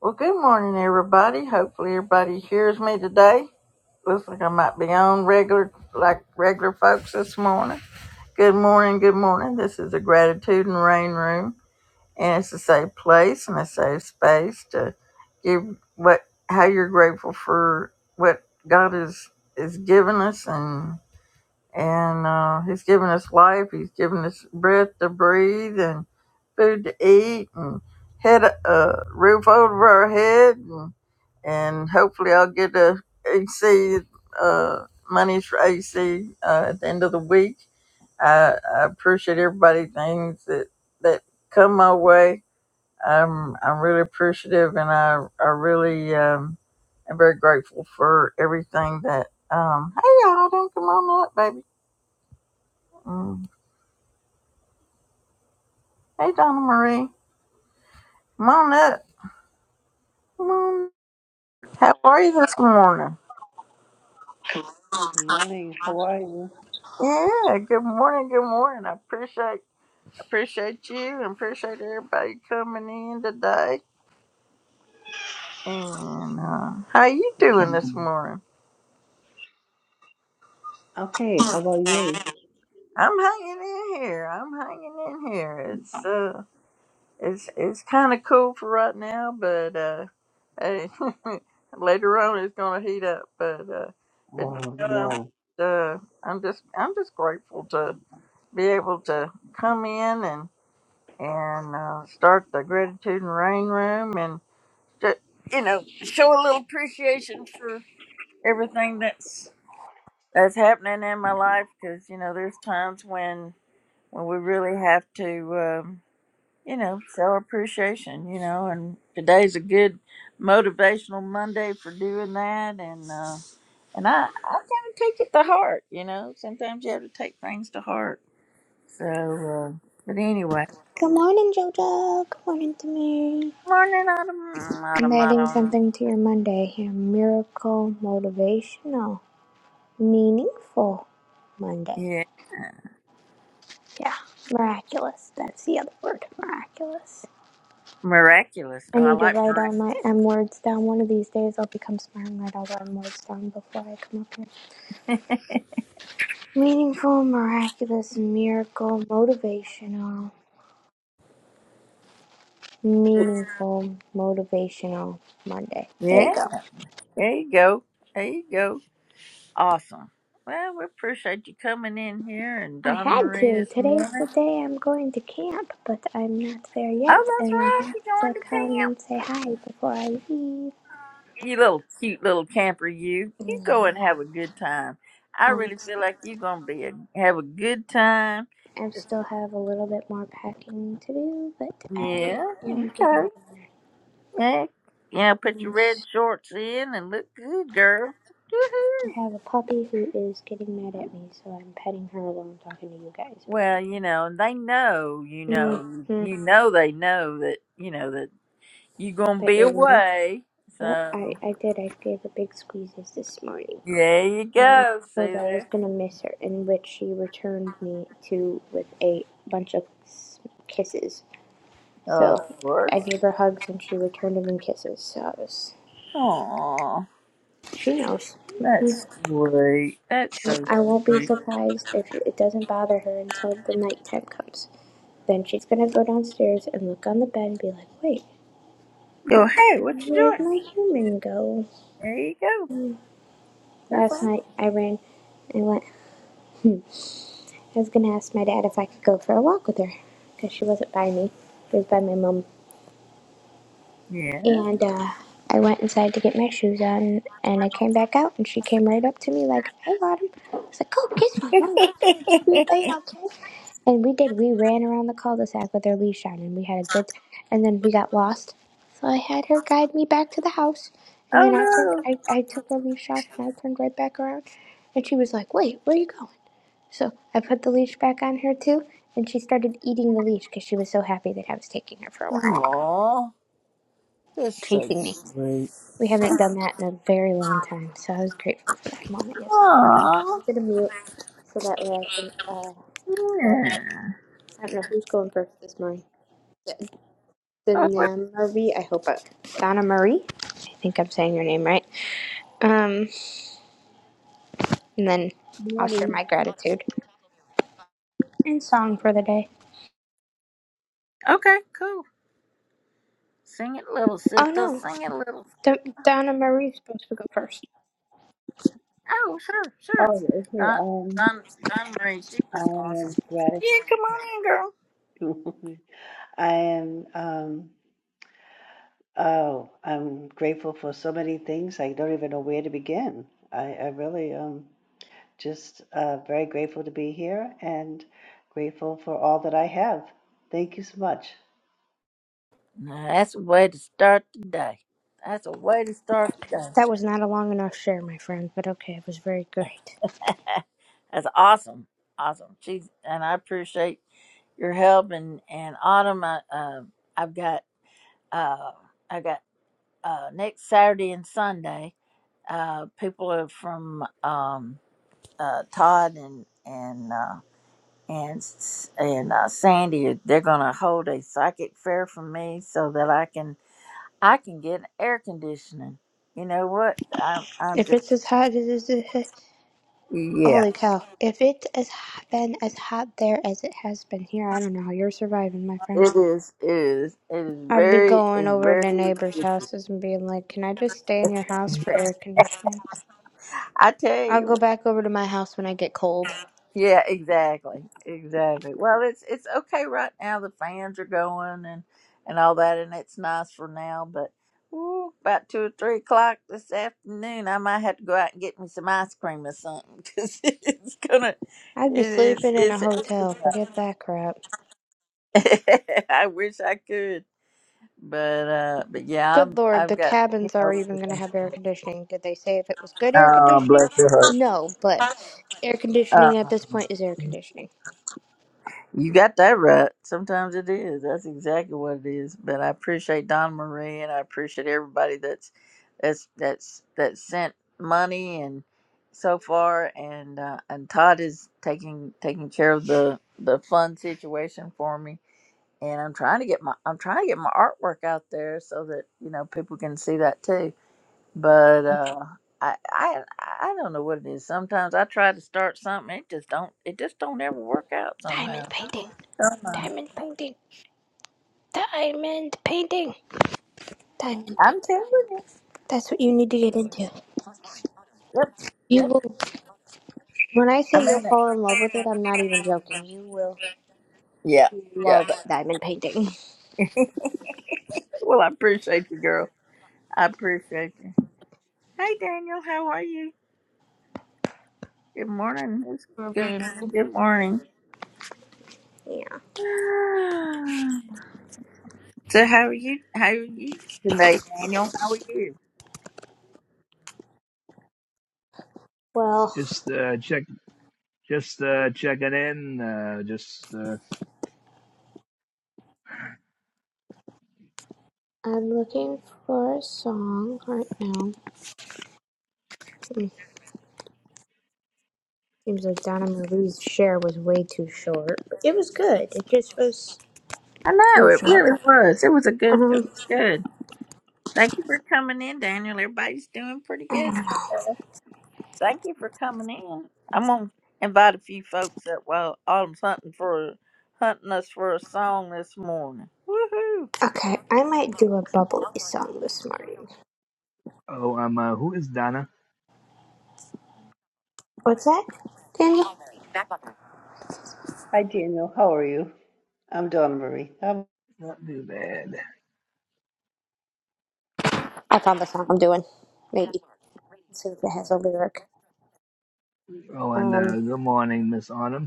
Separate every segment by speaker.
Speaker 1: Well, good morning, everybody. Hopefully, everybody hears me today. Looks like I might be on regular, like regular folks this morning. Good morning, good morning. This is the Gratitude and Rain Room, and it's a safe place and a safe space to give what how you're grateful for what God has is given us, and and uh, he's given us life. He's given us breath to breathe and food to eat and head uh, roof over our head and, and hopefully I'll get a AC uh, monies for AC uh, at the end of the week. I, I appreciate everybody things that that come my way. I'm I'm really appreciative and I I really um, am very grateful for everything that um, hey y'all don't come on up baby. Mm. Hey, Donna Marie. Come on up. Come on. How are you this morning?
Speaker 2: Good morning. How are you?
Speaker 1: Yeah, good morning, good morning. I appreciate appreciate you and appreciate everybody coming in today. And uh, how you doing this morning?
Speaker 2: Okay, how about you?
Speaker 1: I'm hanging in here. I'm hanging in here. It's uh, it's it's kind of cool for right now, but uh, hey, later on it's gonna heat up. But uh, but
Speaker 2: Oh,
Speaker 1: uh,
Speaker 2: yeah.
Speaker 1: uh, I'm just I'm just grateful to. be able to come in and and uh, start the gratitude and rain room and ju- you know show a little appreciation for everything that's that's happening in my life because you know there's times when when we really have to um, you know show appreciation you know and today's a good motivational Monday for doing that and uh, and I I kind of take it to heart you know sometimes you have to take things to heart so uh, but anyway.
Speaker 3: Good morning, Jojo. Good morning to Mary.
Speaker 1: Morning, Autumn,
Speaker 3: I'm
Speaker 1: Autumn,
Speaker 3: adding
Speaker 1: Autumn.
Speaker 3: something to your Monday here. Miracle, motivational, meaningful Monday.
Speaker 1: Yeah,
Speaker 3: Yeah, miraculous. That's the other word, miraculous.
Speaker 1: miraculous.
Speaker 3: I
Speaker 1: Oh, I
Speaker 3: need to
Speaker 1: like
Speaker 3: write all
Speaker 1: miraculous.
Speaker 3: my M words down. One of these days I'll become smart and write all the M words down before I come up here. Meaningful, miraculous, miracle, motivational, meaningful, motivational Monday. There you
Speaker 1: Yeah,
Speaker 3: go.
Speaker 1: there you go. There you go. Awesome. Well, we appreciate you coming in here and
Speaker 3: I
Speaker 1: Donna
Speaker 3: had
Speaker 1: Marie
Speaker 3: to.
Speaker 1: this
Speaker 3: Today's
Speaker 1: morning.
Speaker 3: the day I'm going to camp, but I'm not there yet,
Speaker 1: Oh, that's
Speaker 3: and I
Speaker 1: right.
Speaker 3: have
Speaker 1: You're going
Speaker 3: to
Speaker 1: to
Speaker 3: come
Speaker 1: camp.
Speaker 3: and say hi before I leave.
Speaker 1: You little cute little camper, you. You
Speaker 3: Yeah.
Speaker 1: go and have a good time. I
Speaker 3: I'm
Speaker 1: really feel
Speaker 3: excited.
Speaker 1: like you're going to be a, have a good time.
Speaker 3: I still have a little bit more packing to do, but I
Speaker 1: Yeah,
Speaker 3: am
Speaker 1: okay.
Speaker 3: getting there.
Speaker 1: Yeah. Yeah, put your
Speaker 3: And
Speaker 1: red shorts in and look good, girl. Woohoo.
Speaker 3: I have a puppy who is getting mad at me, so I'm petting her while I'm talking to you guys because.
Speaker 1: Well, you know, and they know, you know,
Speaker 3: Mm-hmm.
Speaker 1: you know, they know that, you know, that you're going to
Speaker 3: Bet
Speaker 1: be
Speaker 3: you're leaving.
Speaker 1: away.
Speaker 3: Yep,
Speaker 1: So,
Speaker 3: I, I did. I gave a big squeezes this morning.
Speaker 1: there you
Speaker 3: Um,
Speaker 1: go.
Speaker 3: told
Speaker 1: See
Speaker 3: her I was
Speaker 1: there?
Speaker 3: gonna miss her, in which she returned me to with a bunch of kisses. So
Speaker 1: Of
Speaker 3: I
Speaker 1: course.
Speaker 3: gave her hugs, and she returned them in kisses. So I was,
Speaker 1: Aw,
Speaker 3: she knows. hmm
Speaker 1: that's sweet. That's so
Speaker 3: I won't be
Speaker 1: sweet.
Speaker 3: surprised if it doesn't bother her until the nighttime comes. Then she's gonna go downstairs and look on the bed and be like, "Wait,
Speaker 1: Go, hey, what you
Speaker 3: where'd
Speaker 1: doing?
Speaker 3: my human go?"
Speaker 1: There you go. That's
Speaker 3: Last
Speaker 1: all.
Speaker 3: night I ran and went. hmm, I was gonna ask my dad if I could go for a walk with her, because she wasn't by me. She was by my mom.
Speaker 1: Yeah.
Speaker 3: And uh, I went inside to get my shoes on, and I came back out, and she came right up to me like, "I got him." I was like, "Go kiss my mom." W A L K." And we did. We ran around the cul-de-sac with her leash on, and we had a good. And then we got lost, so I had her guide me back to the house. And then I turned.
Speaker 1: oh,
Speaker 3: I, I took her leash off, and I turned right back around, and she was like, "Wait, where are you going?" So I put the leash back on her too, and she started eating the leash because she was so happy that I was taking her for a
Speaker 1: no.
Speaker 3: walk,
Speaker 1: Aw, that's so
Speaker 3: chasing me.
Speaker 1: sweet.
Speaker 3: We haven't done that in a very long time, so I was grateful for that moment yesterday. But
Speaker 1: Aw.
Speaker 3: I'm gonna mute so that way I can. Uh, let,
Speaker 1: Yeah.
Speaker 3: I don't know who's going first this morning.
Speaker 1: Oh, well,
Speaker 3: Donna Marie, I hope I, Donna Marie. I think I'm saying your name right. Um, and then
Speaker 2: Good
Speaker 3: I'll share
Speaker 2: morning.
Speaker 3: my gratitude and song for the day.
Speaker 1: okay, cool. Sing it, little
Speaker 3: Oh
Speaker 1: sister.
Speaker 3: no,
Speaker 1: Sing it, little sister.
Speaker 3: D- Donna Marie's supposed to go first.
Speaker 1: Oh, sure, sure.
Speaker 2: Oh, okay.
Speaker 1: Don,
Speaker 2: Um,
Speaker 1: Don, Don Marie, she's
Speaker 2: I
Speaker 1: just awesome.
Speaker 2: am
Speaker 1: Yeah, come on in, girl.
Speaker 2: gratitude. I am um oh, I'm grateful for so many things. I don't even know where to begin. I I really um just uh very grateful to be here and grateful for all that I have. Thank you so much.
Speaker 1: Now, that's a way to start the day. That's a way to start the
Speaker 3: That
Speaker 1: day.
Speaker 3: was not a long enough share, my friend, but okay, it was very great.
Speaker 1: that's awesome, awesome. She's and I appreciate your help and and Autumn. I, um I've got uh, I got uh, next Saturday and Sunday. Uh, people are from um, uh, Todd and and. Uh, and s- and uh, Sandy, they're gonna hold a psychic fair for me so that I can I can get air conditioning. You know what? I'm I'm
Speaker 3: If
Speaker 1: just
Speaker 3: it's as hot as as it,
Speaker 1: yeah.
Speaker 3: holy cow! If it's as h- been as hot there as it has been here, I don't know how you're surviving, my friend.
Speaker 1: It is it is it is
Speaker 3: I'd be
Speaker 1: very
Speaker 3: going
Speaker 1: it's
Speaker 3: over
Speaker 1: very.
Speaker 3: to neighbors' houses and being like, "Can I just stay in your house for air conditioning?
Speaker 1: I tell
Speaker 3: I'll
Speaker 1: you.
Speaker 3: go back over to my house when I get cold."
Speaker 1: Yeah, exactly. Exactly. Well, it's it's okay right now. The fans are going and and all that, and it's nice for now. But ooh, about two or three o'clock this afternoon, I might have to go out and get me some ice cream or something because it's gonna.
Speaker 3: I'd
Speaker 1: It
Speaker 3: be
Speaker 1: is.
Speaker 3: sleeping in a
Speaker 1: It's. it's
Speaker 3: hotel.
Speaker 1: it's-
Speaker 3: Forget that crap.
Speaker 1: I wish I could, but uh, but yeah,
Speaker 3: Good
Speaker 1: I'm.
Speaker 3: lord,
Speaker 1: I've
Speaker 3: the
Speaker 1: got you
Speaker 3: cabins
Speaker 1: know.
Speaker 3: are even going to
Speaker 1: everything.
Speaker 3: have air conditioning. Did they say if it was good air
Speaker 1: Oh,
Speaker 3: conditioning?
Speaker 1: bless your
Speaker 3: No, but air
Speaker 1: heart.
Speaker 3: conditioning at this point is air conditioning.
Speaker 1: You got that right. Sometimes it is. That's exactly what it is. But I appreciate Don Marie and I appreciate everybody that's that's that's that sent money and so far and uh, and Todd is taking taking care of the the fund situation for me. And I'm trying to get my I'm trying to get my artwork out there so that you know people can see that too. But uh, I I I don't know what it is. Sometimes I try to start something, it just don't it just don't ever work out somehow.
Speaker 3: Diamond painting. Diamond painting. Diamond painting. Diamond
Speaker 1: I'm
Speaker 3: painting.
Speaker 1: telling you.
Speaker 3: That's what you need to get into.
Speaker 1: Yep.
Speaker 3: You
Speaker 1: Yep.
Speaker 3: will. When I
Speaker 1: I
Speaker 3: say you'll
Speaker 1: mean it.
Speaker 3: fall in love with it, I'm not even joking. You will
Speaker 1: Yeah. Yeah.
Speaker 3: love diamond painting.
Speaker 1: Well, I appreciate you, girl. I appreciate you. Hey, Daniel, how are you? Good morning. It's good morning. Good morning.
Speaker 3: Yeah.
Speaker 1: So, how are you? How are you today, Daniel? How are you?
Speaker 3: Well,
Speaker 4: Just uh, check, just uh, checking in. Uh, just uh,
Speaker 3: I'm looking for a song right now. Seems like Donna Marie's share was way too short. It was good. It just was
Speaker 1: I know
Speaker 3: too
Speaker 1: it
Speaker 3: short.
Speaker 1: really was. It was a good. It
Speaker 3: Um,
Speaker 1: was good. Thank you for coming in, Daniel. Everybody's doing pretty
Speaker 3: I
Speaker 1: good
Speaker 3: don't know.
Speaker 1: Thank you for coming in. I'm gonna invite a few folks that well Autumn's hunting for hunting us for a song this morning. Woohoo!
Speaker 3: Okay, I might do a bubbly song this morning.
Speaker 4: oh, I'm uh, who is Donna?
Speaker 3: What's that, Daniel?
Speaker 2: Hi, Daniel. How are you? I'm Donna Marie.
Speaker 4: Not too bad.
Speaker 3: I found the song I'm doing. Maybe Let's see if it has a lyric.
Speaker 4: Oh, and uh,
Speaker 3: Um,
Speaker 4: good morning, Miss Autumn.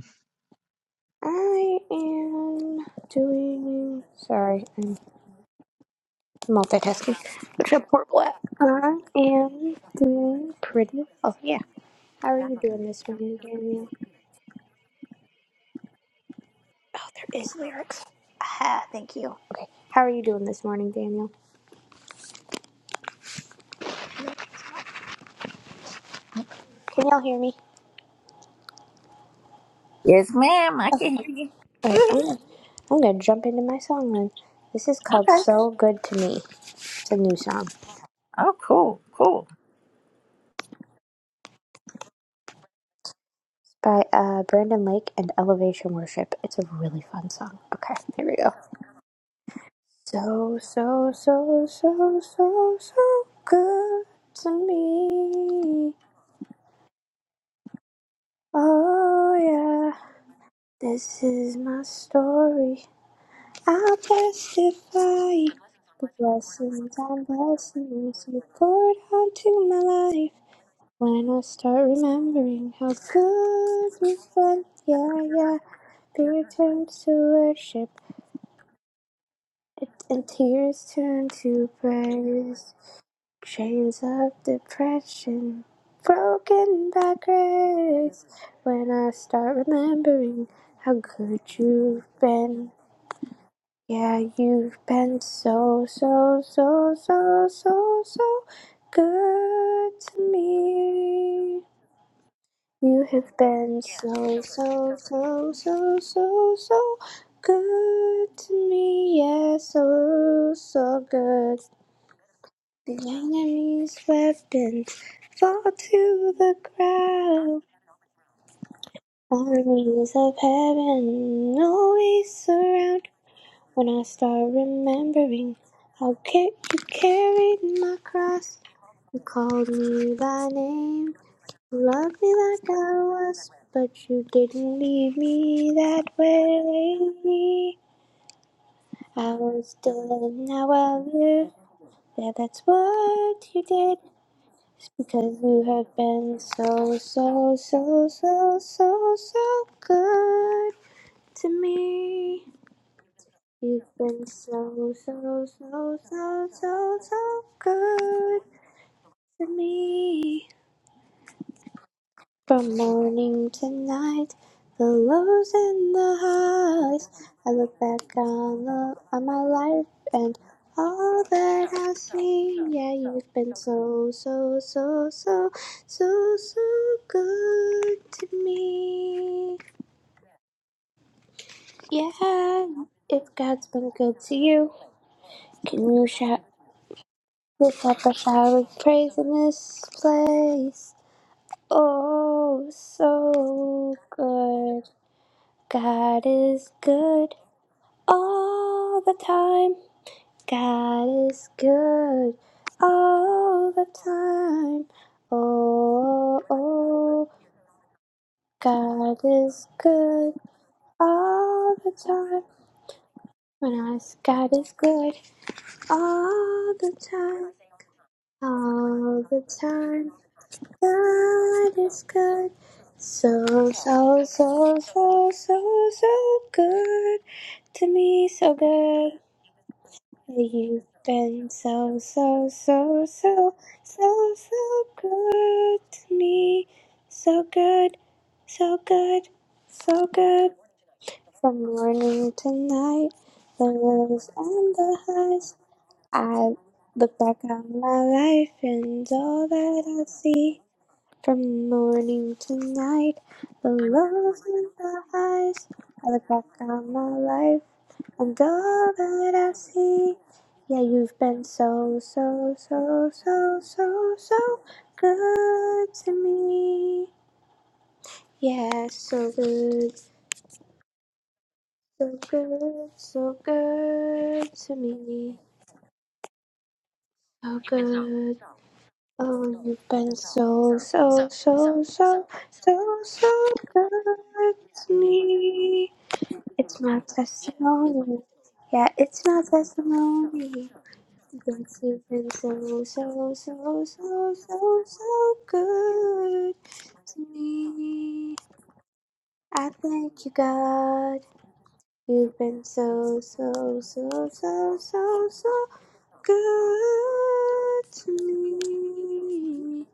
Speaker 3: I am doing. Sorry, I'm multitasking. Which a poor black. I am doing pretty well. Yeah. How are you doing this morning, Daniel? Oh, there is lyrics. Ah, thank you. Okay. How are you doing this morning, Daniel? Can y'all hear me?
Speaker 1: Yes, ma'am, I can hear you.
Speaker 3: Okay, I'm
Speaker 1: Woo-hoo.
Speaker 3: gonna, I'm gonna jump into my song then. This is called
Speaker 1: Okay.
Speaker 3: So Good to Me. It's a new song.
Speaker 1: Oh cool, cool.
Speaker 3: by uh, Brandon Lake and Elevation Worship. It's a really fun song. Okay, here we go. So, so, so, so, so, so good to me. Oh, yeah. This is my story. I'll testify the blessings and blessings you poured onto my life. When I start remembering how good you've been, yeah, yeah. Fear turns to worship and tears turn to praise. Chains of depression broken by grace. When I start remembering how good you've been. Yeah, you've been so, so, so, so, so, so good to me. You have been so, so, so, so, so, so good to me. Yeah, so, so good. The enemy's weapons fall to the ground. Armies of heaven always surround. When I start remembering how ca- you carried my cross, you called me by name, you loved me like I was, but you didn't leave me that way. I was dead and now I live. Yeah, that's what you did because you have been so, so, so, so, so, so good to me. You've been so, so, so, so, so, so good to me. From morning to night, the lows and the highs. I look back on, the, on my life and all that I've seen. Yeah, you've been so, so, so, so, so, so good to me. Yeah, if God's been good to you, can you shout? Lift up a shower of praise in this place. Oh, so good. God is good all the time. God is good all the time. Oh, oh, oh. God is good all the time. When I say God is good all the time, all the time. God is good. So, so, so, so, so, so good to me. So good. You've been so, so, so, so, so, so good to me. So good, so good, so good. From morning to night, the lows and the highs. I look back on my life and all that I see. From morning to night, the love in the eyes are the clock on my life, and all that I see. Yeah, you've been so, so, so, so, so, so good to me. Yeah, so good, so good, so good to me. So good. Oh, you've been so, so, so, so, so, so good to me. It's my testimony. Yeah, it's my testimony. Yes, you've been so, so, so, so, so, so good to me. I thank you, God. You've been so, so, so, so, so, so good to me.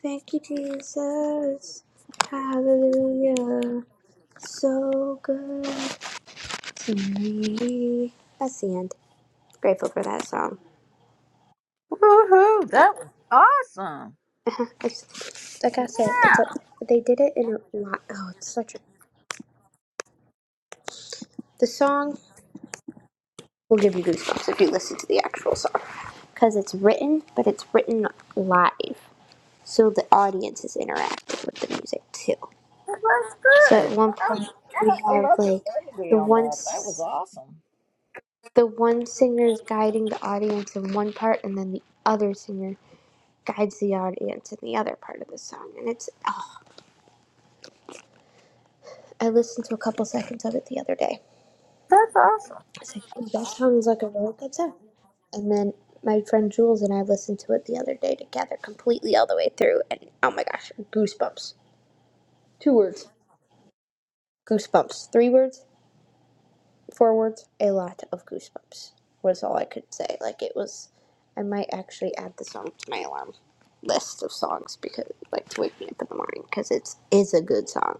Speaker 3: Thank you, Jesus. Hallelujah. So good to me. That's the end. Grateful for that song.
Speaker 1: Woohoo,
Speaker 3: That,
Speaker 1: that was awesome.
Speaker 3: it's, like
Speaker 1: Yeah,
Speaker 3: I said, it's a they did it in a lot. Oh, it's such a the song will give you goosebumps if you listen to the actual song because it's written, but it's written live, so the audience is interacting with the music too.
Speaker 1: that was
Speaker 3: So at
Speaker 1: good.
Speaker 3: one
Speaker 1: That
Speaker 3: point
Speaker 1: was,
Speaker 3: we
Speaker 1: I I
Speaker 3: have
Speaker 1: love the
Speaker 3: like
Speaker 1: melody
Speaker 3: the
Speaker 1: on
Speaker 3: one
Speaker 1: that. That was awesome.
Speaker 3: the one singer is guiding the audience in one part, and then the other singer guides the audience in the other part of the song, and it's oh, I listened to a couple seconds of it the other day.
Speaker 1: That's awesome.
Speaker 3: I was like, "Oh, that sounds like a really good song. And then my friend Jules and I listened to it the other day together, completely all the way through. And oh my gosh, goosebumps. Two words. Goosebumps. Three words, four words, a lot of goosebumps was all I could say. Like it was, I might actually add the song to my alarm list of songs because, like, to wake me up in the morning because it is a good song.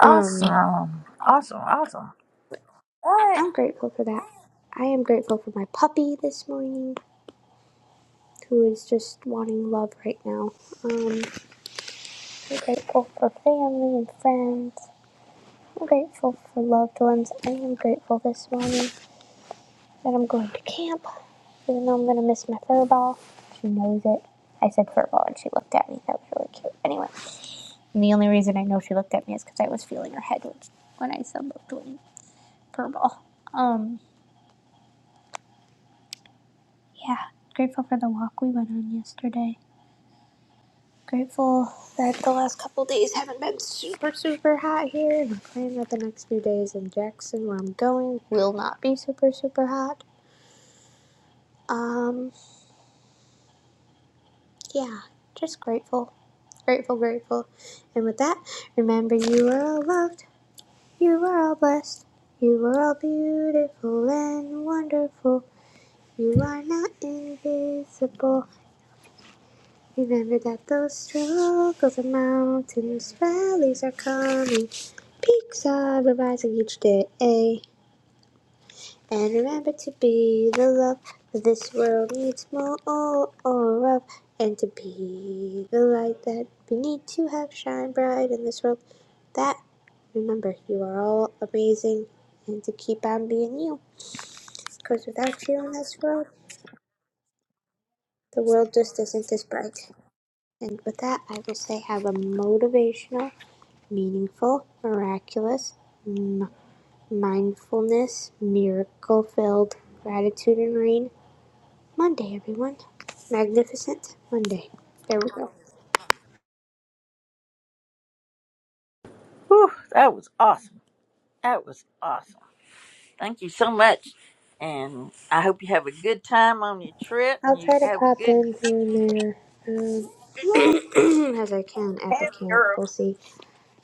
Speaker 3: Um,
Speaker 1: Awesome. Awesome. Awesome. All right.
Speaker 3: I'm grateful for that. I am grateful for my puppy this morning. who is just wanting love right now. Um, I'm grateful for family and friends. I'm grateful for loved ones. I am grateful this morning that I'm going to camp, even though I'm going to miss my furball, She knows it. I said furball, and she looked at me. That was really cute. Anyway, and the only reason I know she looked at me is because I was feeling her head when I said looked doing fur ball. Um, yeah, grateful for the walk we went on yesterday. Grateful that the last couple days haven't been super, super hot here. And I'm praying that the next few days in Jackson, where I'm going, will not be super, super hot. Um, yeah, just grateful. Grateful, grateful. And with that, remember you are all loved, you are all blessed, you are all beautiful and wonderful. You are not invisible. Remember that those struggles are mountains, valleys are coming, peaks are rising each day. And remember to be the love that this world needs more of, and to be the light that we need to have shine bright in this world. That, remember, you are all amazing, and to keep on being you, because without you in this world, the world just isn't as bright. And with that, I will say have a motivational meaningful, miraculous, m- mindfulness, miracle filled, gratitude and rain. Monday, everyone. Magnificent Monday. There we go.
Speaker 1: Whew, that was awesome. That was awesome. Thank you so much. And I hope you have a good time on your trip.
Speaker 3: I'll
Speaker 1: You
Speaker 3: try to
Speaker 1: have a
Speaker 3: pop
Speaker 1: good
Speaker 3: in here and there
Speaker 1: yeah,
Speaker 3: um, as I can at the
Speaker 1: have
Speaker 3: camp.
Speaker 1: Europe
Speaker 3: We'll see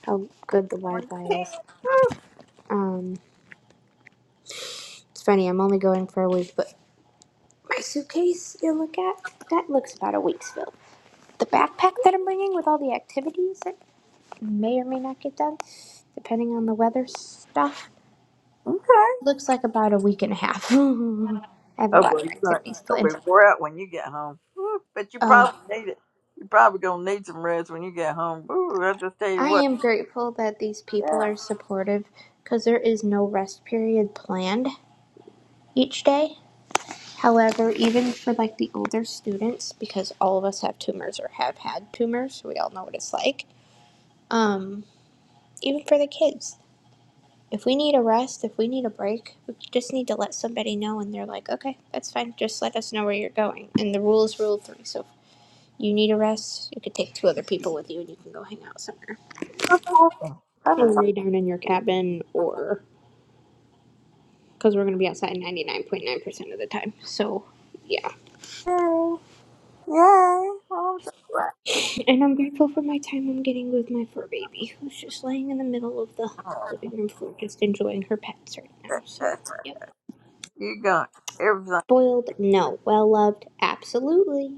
Speaker 3: how good the Wi
Speaker 1: when you
Speaker 3: Fi is.
Speaker 1: Woo,
Speaker 3: Um, it's funny, I'm only going for a week, but my suitcase you look at, that looks about a week's filled. The backpack that I'm bringing with all the activities, that may or may not get done, depending on the weather stuff.
Speaker 1: Okay.
Speaker 3: Looks like about a week and a half. I have a
Speaker 1: Oh
Speaker 3: lot
Speaker 1: boy,
Speaker 3: of
Speaker 1: you're gonna,
Speaker 3: activities
Speaker 1: you're gonna
Speaker 3: planned.
Speaker 1: be wore out when you get home. Woo, But you
Speaker 3: Oh,
Speaker 1: probably need it. You're probably gonna need some rest when you get home. Ooh, I just tell you
Speaker 3: I
Speaker 1: what.
Speaker 3: am grateful that these people
Speaker 1: Yeah.
Speaker 3: are supportive because there is no rest period planned each day. However, even for like the older students, because all of us have tumors or have had tumors, so we all know what it's like. Um, even for the kids, if we need a rest, if we need a break, we just need to let somebody know, and they're like, okay, that's fine. Just let us know where you're going. And the rule is rule three. So if you need a rest, you could take two other people with you, and you can go hang out somewhere
Speaker 1: That's awesome. That
Speaker 3: or
Speaker 1: is awesome.
Speaker 3: lay down in your cabin, or because we're gonna be outside 99.9% of the time. So yeah,
Speaker 1: Yay. Yay. Oh, I'm so glad.
Speaker 3: and I'm grateful for my time I'm getting with my fur baby, who's just laying in the middle of the
Speaker 1: Oh,
Speaker 3: living room floor, just enjoying her pets right now. So
Speaker 1: You got everything.
Speaker 3: spoiled? No. Well loved? Absolutely.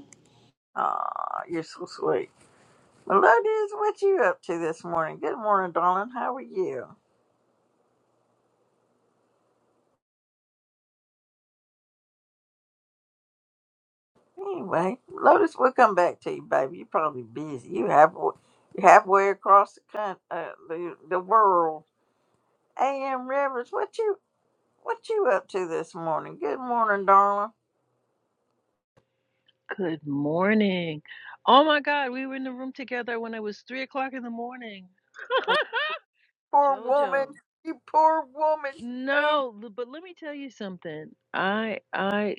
Speaker 1: Aw, you're so sweet. Lotus, what you up to this morning? Good morning, darling. How are you? Anyway, Lotus, we'll come back to you, baby. You're probably busy. You have you halfway across the coun uh, the, the world. A.M. Rivers, what you what you up to this morning? Good morning, darling.
Speaker 5: Good morning. Oh my God, we were in the room together when it was three o'clock in the morning.
Speaker 1: You poor woman.
Speaker 5: Jojo.
Speaker 1: You poor woman. Oh,
Speaker 5: No, l- but let me tell you something. I, I,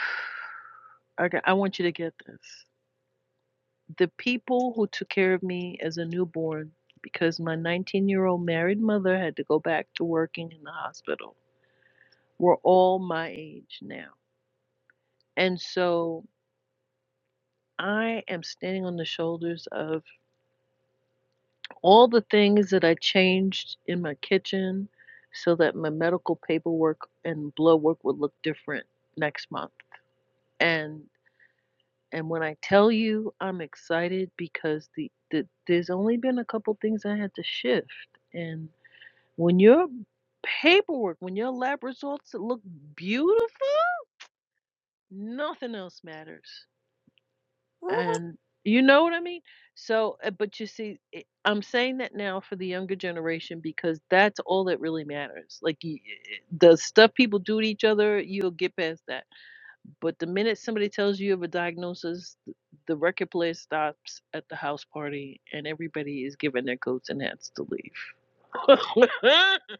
Speaker 5: I, got- I want you to get this. The people who took care of me as a newborn, because my 19 year old married mother had to go back to working in the hospital, were all my age now. And so I am standing on the shoulders of. all the things that I changed in my kitchen so that my medical paperwork and blood work would look different next month. And and when I tell you I'm excited because the, the there's only been a couple things I had to shift. And when your paperwork, when your lab results look beautiful, nothing else matters.
Speaker 1: woo
Speaker 5: And you know what I mean? So, uh, but you see, i I'm saying that now for the younger generation because that's all that really matters. Like y- y- the stuff people do to each other, you'll get past that. But the minute somebody tells you you have a diagnosis, th- the record player stops at the house party and everybody is given their coats and hats to leave.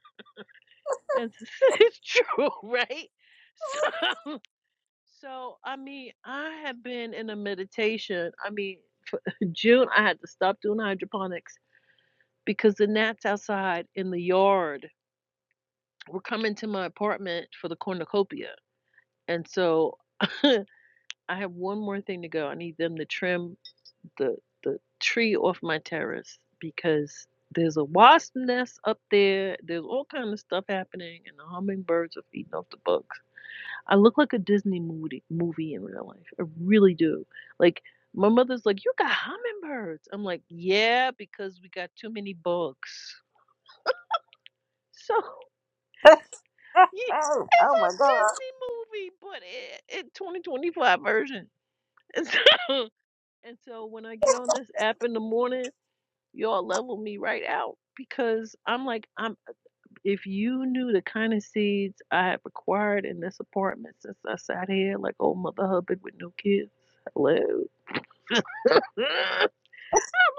Speaker 5: And it's true, right? So. So, I mean, I have been in a meditation. I mean, for June, I had to stop doing hydroponics because the gnats outside in the yard were coming to my apartment for the cornucopia. And so I have one more thing to go. I need them to trim the, the tree off my terrace because there's a wasp nest up there. There's all kind of stuff happening, and the hummingbirds are feeding off the bugs. I look like a Disney movie movie in real life. I really do. Like my mother's like, "You got hummingbirds." I'm like, "Yeah, because we got too many bugs." So ye-
Speaker 1: oh
Speaker 5: it's
Speaker 1: oh
Speaker 5: a
Speaker 1: my God.
Speaker 5: Disney movie, but it, it 2025 version. And so, and so when I get on this app in the morning, y'all level me right out because I'm like, I'm. If you knew the kind of seeds I have acquired in this apartment since I sat here like old Mother Hubbard with no kids. Hello I'm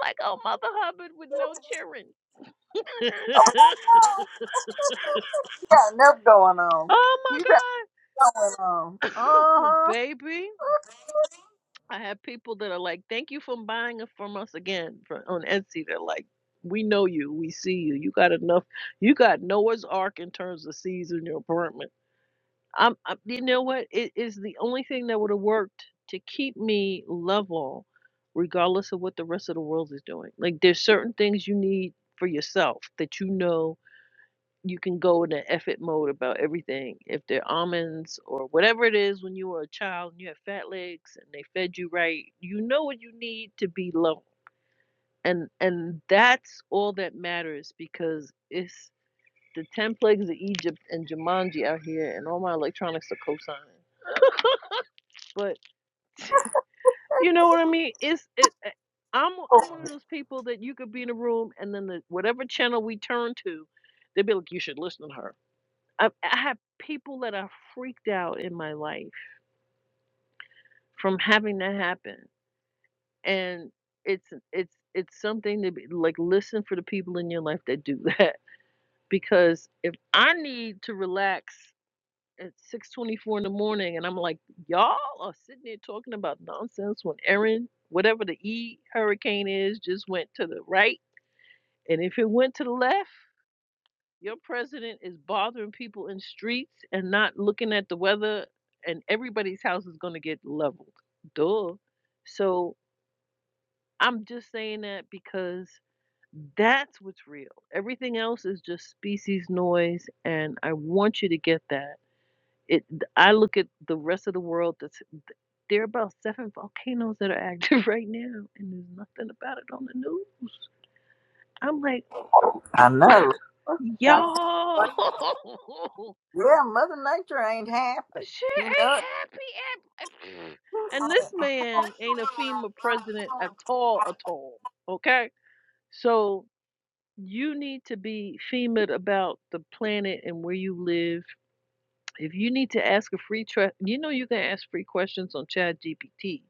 Speaker 5: like, oh, Mother Hubbard with no children.
Speaker 1: You got enough going on.
Speaker 5: oh my
Speaker 1: You got going on.
Speaker 5: God.
Speaker 1: Uh
Speaker 5: Baby, I have people that are like, thank you for buying it from us again from, on Etsy. They're like, we know you. We see you. You got enough. You got Noah's Ark in terms of seeds in your apartment. I'm, i you know what? It is the only thing that would have worked to keep me level, regardless of what the rest of the world is doing. Like, there's certain things you need for yourself that you know you can go in an effort mode about everything. If they're almonds or whatever it is when you were a child and you had fat legs and they fed you right, you know what you need to be low. And and that's all that matters because it's the ten plagues of Egypt and Jumanji out here and all my electronics are co-signing. But you know what I mean? It's it I- I'm
Speaker 1: huh.
Speaker 5: I'm one of those people that you could be in a room and then the whatever channel we turn to, they'd be like, You should listen to her I, I have people that are freaked out in my life from having that happen, and it's it's it's something to be like listen for the people in your life that do that because if I need to relax at 6:24 in the morning and I'm like y'all are sitting there talking about nonsense when Erin whatever the E hurricane is just went to the right and if it went to the left Your president is bothering people in streets and not looking at the weather, and everybody's house is going to get leveled. Duh. So I'm just saying that because that's what's real. Everything else is just species noise, and I want you to get that. It. I look at the rest of the world. That's there are about seven volcanoes that are active right now, and there's nothing about it on the news. I'm like, oh,
Speaker 1: I know, I- tell you
Speaker 5: y'all.
Speaker 1: what, yeah, Mother Nature ain't happy.
Speaker 5: Sure
Speaker 1: You
Speaker 5: ain't
Speaker 1: know it.
Speaker 5: happy at and this man ain't a FEMA president at all at all. Okay? So you need to be FEMA about the planet and where you live. If you need to ask a free tra- you know you can ask free questions on Chat GPT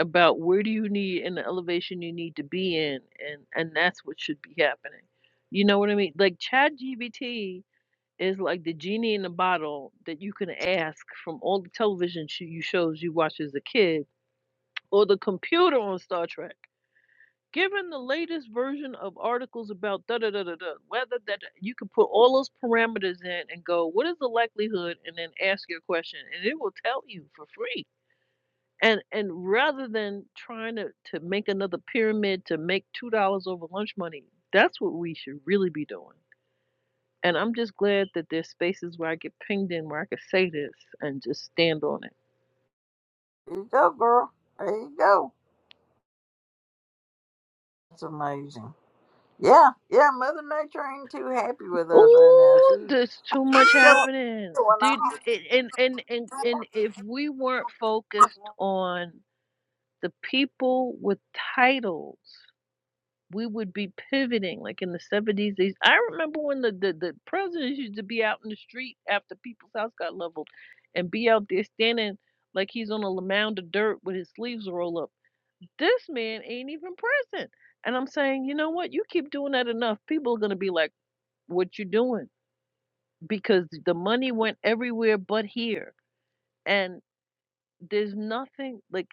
Speaker 5: about where do you need and the elevation you need to be in and and that's what should be happening. You know what I mean? Like Chat is like the genie in the bottle that you can ask from all the television sh- you shows you watch as a kid or the computer on Star Trek. Given the latest version of articles about da da da da da, whether that you can put all those parameters in and go, what is the likelihood, and then ask your question, and it will tell you for free. And and rather than trying to to make another pyramid to make two dollars over lunch money, that's what we should really be doing and I'm just glad that there's spaces where I get pinged in where I can say this and just stand on it.
Speaker 1: There you go, girl. There you go. That's amazing. Yeah, yeah, Mother Nature ain't too happy with us right now. She,
Speaker 5: Ooh,
Speaker 1: she's
Speaker 5: there's too much
Speaker 1: showing
Speaker 5: happening.
Speaker 1: showing
Speaker 5: Dude,
Speaker 1: off.
Speaker 5: it- and, and, and, and if we weren't focused on the people with titles, we would be pivoting like in the 70s. these- I remember when the, the, the presidents used to be out in the street after people's house got leveled and be out there standing like he's on a mound of dirt with his sleeves rolled up This man ain't even present. And I'm saying, you know what? You keep doing that enough, people are gonna be like, what you doing? Because the money went everywhere but here. And there's nothing like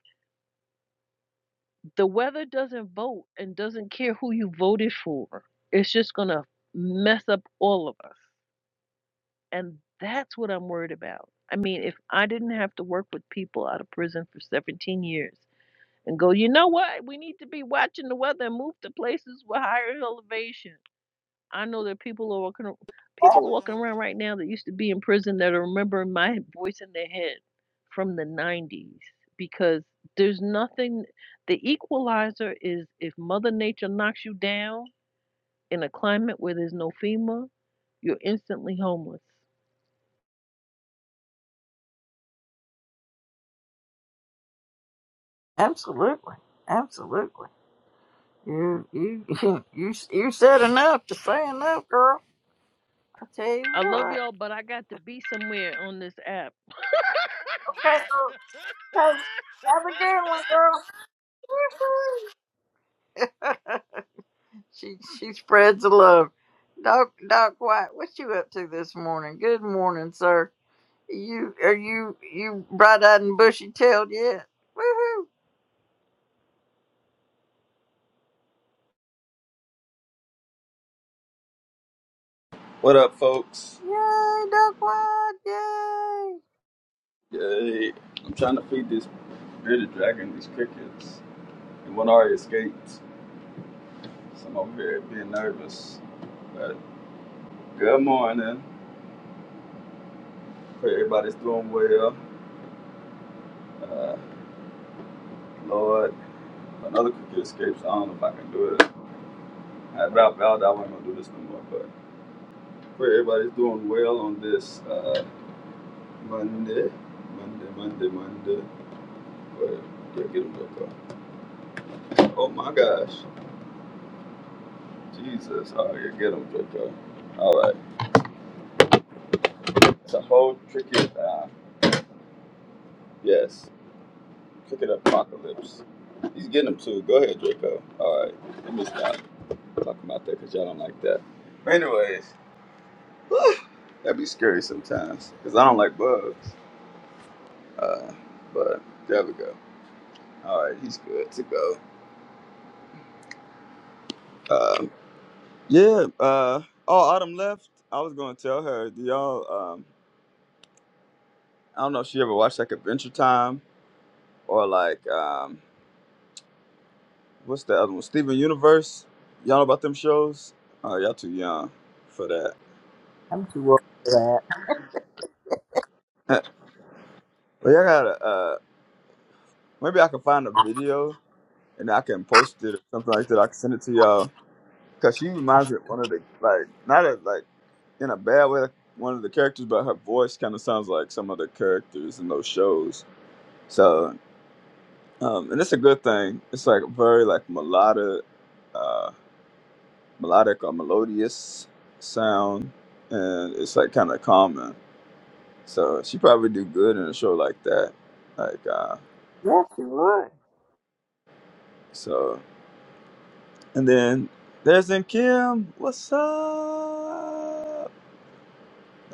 Speaker 5: the weather doesn't vote and doesn't care who you voted for. It's just gonna mess up all of us. And that's what I'm worried about. I mean, if I didn't have to work with people out of prison for 17 years and go, you know what? We need to be watching the weather and move to places with higher elevation I know that people are walking
Speaker 1: Yeah,
Speaker 5: people are walking around right now that used to be in prison that are remembering my voice in their head from the 90s because there's nothing the equalizer is if mother nature knocks you down in a climate where there's no FEMA, you're instantly homeless.
Speaker 1: absolutely. Absolutely. You, you, you, you said enough to say enough, girl. I tell you
Speaker 5: I love
Speaker 1: what.
Speaker 5: y'all, but I got to be somewhere on this app.
Speaker 1: Okay, girl. Okay, have a good one, girl. She she spreads the love. Doc Doc White, what you up to this morning? Good morning, sir. You are you you bright eyed and bushy tailed yet? Woohoo!
Speaker 6: What up, folks?
Speaker 1: Yay, Doc White! Yay!
Speaker 6: Yay. I'm trying to feed this bearded dragon these crickets. And one already escaped, so I'm over here being nervous. But good morning. Pray everybody's doing well. Uh, Lord, if another cricket escapes. I don't know if I can do it. I dropped out. I wasn't going to do this no more. But pray everybody's doing well on this uh, Monday. Monday, Monday, Monday. But yeah, get him, Draco. Oh my gosh. Jesus. All right, get him, Draco. All right. It's a whole cricket. Uh, yes, cricket apocalypse. He's getting them too. Go ahead, Draco. All right, let me stop talking about that because y'all don't like that. But anyways, that'd be scary sometimes because I don't like bugs. Uh, but there we go. All right, he's good to go. Um, yeah. Uh, oh, Autumn left. I was gonna tell her. Do y'all? Um, I don't know if she ever watched like Adventure Time or like. Um, What's the other one? Steven Universe. Y'all know about them shows? Uh, y'all too young for that.
Speaker 1: I'm too old for that.
Speaker 6: but y'all gotta. Uh, maybe I can find a video and I can post it or something like that. I can send it to y'all. Cause she reminds me of one of the like not a, like in a bad way like one of the characters, but her voice kind of sounds like some of the characters in those shows. So um, and it's a good thing. It's like very like melodic, uh, melodic or melodious sound, and it's like kind of calming. So she probably do good in a show like that. Like uh
Speaker 1: Yes, you would.
Speaker 6: so and then there's in Kim, what's up?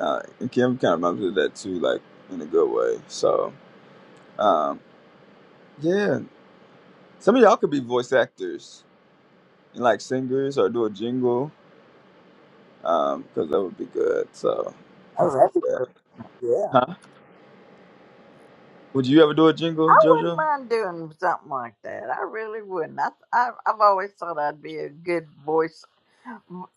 Speaker 6: Uh, and Kim kinda reminds me of that too, like in a good way. So um yeah. Some of y'all could be voice actors and like singers or do a jingle. Um, because that would be good. So
Speaker 1: Oh,
Speaker 6: consider
Speaker 1: that'd be
Speaker 6: that.
Speaker 1: good. Yeah.
Speaker 6: Huh? Would you ever do a
Speaker 1: I
Speaker 6: jingle,
Speaker 1: wouldn't
Speaker 6: Jojo?
Speaker 1: mind doing something like that. I really wouldn't. I, I I've always thought I'd be a good voice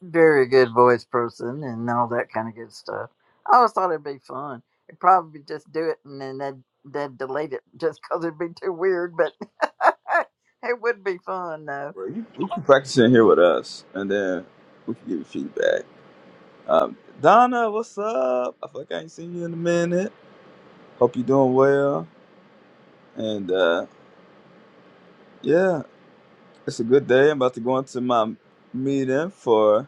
Speaker 1: very good voice person and all that kind of good stuff. I always thought it'd be fun. it would probably just do it and then they'd, they'd delete it just 'cause it'd be too weird, but it would be fun though.
Speaker 6: Well, you, we can practice in here with us and then we can give you feedback. Um, Donna, what's up? I feel like I ain't seen you in a minute. Hope you're doing well. And uh, yeah, it's a good day. I'm about to go into my meeting for.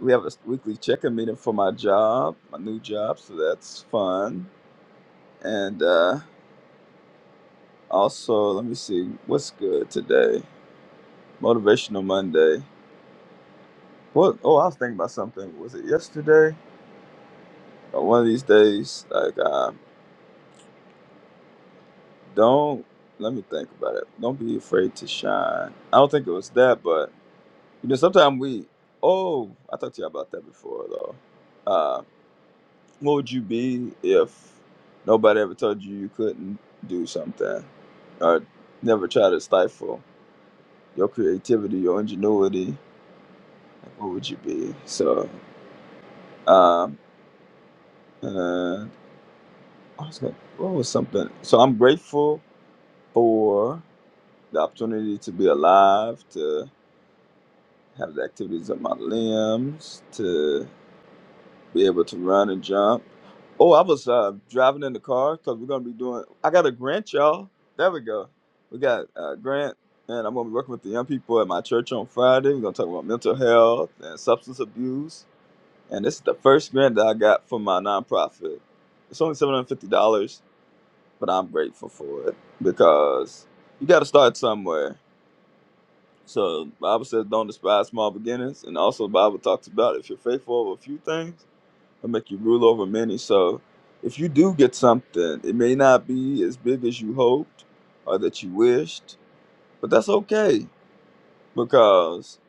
Speaker 6: We have a weekly check-in meeting for my job, my new job, so that's fun. And uh, also, let me see what's good today. Motivational Monday. What? Oh, I was thinking about something. Was it yesterday? Or one of these days, like. um, Don't let me think about it. Don't be afraid to shine. I don't think it was that, but you know, sometimes we. Oh, I talked to you about that before, though. Uh, what would you be if nobody ever told you you couldn't do something, or never try to stifle your creativity, your ingenuity? Like, what would you be? So, um, and I was going. What was something? So I'm grateful for the opportunity to be alive. To have the activities of my limbs to be able to run and jump. Oh, I was uh, driving in the car because we're gonna be doing. I got a grant, y'all. There we go. We got a grant, and I'm gonna be working with the young people at my church on Friday. We're gonna talk about mental health and substance abuse. And this is the first grant that I got for my nonprofit. It's only seven hundred fifty dollars, but I'm grateful for it because you got to start somewhere so the Bible says, "Don't despise small beginnings," and also the Bible talks about if you're faithful over a few things, it'll make you rule over many. So if you do get something, it may not be as big as you hoped or that you wished, but that's okay because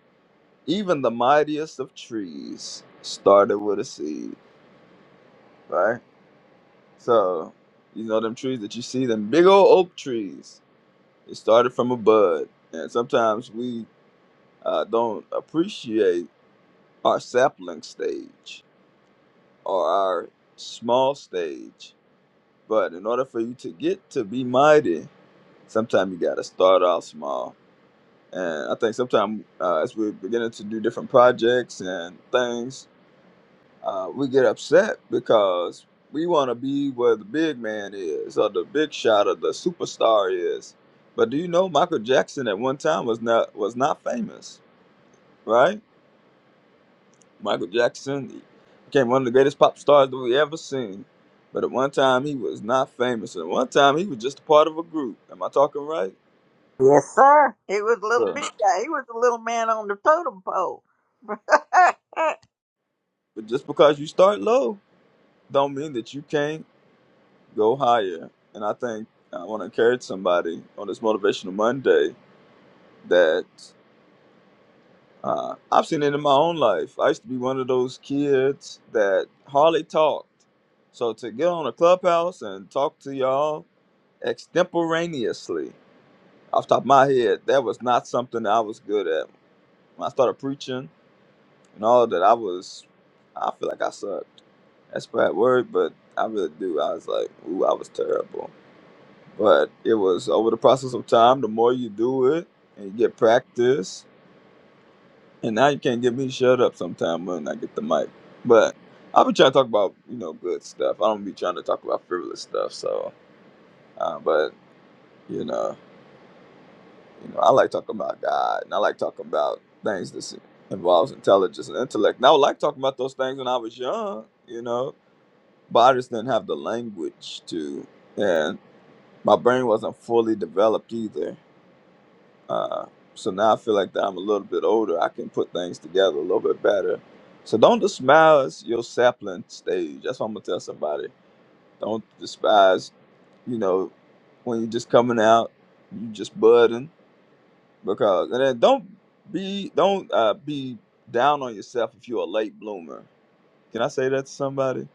Speaker 6: even the mightiest of trees started with a seed, right? So you know them trees that you see, them big old oak trees. It started from a bud, and sometimes we uh, don't appreciate our sapling stage or our small stage. But in order for you to get to be mighty, sometimes you got to start out small. And I think sometimes uh, as we're beginning to do different projects and things, uh, we get upset because we want to be where the big man is or the big shot or the superstar is. But do you know Michael Jackson at one time was not was not famous, right? Michael Jackson he became one of the greatest pop stars that we ever seen. But at one time he was not famous. and At one time he was just a part of a group. Am I talking right?
Speaker 1: Yes, sir. He was a little
Speaker 6: So,
Speaker 1: big guy. He was a little man on the totem pole.
Speaker 6: but just because you start low, don't mean that you can't go higher. And I think I want to encourage somebody on this motivational Monday that uh, I've seen it in my own life. I used to be one of those kids that hardly talked. So to get on a clubhouse and talk to y'all extemporaneously off the top of my head, that was not something that I was good at. When I started preaching and all that, I was, I feel like I sucked. That's a bad word, but I really do. I was like, ooh, I was terrible. But it was over the process of time, the more you do it and you get practice, and now you can't get me to shut up sometime when I get the mic. But I'll be trying to talk about, you know, good stuff. I don't be trying to talk about frivolous stuff. So, uh, but, you know. You know, I like talking about God, and I like talking about things that involves intelligence and intellect. And I would like talking about those things when I was young, you know, but I just didn't have the language to, and my brain wasn't fully developed either. Uh, so now I feel like that I'm a little bit older. I can put things together a little bit better. So don't despise your sapling stage. That's what I'm gonna tell somebody. Don't despise, you know, when you're just coming out, you just budding because and then don't be don't uh, be down on yourself if you're a late bloomer. Can I say that to somebody?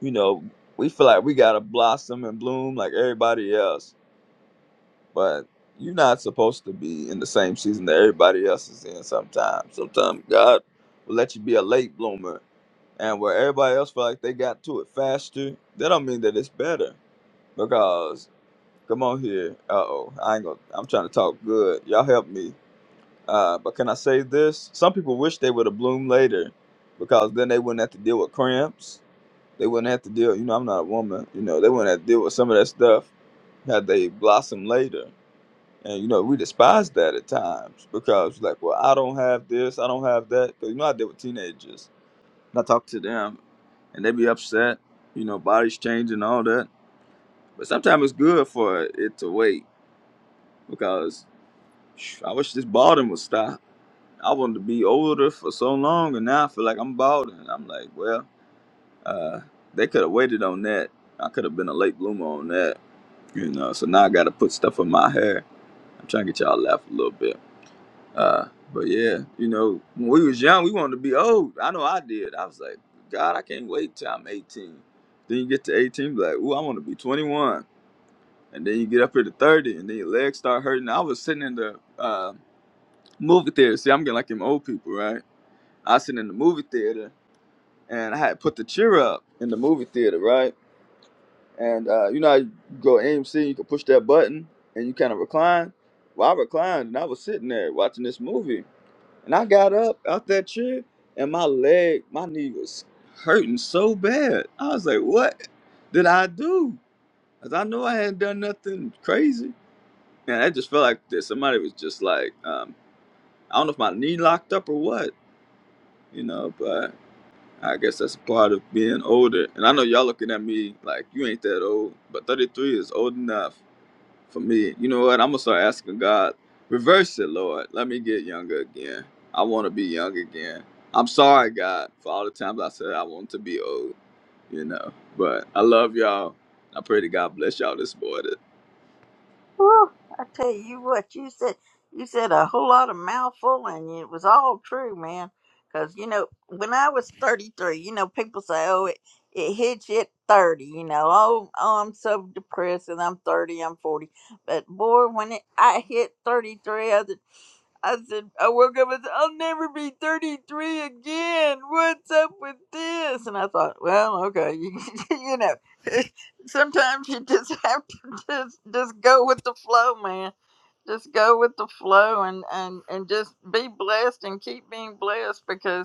Speaker 6: You know, we feel like we gotta blossom and bloom like everybody else, but you're not supposed to be in the same season that everybody else is in. Sometimes, sometimes God will let you be a late bloomer, and where everybody else feel like they got to it faster, that don't mean that it's better. Because come on here, uh oh, I ain't gonna. I'm trying to talk good. Y'all help me. Uh, but can I say this? Some people wish they would have bloomed later because then they wouldn't have to deal with cramps. They wouldn't have to deal, you know, I'm not a woman, you know, they wouldn't have to deal with some of that stuff had they blossomed later. And, you know, we despise that at times because, like, well, I don't have this, I don't have that. Because, you know, I deal with teenagers and I talk to them and they be upset, you know, bodies changing, all that. But sometimes it's good for it to wait because phew, I wish this boredom would stop I wanted to be older for so long, and now I feel like I'm bald, and I'm like, well, uh, they could have waited on that. I could have been a late bloomer on that, you know. So now I got to put stuff in my hair. I'm trying to get y'all to laugh a little bit, uh, but yeah, you know, when we was young, we wanted to be old. I know I did. I was like, God, I can't wait till I'm 18. Then you get to 18, be like, ooh, I want to be 21. And then you get up here to 30, and then your legs start hurting. I was sitting in the uh, movie theater. See, I'm getting like them old people, right? I was sitting in the movie theater and I had put the cheer up in the movie theater, right? And uh, you know, how you go AMC, you can push that button and you kind of recline. Well, I reclined and I was sitting there watching this movie. And I got up out that chair and my leg, my knee was hurting so bad. I was like, what did I do? Because I know I hadn't done nothing crazy. And I just felt like that somebody was just like, um, I don't know if my knee locked up or what, you know, but. I guess that's a part of being older. And I know y'all looking at me like you ain't that old, but 33 is old enough for me. You know what? I'm gonna start asking God, reverse it, Lord. Let me get younger again. I want to be young again. I'm sorry, God, for all the times I said I want to be old. You know, but I love y'all. I pray to God bless y'all this morning.
Speaker 1: Whew, I tell you what, you said you said a whole lot of mouthful, and it was all true, man. Because you know, when I was thirty three, you know, people say, "Oh, it it hits you at thirty." you know, oh, oh, I'm so depressed, and I'm thirty, I'm forty. But boy, when it, I hit thirty three, I said, I woke up and said, I'll never be 33 again. What's up with this? And I thought, well, okay, you, you know, sometimes you just have to just, just go with the flow, man. Just go with the flow and, and, and just be blessed and keep being blessed because.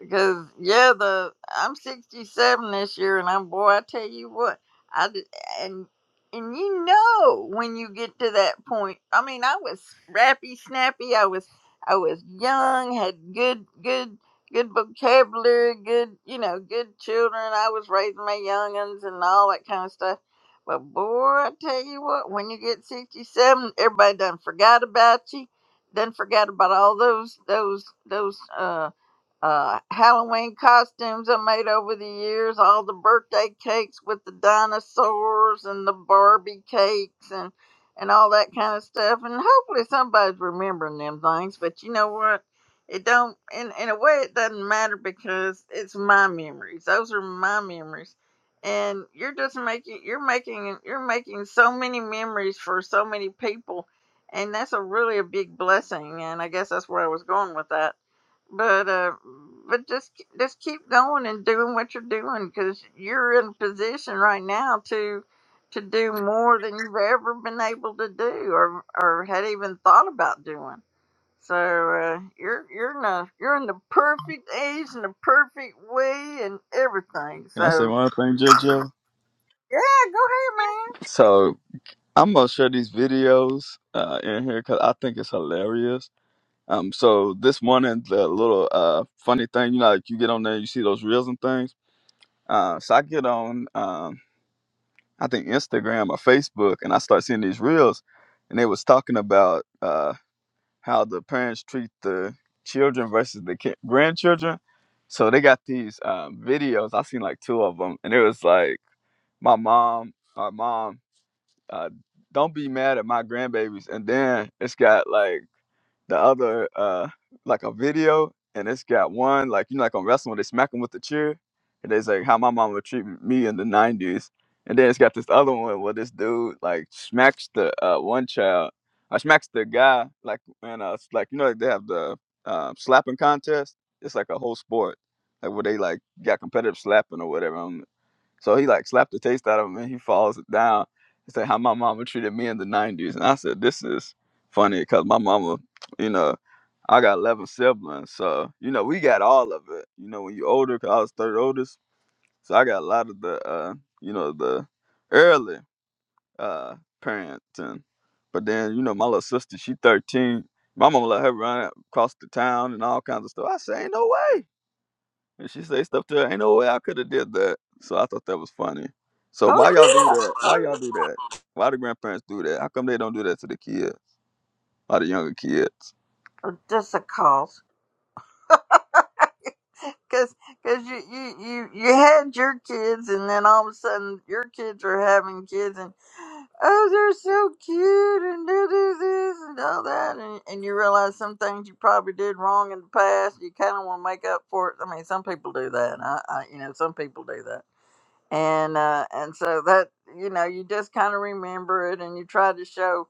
Speaker 1: Because yeah, the I'm 67 this year, and I'm boy, I tell you what, I d- and and you know when you get to that point. I mean, I was rappy, snappy. I was I was young, had good good good vocabulary, good you know good children. I was raising my youngins and all that kind of stuff. But boy, I tell you what, when you get 67, everybody done forgot about you. Done forgot about all those those those. uh, uh, Halloween costumes I made over the years, all the birthday cakes with the dinosaurs and the Barbie cakes and and all that kind of stuff. And hopefully somebody's remembering them things. But you know what? It don't in in a way it doesn't matter because it's my memories. Those are my memories. And you're just making you're making you're making so many memories for so many people and that's a really a big blessing and I guess that's where I was going with that but uh but just just keep going and doing what you're doing because you're in a position right now to to do more than you've ever been able to do or or had even thought about doing so uh you're you're in a you're in the perfect age and the perfect way and everything
Speaker 6: Can I say
Speaker 1: so
Speaker 6: one thing, JoJo?
Speaker 1: yeah go ahead man
Speaker 6: So I'm gonna share these videos uh, in here because I think it's hilarious Um, so this morning, the little uh funny thing, you know, like you get on there, you see those reels and things. Uh, so I get on, um, I think Instagram or Facebook, and I start seeing these reels, and they was talking about uh how the parents treat the children versus the ki- grandchildren. So they got these um, videos. I seen like two of them, and it was like my mom, our mom, uh, don't be mad at my grandbabies, and then it's got like the other uh like a video and it's got one like you know like on wrestling when they smack him with the chair and it's like how my mom would treat me in the nineties. And then it's got this other one where this dude like smacks the uh one child I smacks the guy like and uh s- like you know like they have the um slapping contest. It's like a whole sport. Like where they like got competitive slapping or whatever. So he like slapped the taste out of him and he falls down. He said, How my mama treated me in the 90s. And I said, This is funny because my mama, you know, I got 11 siblings. So, you know, we got all of it. You know, when you older, because I was third oldest. So I got a lot of the, uh, you know, the early uh, parenting. But then, you know, my little sister, she 13. My mama let her run across the town and all kinds of stuff. I say, Ain't no way. And she say stuff to her. Ain't no way I could have did that. So I thought that was funny. So
Speaker 1: oh
Speaker 6: why y'all do
Speaker 1: yeah
Speaker 6: that? Why
Speaker 1: oh
Speaker 6: y'all
Speaker 1: yeah
Speaker 6: do that? Why the grandparents do that? How come they don't do that to the kids? Why the younger kids?
Speaker 1: Oh, just a call Cause, cause you, you, you, you had your kids, and then all of a sudden your kids are having kids, and oh, they're so cute, and they do this and all that, and, and you realize some things you probably did wrong in the past. You kind of want to make up for it. I mean, some people do that. I, I you know, some people do that, and uh, and so that you know, you just kind of remember it, and you try to show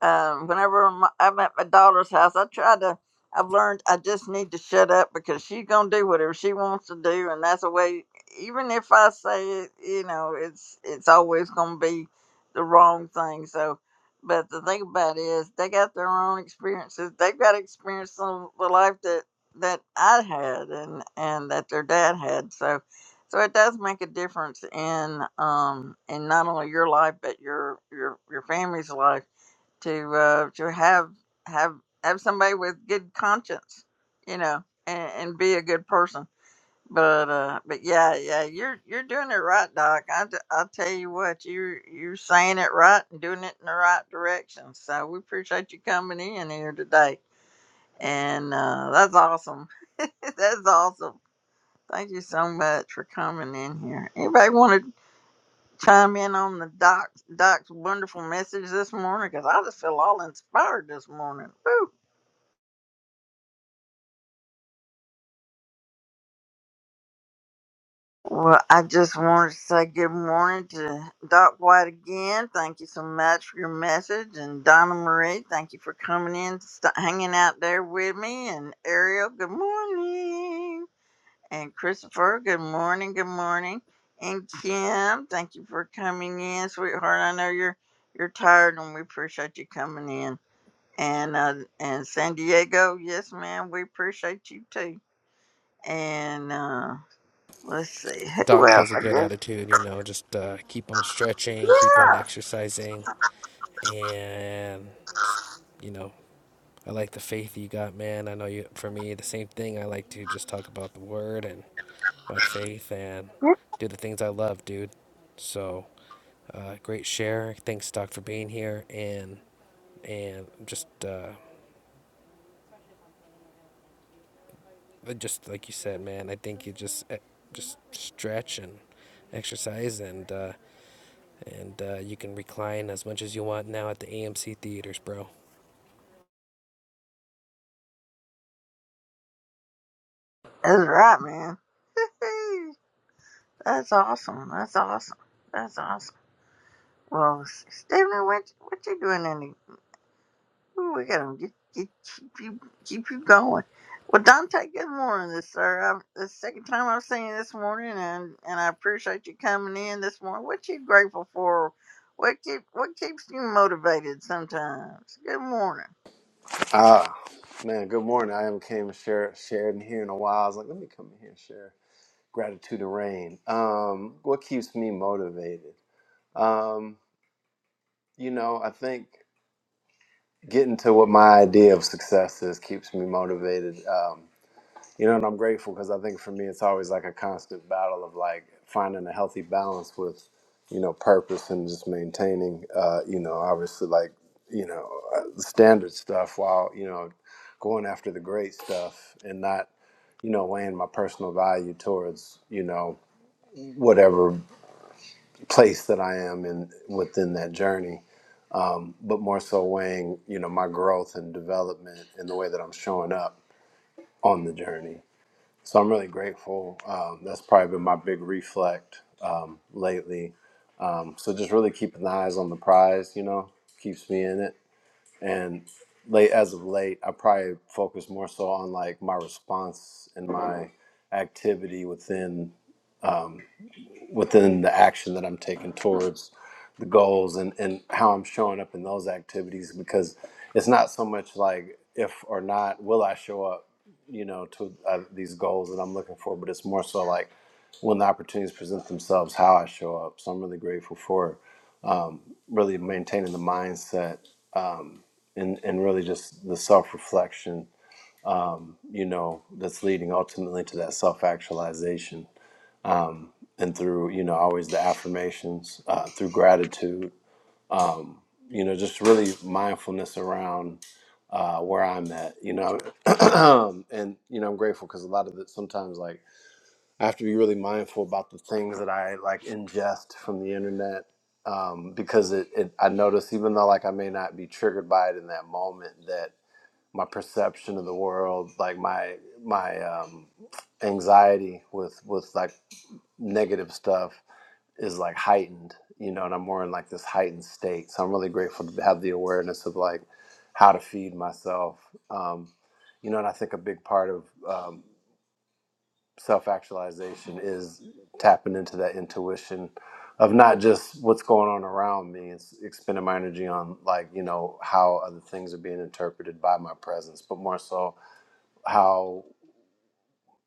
Speaker 1: um, whenever my, I'm at my daughter's house, I try to. I've learned I just need to shut up because she's gonna do whatever she wants to do, and that's the way. Even if I say it, you know, it's it's always gonna be the wrong thing. So, but the thing about it is, they got their own experiences. They've got experience some the life that that I had and and that their dad had. So, so it does make a difference in um in not only your life but your your your family's life to uh, to have have have somebody with good conscience, you know, and, and be a good person. But uh, but yeah, yeah, you're you're doing it right, Doc. I t- I tell you what, you you're saying it right and doing it in the right direction. So we appreciate you coming in here today, and uh, that's awesome. that's awesome. Thank you so much for coming in here. Anybody want to? chime in on the doc's doc's wonderful message this morning because I just feel all inspired this morning. Woo. Well, I just wanted to say good morning to Doc White again. Thank you so much for your message, and Donna Marie, thank you for coming in, st- hanging out there with me, and Ariel, good morning, and Christopher, good morning, good morning, and Kim, thank you for coming in, sweetheart. I know you're you're tired, and we appreciate you coming in. And uh, and San Diego, yes, ma'am, we appreciate you too. And uh, let's see, who
Speaker 7: Doc
Speaker 1: else?
Speaker 7: has a
Speaker 1: I
Speaker 7: good
Speaker 1: guess.
Speaker 7: attitude, you know, just uh, keep on stretching, keep on
Speaker 1: Yeah,
Speaker 7: exercising, and just, you know, I like the faith you got, man. I know you, for me, the same thing. I like to just talk about the word and my faith and do the things I love, dude. So, uh, great share. Thanks, Doc, for being here. And, and just, uh, just like you said, man, I think you just, eh, just stretch and exercise and, uh, and uh, you can recline as much as you want now at the AMC theaters, bro.
Speaker 1: that's right, man. Woo-hoo. That's awesome. That's awesome. That's awesome. Well, Stephanie, what what you doing in the Ooh, we gotta get, get keep you keep you going. Well, Dante, good morning, this sir. I'm, the second time I've seen you this morning, and and I appreciate you coming in this morning. What you grateful for? What keep what keeps you motivated sometimes? Good morning.
Speaker 8: Ah, man, good morning. I haven't came and share, shared in here in a while. I was like, let me come in here and share gratitude and rain. Um, what keeps me motivated? Um, you know, I think getting to what my idea of success is keeps me motivated. Um, You know, and I'm grateful because I think for me, it's always like a constant battle of like finding a healthy balance with, you know, purpose and just maintaining, uh, you know, obviously like, you know, uh, standard stuff while, you know, going after the great stuff and not, you know, weighing my personal value towards, you know, whatever place that I am in within that journey, but more so weighing, you know, my growth and development and the way that I'm showing up on the journey So I'm really grateful. Um, that's probably been my big reflect um, lately. Um, so just really keeping the eyes on the prize, you know, keeps me in it. And late as of late, I probably focus more so on like my response and my activity within within the action that I'm taking towards the goals and, and how I'm showing up in those activities because it's not so much like if or not will I show up, you know, to uh, these goals that I'm looking for, but it's more so like when the opportunities present themselves, how I show up. So I'm really grateful for really maintaining the mindset um, and, and really just the self reflection, you know, that's leading ultimately to that self actualization and through you know always the affirmations uh, through gratitude um, you know just really mindfulness around uh, where i'm at you know and you know i'm grateful because a lot of it sometimes like i have to be really mindful about the things that i like ingest from the internet um, because it, it i notice even though like i may not be triggered by it in that moment that my perception of the world like my my um, anxiety with with like negative stuff is like heightened, you know, and I'm more in like this heightened state. So I'm really grateful to have the awareness of like how to feed myself. Um, you know, and I think a big part of um, self actualization is tapping into that intuition of not just what's going on around me and expending my energy on like, you know, how other things are being interpreted by my presence, but more so how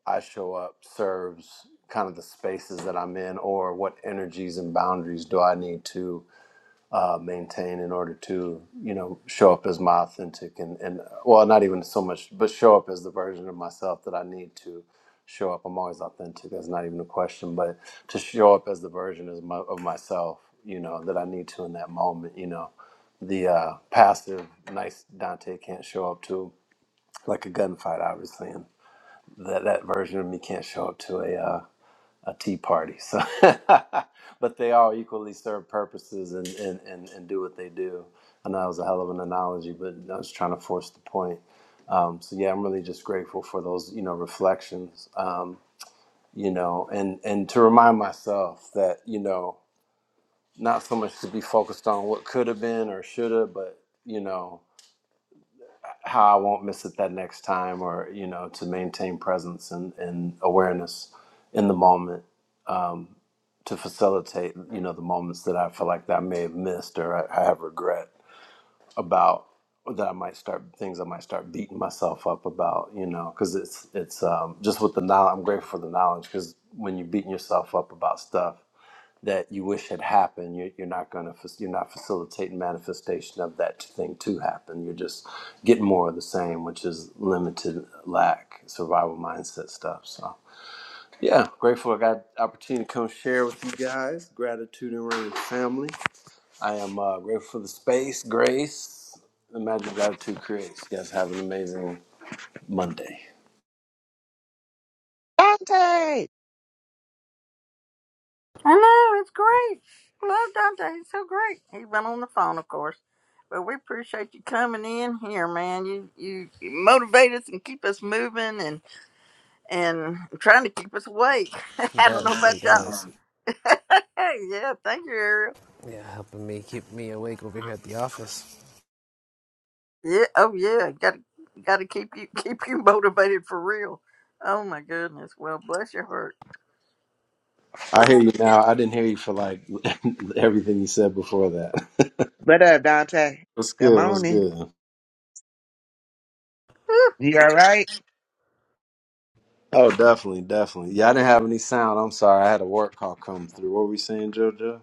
Speaker 8: I show up serves kind of the spaces that I'm in or what energies and boundaries do I need to maintain in order to you know show up as my authentic and and well not even so much but show up as the version of myself that i need to show up i'm always authentic that's not even a question but to show up as the version of, my, of myself you know that i need to in that moment you know the uh passive nice dante can't show up to like a gunfight obviously and that that version of me can't show up to a uh a tea party. So, but they all equally serve purposes and, and, and, and do what they do. I know that was a hell of an analogy, but I was trying to force the point. Um, so yeah, I'm really just grateful for those, you know, reflections. Um, you know, and and to remind myself that you know, not so much to be focused on what could have been or should have, but you know, how I won't miss it that next time, or you know, to maintain presence and, and awareness in the moment to facilitate you know the moments that I feel like that I may have missed or I, I have regret about or that I might start things I might start beating myself up about you know because it's it's um, just with the knowledge I'm grateful for the knowledge because when you're beating yourself up about stuff that you wish had happened you're, you're not going to you're not facilitating manifestation of that thing to happen you're just getting more of the same which is limited lack survival mindset stuff so yeah, grateful I got the opportunity to come share with you guys. Gratitude and rain family. I am uh, grateful for the space, grace, the magic gratitude creates. You guys have an amazing Monday.
Speaker 9: Dante.
Speaker 1: I know it's great. Love Dante. He's so great. He's been on the phone, of course, but we appreciate you coming in here, man. You you, you motivate us and keep us moving, and and trying to keep us awake.
Speaker 7: He
Speaker 1: I don't know
Speaker 7: does. He
Speaker 1: about y'all.
Speaker 7: does.
Speaker 1: yeah, thank you, Ariel.
Speaker 7: Yeah, helping me keep me awake over here at the office.
Speaker 1: Yeah, oh yeah, got to got to keep you keep you motivated for real. Oh my goodness. Well, bless your heart. Go
Speaker 8: I hear you now. I didn't hear you for like everything you said before that.
Speaker 9: What up, Dante?
Speaker 8: what's
Speaker 9: Good
Speaker 8: good? What's
Speaker 9: morning.
Speaker 8: good?
Speaker 9: You
Speaker 1: ahead.
Speaker 9: all right?
Speaker 8: Oh, definitely, definitely. Yeah, I didn't have any sound. I'm sorry. I had a work call come through. What were we saying, JoJo?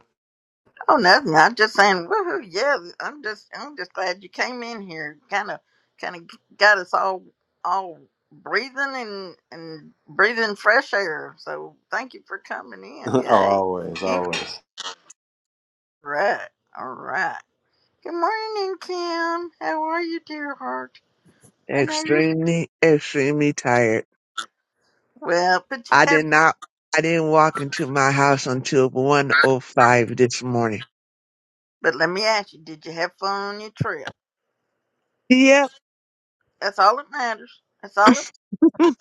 Speaker 1: Oh, nothing. I'm just saying, woohoo! Yeah, I'm just, I'm just glad you came in here. Kind of, kind of got us all, all breathing and and breathing fresh air. So thank you for coming in.
Speaker 8: oh,
Speaker 1: Yay!
Speaker 8: always,
Speaker 1: In-
Speaker 8: always.
Speaker 1: right, all right. Good morning, Kim. How are you, dear heart? I know you're.
Speaker 9: Extremely, extremely tired.
Speaker 1: Well, but you
Speaker 9: I
Speaker 1: have.
Speaker 9: did not. I didn't walk into my house until 1.05 this morning.
Speaker 1: But let me ask you: Did you have fun on your trip?
Speaker 9: Yep.
Speaker 1: That's all that matters. That's all. It,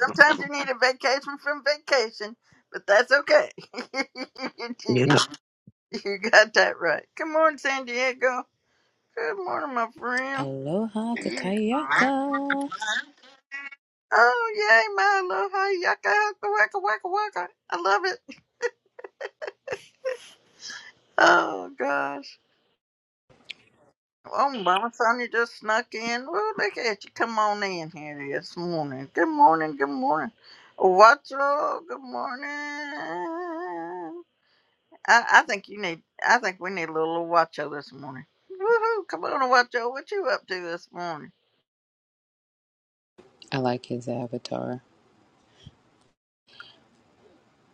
Speaker 1: sometimes you need a vacation from vacation, but that's okay.
Speaker 9: Yep.
Speaker 1: you got that right. Good morning, San Diego. Good morning, my friend.
Speaker 10: Aloha Kakayaka.
Speaker 1: Oh yay, Milo! Hi, yaka, waka, waka, waka. I love it. Oh gosh. Oh, Mama Sonia just snuck in. Well, look at you. Come on in here this morning. Good morning. Good morning. What's wrong? Good morning. I, I think you need. I think we need a little Watcho this morning. Woohoo! Come on, Watcho. What you up to this morning?
Speaker 10: I like his avatar.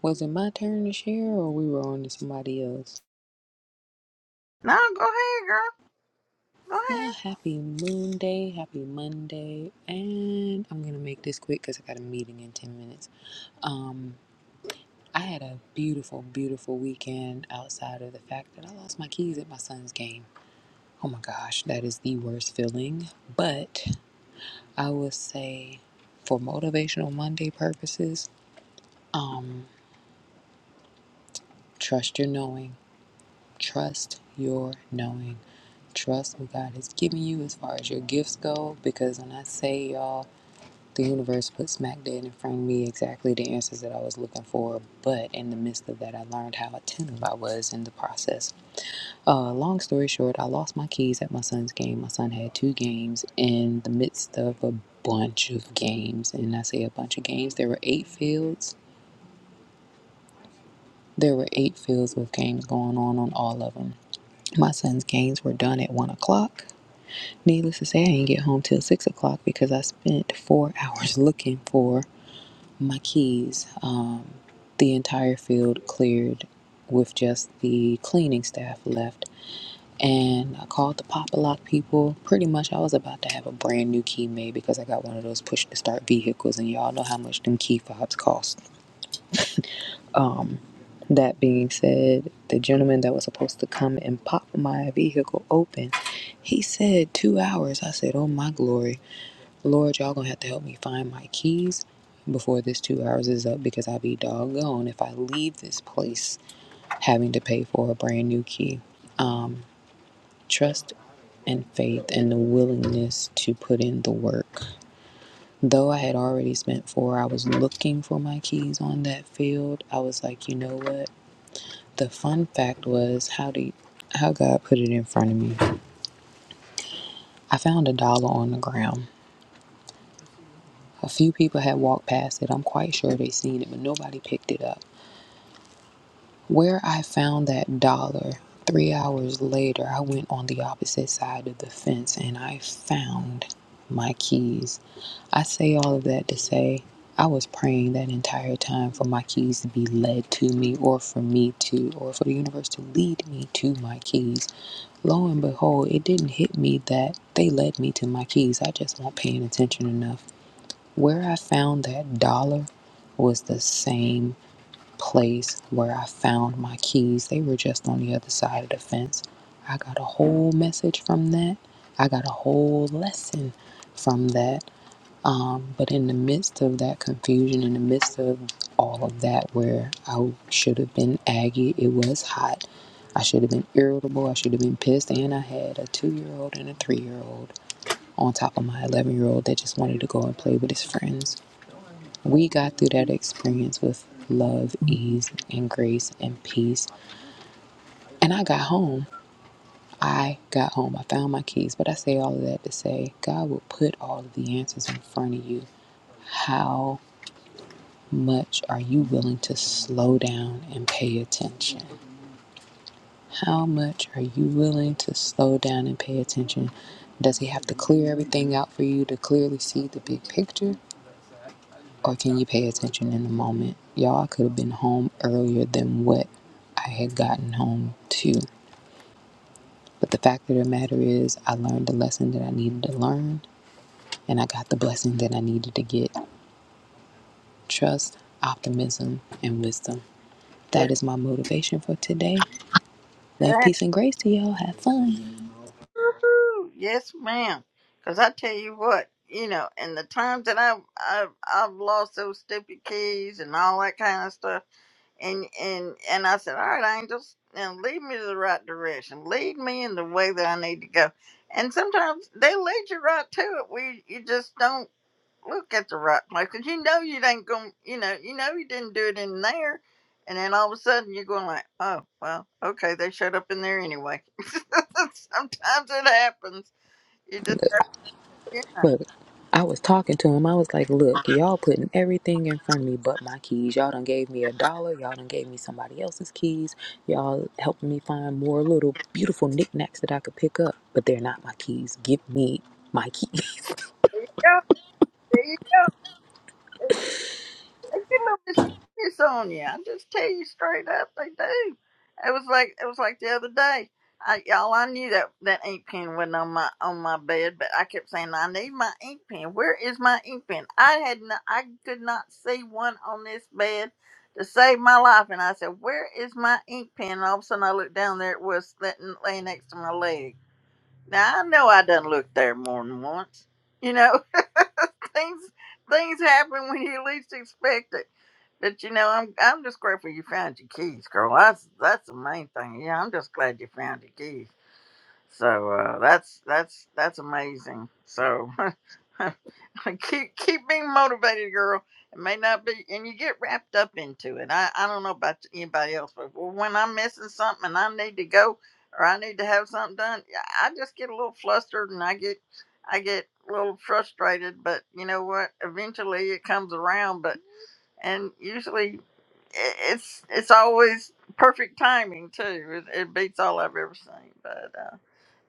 Speaker 10: Was it my turn to share or we were on to somebody else?
Speaker 1: No, go ahead, girl.
Speaker 10: Well,
Speaker 1: Go
Speaker 10: happy moon day, happy Monday, and I'm gonna make this quick because I got a meeting in 10 minutes. Um, I had a beautiful, beautiful weekend outside of the fact that I lost my keys at my son's game. Oh my gosh, that is the worst feeling. But I will say, for motivational Monday purposes, um, trust your knowing Trust your knowing. Trust what God has given you as far as your gifts go. Because when I say y'all, the universe put smack dead in front of me exactly the answers that I was looking for. But in the midst of that, I learned how attentive I was in the process. Uh, long story short, I lost my keys at my son's game. My son had two games in the midst of a bunch of games. And I say a bunch of games, there were eight fields. There were eight fields with games going on on all of them. My son's games were done at one o'clock. Needless to say, I didn't get home till six o'clock because I spent four hours looking for my keys. Um, the entire field cleared with just the cleaning staff left. And I called the pop a lock people. Pretty much, I was about to have a brand new key made because I got one of those push to start vehicles, and y'all know how much them key fobs cost. That being said, the gentleman that was supposed to come and pop my vehicle open, he said two hours. I said, Oh my glory. Lord, y'all gonna have to help me find my keys before this two hours is up because I'll be doggone if I leave this place having to pay for a brand new key. Um, trust and faith and the willingness to put in the work. Though I had already spent four hours looking for my keys on that field, I was like, you know what? The fun fact was how do you, how God put it in front of me. I found a dollar on the ground. A few people had walked past it. I'm quite sure they seen it, but nobody picked it up. Where I found that dollar, three hours later, I went on the opposite side of the fence and I found my keys. I say all of that to say I was praying that entire time for my keys to be led to me or for me to, or for the universe to lead me to my keys. Lo and behold, it didn't hit me that they led me to my keys. I just wasn't paying attention enough. Where I found that dollar was the same place where I found my keys. They were just on the other side of the fence. I got a whole message from that. I got a whole lesson from that. Um, but in the midst of that confusion, in the midst of all of that, where I should have been aggy, it was hot. I should have been irritable. I should have been pissed. And I had a two year old and a three year old on top of my 11 year old that just wanted to go and play with his friends. We got through that experience with love, ease, and grace and peace. And I got home. I got home. I found my keys. But I say all of that to say God will put all of the answers in front of you. How much are you willing to slow down and pay attention? How much are you willing to slow down and pay attention? Does He have to clear everything out for you to clearly see the big picture? or can you pay attention in the moment? Y'all, I could have been home earlier than what I had gotten home to. But the fact of the matter is, I learned the lesson that I needed to learn, and I got the blessing that I needed to get trust, optimism, and wisdom.
Speaker 1: ahead.
Speaker 10: That is my motivation for today.
Speaker 1: Go
Speaker 10: Love,
Speaker 1: ahead.
Speaker 10: peace, and grace to y'all. Have fun.
Speaker 1: Woohoo! Yes, ma'am. Cause I tell you what, you know, in the times that I've I've, I've lost those stupid keys and all that kind of stuff. and and and I said, "All right, angels, now lead me to the right direction. Lead me in the way that I need to go." And sometimes they lead you right to it. We you you just don't look at the right place because you know you ain't going. You know you know you didn't do it in there, and then all of a sudden you're going like, "Oh well, okay, they showed up in there anyway." sometimes it happens. You just have to, yeah,
Speaker 10: Look, I was talking to him. I was like, look, y'all putting everything in front of me but my keys. Y'all done gave me a dollar. Y'all done gave me somebody else's keys. Y'all helping me find more little beautiful knickknacks that I could pick up, but they're not my keys. Give me my keys.
Speaker 1: there you go. They get a this mysterious on you. I just tell you straight up, they do. It was like it was like the other day. I, y'all, I knew that that ink pen wasn't on my on my bed, but I kept saying I need my ink pen. Where is my ink pen? I had no, I could not see one on this bed to save my life, and I said, "Where is my ink pen?" And all of a sudden, I looked down there. It was laying laying next to my leg. Now I know I done looked there more than once. You know, things things happen when you least expect it but you know, I'm I'm just grateful you found your keys, girl. That's that's the main thing. Yeah, I'm just glad you found your keys. So uh, that's that's that's amazing. So keep keep being motivated, girl. It may not be, and you get wrapped up into it. I I don't know about anybody else, but when I'm missing something and I need to go or I need to have something done, yeah, I just get a little flustered and I get I get a little frustrated. But you know what? Eventually, it comes around. But and usually it's it's always perfect timing too. It, it beats all I've ever seen. But uh,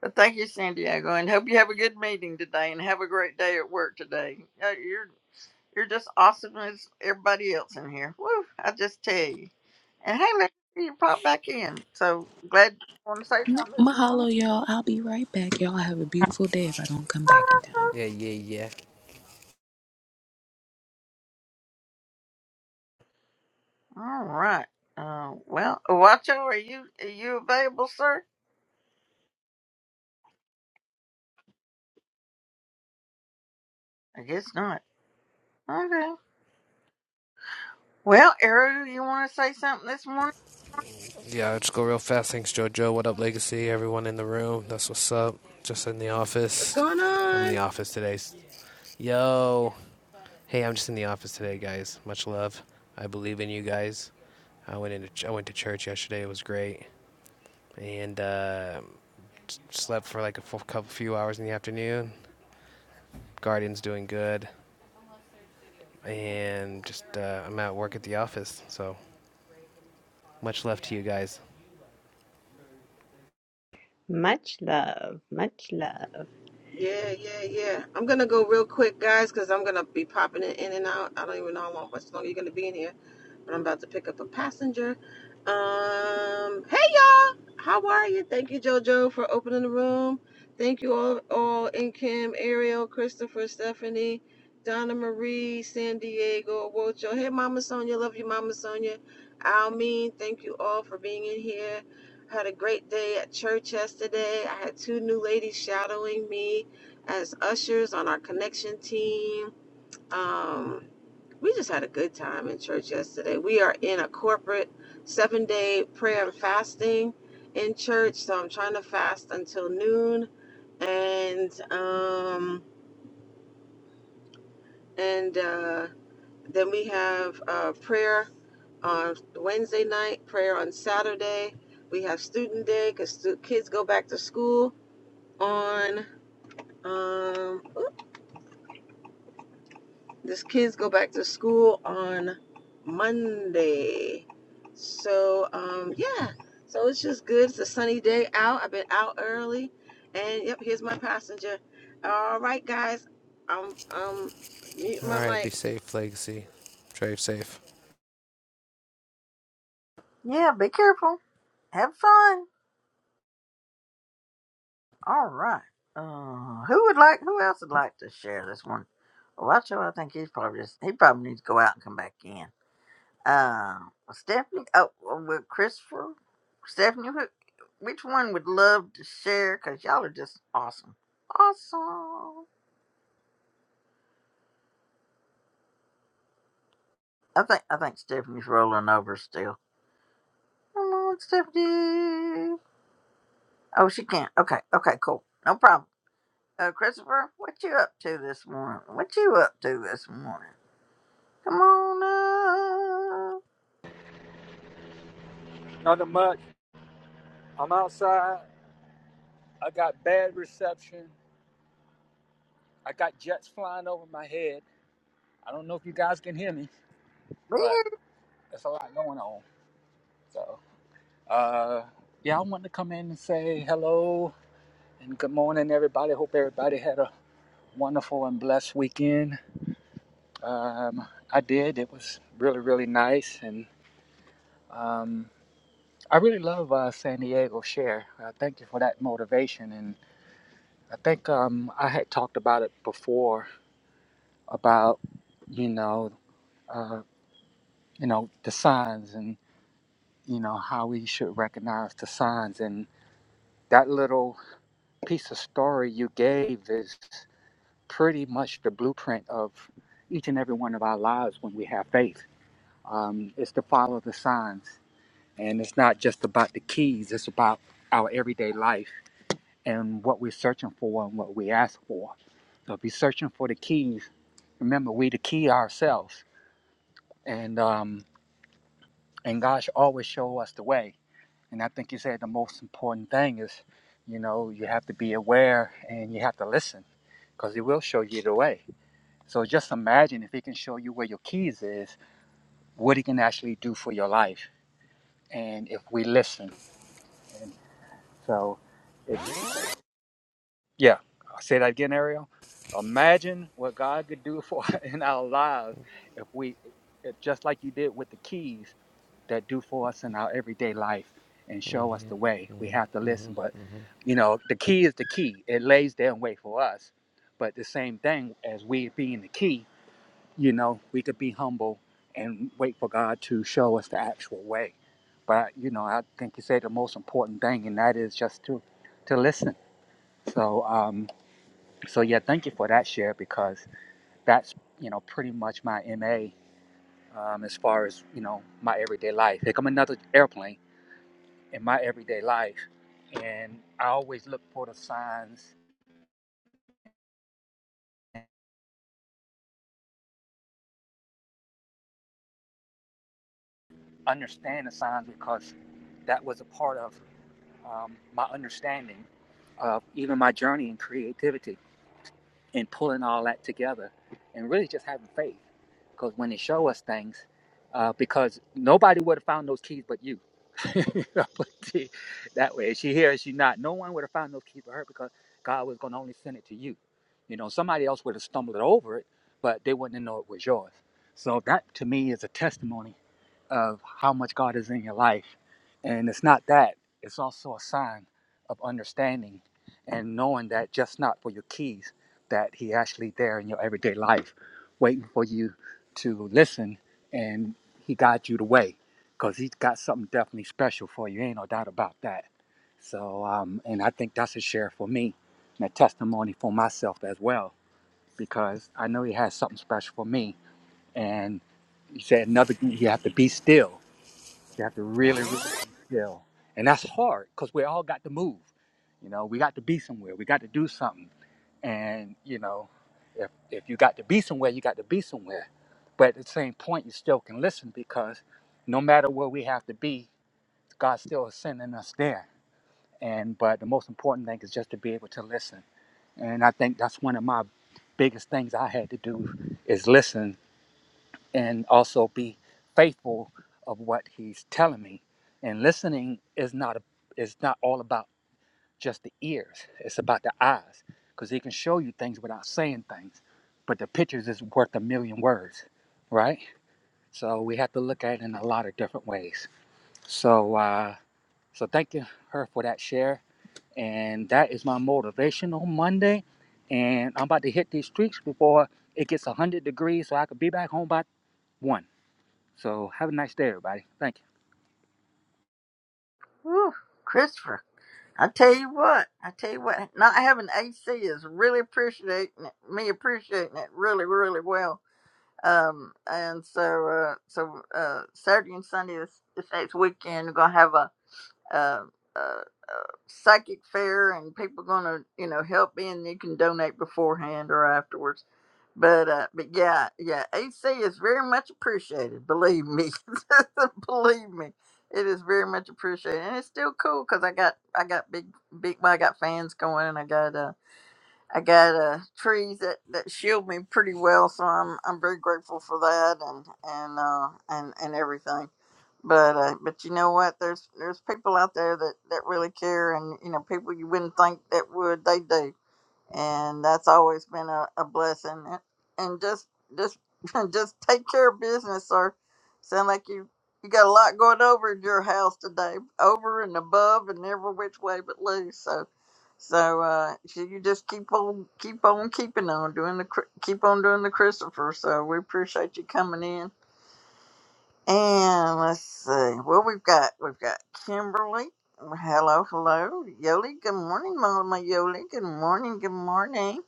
Speaker 1: but thank you, San Diego, and hope you have a good meeting today and have a great day at work today. Uh, You're you're just awesome as everybody else in here. Woo! I just tell you. And hey, Larry, you pop back in. So glad you want to say something this
Speaker 10: Mahalo,
Speaker 1: morning.
Speaker 10: y'all. I'll be right back. Y'all have a beautiful day if I don't come back in time.
Speaker 7: Yeah, yeah, yeah.
Speaker 1: All right. Uh, well, Wacho, are you are you available, sir? I guess not. Okay. Well, Arrow, you want to say something this morning?
Speaker 7: Yeah, I'll just go real fast. Thanks, JoJo. What up, Legacy? Everyone in the room. That's what's up. Just in the
Speaker 11: What's
Speaker 7: office.
Speaker 11: going
Speaker 7: I'm in the
Speaker 11: on?
Speaker 7: office today. Yo. Hey, I'm just in the office today, guys. Much love. I believe in you guys. I went into ch- I went to church yesterday. It was great. And uh, slept for like a f- couple few hours in the afternoon. Guardian's doing good. and just uh, I'm at work at the office, so much love to you guys.
Speaker 12: Much love, much love.
Speaker 11: Yeah, yeah, yeah. I'm gonna go real quick, guys, because I'm gonna be popping it in and out. I don't even know how long, much longer you're gonna be in here, but I'm about to pick up a passenger. Um, hey y'all, how are you? Thank you, JoJo, for opening the room. Thank you all, all in Kim, Ariel, Christopher, Stephanie, Donna Marie, San Diego, Wocho. Hey, Mama Sonia, love you, Mama Sonia. Almeen, thank you all for being in here. Had a great day at church yesterday. I had two new ladies shadowing me as ushers on our connection team. Um, we just had a good time in church yesterday. We are in a corporate seven day prayer and fasting in church, so I'm trying to fast until noon. And um, and uh, then we have uh, prayer on Wednesday night, prayer on Saturday. We have student day because stu- kids go back to school on um oop, this kids go back to school on Monday. So um yeah. So it's just good. It's a sunny day out. I've been out early. And yep, here's my passenger. All right guys. I'm um mute
Speaker 7: All
Speaker 11: my
Speaker 7: right, be
Speaker 11: mic.
Speaker 7: safe, Legacy. Drive safe.
Speaker 1: Yeah, be careful. Have fun. All right. Uh, who would like? Who else would like to share this one? Wacho, I think he's probably just he probably needs to go out and come back in. Uh, Stephanie. Oh, well, Christopher. Stephanie, who, which one would love to share? Cause y'all are just awesome. Awesome. I think I think Stephanie's rolling over still. Come on, Stephanie. Oh, she can't. Okay. Okay. Cool. No problem. Uh, Christopher, what you up to this morning? What you up to this morning? Come on up.
Speaker 13: Nothing much. I'm outside. I got bad reception. I got jets flying over my head. I don't know if you guys can hear me,
Speaker 1: Be
Speaker 13: but
Speaker 1: here.
Speaker 13: there's a lot going on. So, uh, yeah, I wanted to come in and say hello and good morning, everybody. Hope everybody had a wonderful and blessed weekend. Um, I did. It was really, really nice. And um, I really love uh, San Diego Share. Uh, thank you for that motivation. And I think um, I had talked about it before about you know uh, you know the signs and you know how we should recognize the signs and that little piece of story you gave is pretty much the blueprint of each and every one of our lives when we have faith um, is to follow the signs and it's not just about the keys it's about our everyday life and what we're searching for and what we ask for so if you're searching for the keys remember we the key ourselves and um, and God should always show us the way. And I think you said the most important thing is, you know, you have to be aware and you have to listen, because He will show you the way. So just imagine if He can show you where your keys is, what He can actually do for your life, and if we listen. And so, it's uh, yeah. I'll say that again, Ariel. Imagine what God could do for in our lives if we, if just like you did with the keys. that do for us in our everyday life and show us the way. We have to listen, but you know, the key is the key. It lays there and wait for us. But the same thing as we being the key, you know, we could be humble and wait for God to show us the actual way. But you know, I think you said the most important thing, and that is just to to listen. So, um, so yeah, thank you for that share because that's you know pretty much my MA um, as far as you know my everyday life. Here come another airplane in my everyday life. And I always look for the signs and understand the signs because that was a part of um, my understanding of even my journey in creativity. and pulling all that together and really just having faith. Because when they show us things, uh, because nobody would have found those keys but you. I'll put it that way, is she here, is she not. No one would have found those keys but her because God was going to only send it to you. You know, somebody else would have stumbled over it, but they wouldn't know it was yours. So that to me is a testimony of how much God is in your life. And it's not that, it's also a sign of understanding and knowing that just not for your keys that he actually there in your everyday life waiting for you to listen and he guides you the way because he's got something definitely special for you ain't no doubt about that so um, and i think that's a share for me and a testimony for myself as well because i know he has something special for me and he said another thing, you have to be still you have to really really be still and that's hard because we all got to move you know we got to be somewhere we got to do something and you know if if you got to be somewhere you got to be somewhere but at the same point you still can listen because no matter where we have to be god still is sending us there and but the most important thing is just to be able to listen and i think that's one of my biggest things i had to do is listen and also be faithful of what he's telling me and listening is not a, is not all about just the ears. It's about the eyes because he can show you things without saying things. But the pictures is worth a million words, right? So we have to look at it in a lot of different ways. So uh, so thank you her for that share. And that is my motivation on Monday. And I'm about to hit these streets before it gets 100 degrees so I could be back home by 1. So have a nice day, everybody. Thank you.
Speaker 1: Christopher, I tell you what, I tell you what, not having AC is really appreciating it, me appreciating it really, really well. Um, and so, uh, so, uh, Saturday and Sunday this, this next weekend, we're going to have a, uh, uh, psychic fair and people gonna you know help me, and you can donate beforehand or afterwards But uh, but yeah, yeah, AC is very much appreciated. Believe me, believe me, it is very much appreciated, and it's still cool because I got I got big big well, I got fans going, and I got uh I got uh trees that that shield me pretty well, so I'm I'm very grateful for that and and uh and and everything. But uh, but you know what? There's there's people out there that that really care, and you know people you wouldn't think that would they do and that's always been a, a blessing. And, and just just just take care of business, sir. Sound like you you got a lot going over in your house today, over and above and every which way but loose. So so uh, so you just keep on keep on keeping on doing the Chri- keep on doing the Christopher. So we appreciate you coming in and let's see. Well, we've got we've got Kimberly. Hello, hello, Yoli. Good morning, Mama Yoli. Good morning, good morning.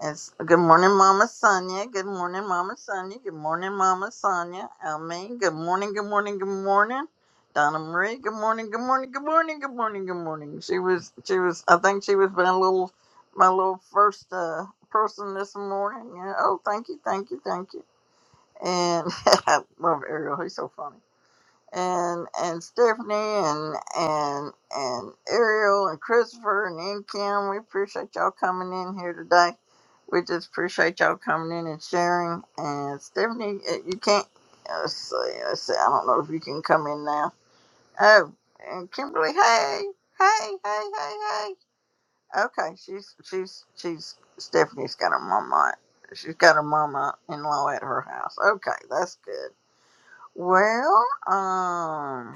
Speaker 1: It's good morning, Mama Sonia. Good morning, Mama Sonia. Good morning, Mama Sonia. Almaine. Good morning, good morning, good morning. Donna Marie. Good morning, good morning, good morning, good morning, good morning. She was she was. I think she was my little my little first uh, person this morning. Yeah. Oh, thank you, thank you, thank you. And I love Ariel. He's so funny and and Stephanie and and and Ariel and Christopher and N Kim. We appreciate y'all coming in here today. We just appreciate y'all coming in and sharing. And Stephanie, uh, you can't. uh, Let's see. Let's see. I don't know if you can come in now. Oh, and Kimberly. Hey, hey, hey, hey, hey. Okay, she's she's she's Stephanie's got her mama. She's got her mama in law at her house. Okay, that's good. Well, um.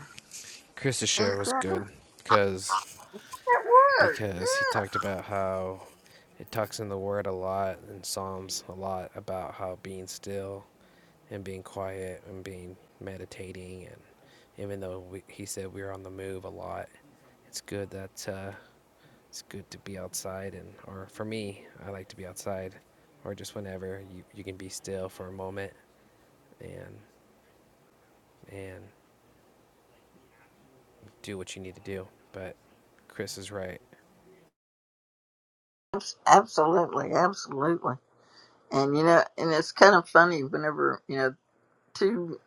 Speaker 7: Chris's share was
Speaker 1: Exactly.
Speaker 7: good because
Speaker 1: It would.
Speaker 7: because he
Speaker 1: Yeah.
Speaker 7: talked about how it talks in the Word a lot in Psalms a lot about how being still and being quiet and being meditating and even though we, he said we were on the move a lot, it's good that uh, it's good to be outside and or for me i like to be outside or just whenever you, you can be still for a moment and and do what you need to do but chris is right
Speaker 1: Abs- Absolutely. Absolutely. And you know, and it's kind of funny whenever you know two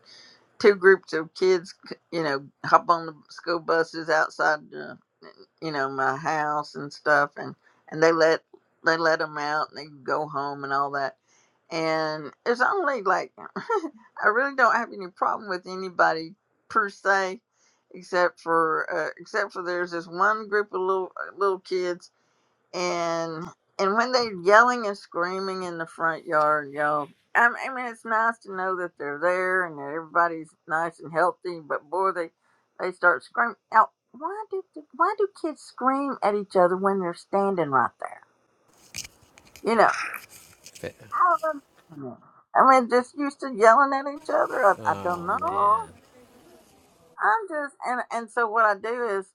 Speaker 1: two groups of kids, c- you know, hop on the school buses outside, uh, you know, my house and stuff, and and they let they let them out and they can go home and all that. And it's only like I really don't have any problem with anybody per se, except for uh, except for there's this one group of little uh, little kids and and when they're yelling and screaming in the front yard, y'all. I m- I mean, it's nice to know that they're there and that everybody's nice and healthy. But boy, they they start screaming. Now, why do the- why do kids scream at each other when they're standing right there? You know, I don't understand that. I mean, just used to yelling at each other. I, I don't
Speaker 7: oh
Speaker 1: know.
Speaker 7: man
Speaker 1: I'm just and and so what I do is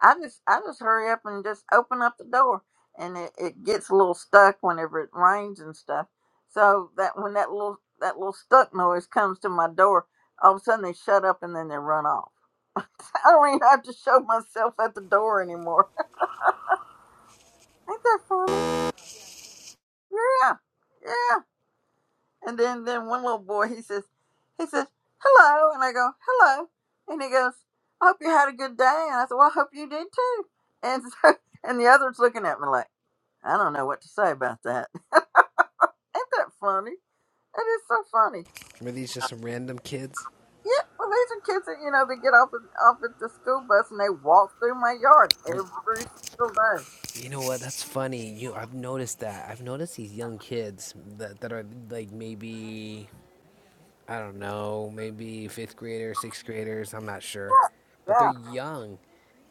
Speaker 1: I just I just hurry up and just open up the door and it, it gets a little stuck whenever it rains and stuff. So that when that little that little stuck noise comes to my door, all of a sudden they shut up and then they run off. I don't even have to show myself at the door anymore. Ain't that funny? Yeah. Yeah. And then, then one little boy, he says, he says, hello. And I go, hello. And he goes, I hope you had a good day. And I said, well, I hope you did too. And so, and the other's looking at me like, I don't know what to say about that. Ain't that funny? It is so funny.
Speaker 7: were these just some random kids
Speaker 1: Yeah, well, these are kids that, you know, they get off, at- off at the school bus and they walk through my yard
Speaker 7: you,
Speaker 1: every single day.
Speaker 7: you know what that's funny you i've noticed that i've noticed these young kids that, that are like maybe I don't know, maybe fifth graders, sixth graders, I'm not sure. But
Speaker 1: Yeah.
Speaker 7: they're young.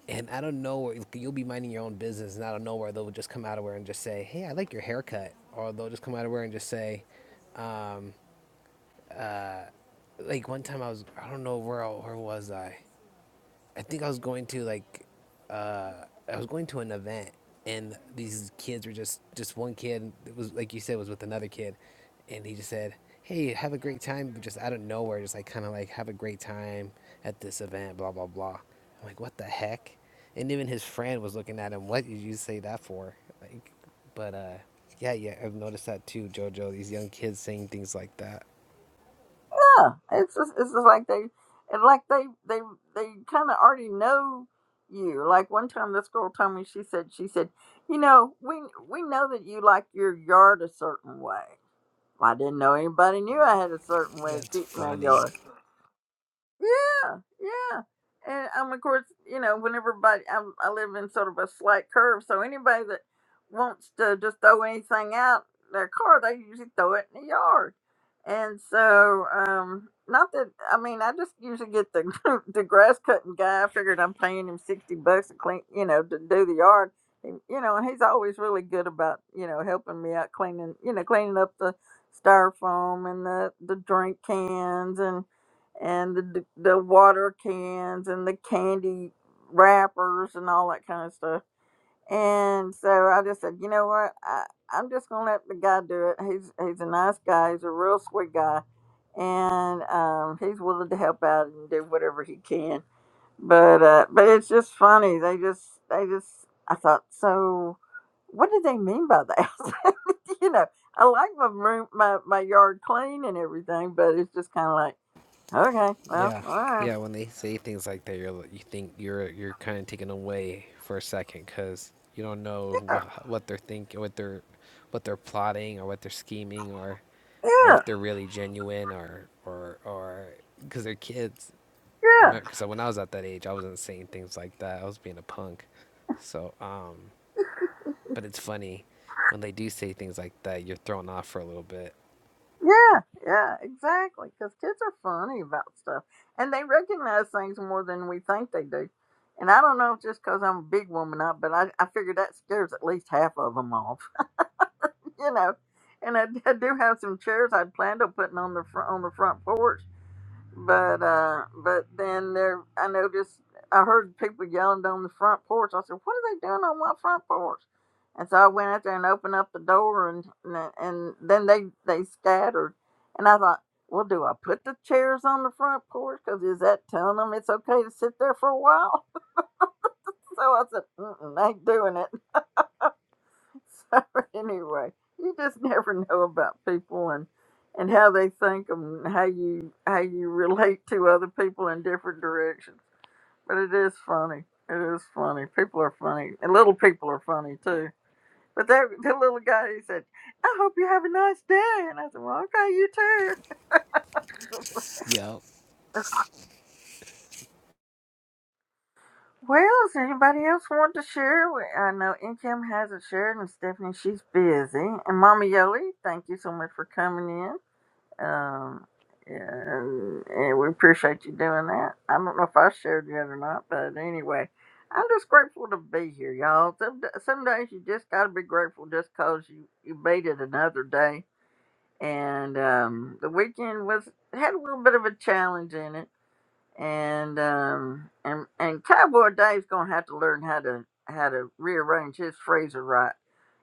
Speaker 7: And I don't know where you'll be minding your own business, and out of nowhere, they'll just come out of where and just say, Hey, I like your haircut. Or they'll just come out of where and just say, um, Like one time I was, I don't know where, I- where was I? I think I was going to like uh, I was going to an event and these kids were just just one kid it was like you said was with another kid and he just said hey have a great time but just out of nowhere just like kind of like have a great time at this event blah blah blah I'm like what the heck and even his friend was looking at him what did you say that for like but uh yeah yeah I've noticed that too Jojo these young kids saying things like that
Speaker 1: Yeah, it's just, it's just like they, and like they they they kind of already know you. Like one time, this girl told me she said she said, you know, we we know that you like your yard a certain way. Well, I didn't know anybody knew I had a certain way of
Speaker 7: that's
Speaker 1: keeping my
Speaker 7: funny
Speaker 1: yard. Yeah, yeah. And um, of course, you know, whenever everybody, i I live in sort of a slight curve, so anybody that wants to just throw anything out their car, they usually throw it in the yard. And so, um, not that I mean, I just usually get the the grass cutting guy. I figured I'm paying him sixty bucks to clean, you know, to do the yard. And, you know, and he's always really good about you know helping me out cleaning, you know, cleaning up the styrofoam and the the drink cans and and the, the water cans and the candy wrappers and all that kind of stuff. And so I just said, you know what? I, I'm just gonna let the guy do it. He's he's a nice guy. He's a real sweet guy, and um, he's willing to help out and do whatever he can. But uh, but it's just funny. They just they just I thought so. What do they mean by that? you know, I like my room, my my yard clean and everything, but it's just kind of like Okay, well,
Speaker 7: Yeah,
Speaker 1: all right.
Speaker 7: yeah. When they say things like that, you're like- you think you're you're kind of taken away for a second because you don't know wha- what they're thinking, what they're what they're plotting, or what they're scheming, or
Speaker 1: Yeah,
Speaker 7: or
Speaker 1: yeah,
Speaker 7: if they're really genuine, or or or because they're kids. I
Speaker 1: yeah,
Speaker 7: mean, because when I was at that age, I wasn't saying things like that. I was being a punk. So, um, but it's funny when they do say things like that, you're thrown off for a little bit.
Speaker 1: yeah, yeah. exactly. Because kids are funny about stuff and they recognize things more than we think they do. And I don't know if just because I'm a big woman up, but I, I figure that scares at least half of them off, you know. And I, I do have some chairs I'd planned on putting on the front on the front porch But uh, but then there, I noticed I heard people yelling down the front porch. I said, "What are they doing on my front porch?" And so I went out there and opened up the door, and and, and then they they scattered. And I thought, well, do I put the chairs on the front porch? Because is that telling them it's okay to sit there for a while? So I said, Mm-mm, I ain't doing it. So anyway, you just never know about people and and how they think and how you how you relate to other people in different directions. But it is funny. It is funny. People are funny, and little people are funny too. But that the little guy he said, "I hope you have a nice day," and I said, "Well, okay, you too." Well, does anybody else want to share? We- I know Kim hasn't shared, and Stephanie, she's busy. And Mama Yoli, thank you so much for coming in. Um, and, and we appreciate you doing that. I don't know if I shared yet or not, but anyway, I'm just grateful to be here, y'all. Some d- some days you just gotta be grateful just 'cause you you made it another day. And um, the weekend was had a little bit of a challenge in it, and um, and and Cowboy Dave's gonna have to learn how to how to rearrange his freezer right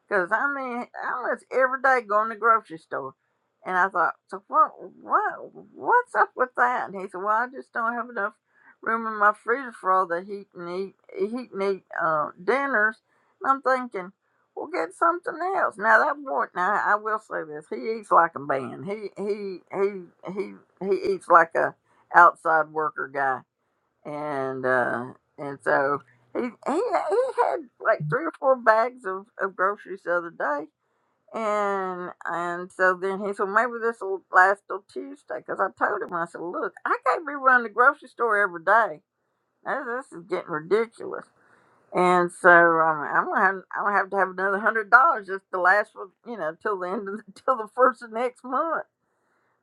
Speaker 1: Cause I mean, I was every day going to the grocery store, and I thought, so what, what, what's up with that? And he said, well, I just don't have enough room in my freezer for all the heat and eat, heat and eat uh, dinners. And I'm thinking, well, get something else. Now that boy, now I will say this, he eats like a man. He he he he he eats like a outside worker guy and uh, and so he, he he had like three or four bags of, of groceries the other day, and and so then he said maybe this will last till Tuesday because I told him I said look I can't be running the grocery store every day Now this is getting ridiculous. And so um, I'm gonna have, I'm gonna have to have another hundred dollars just to last for you know till the end of the, till the first of next month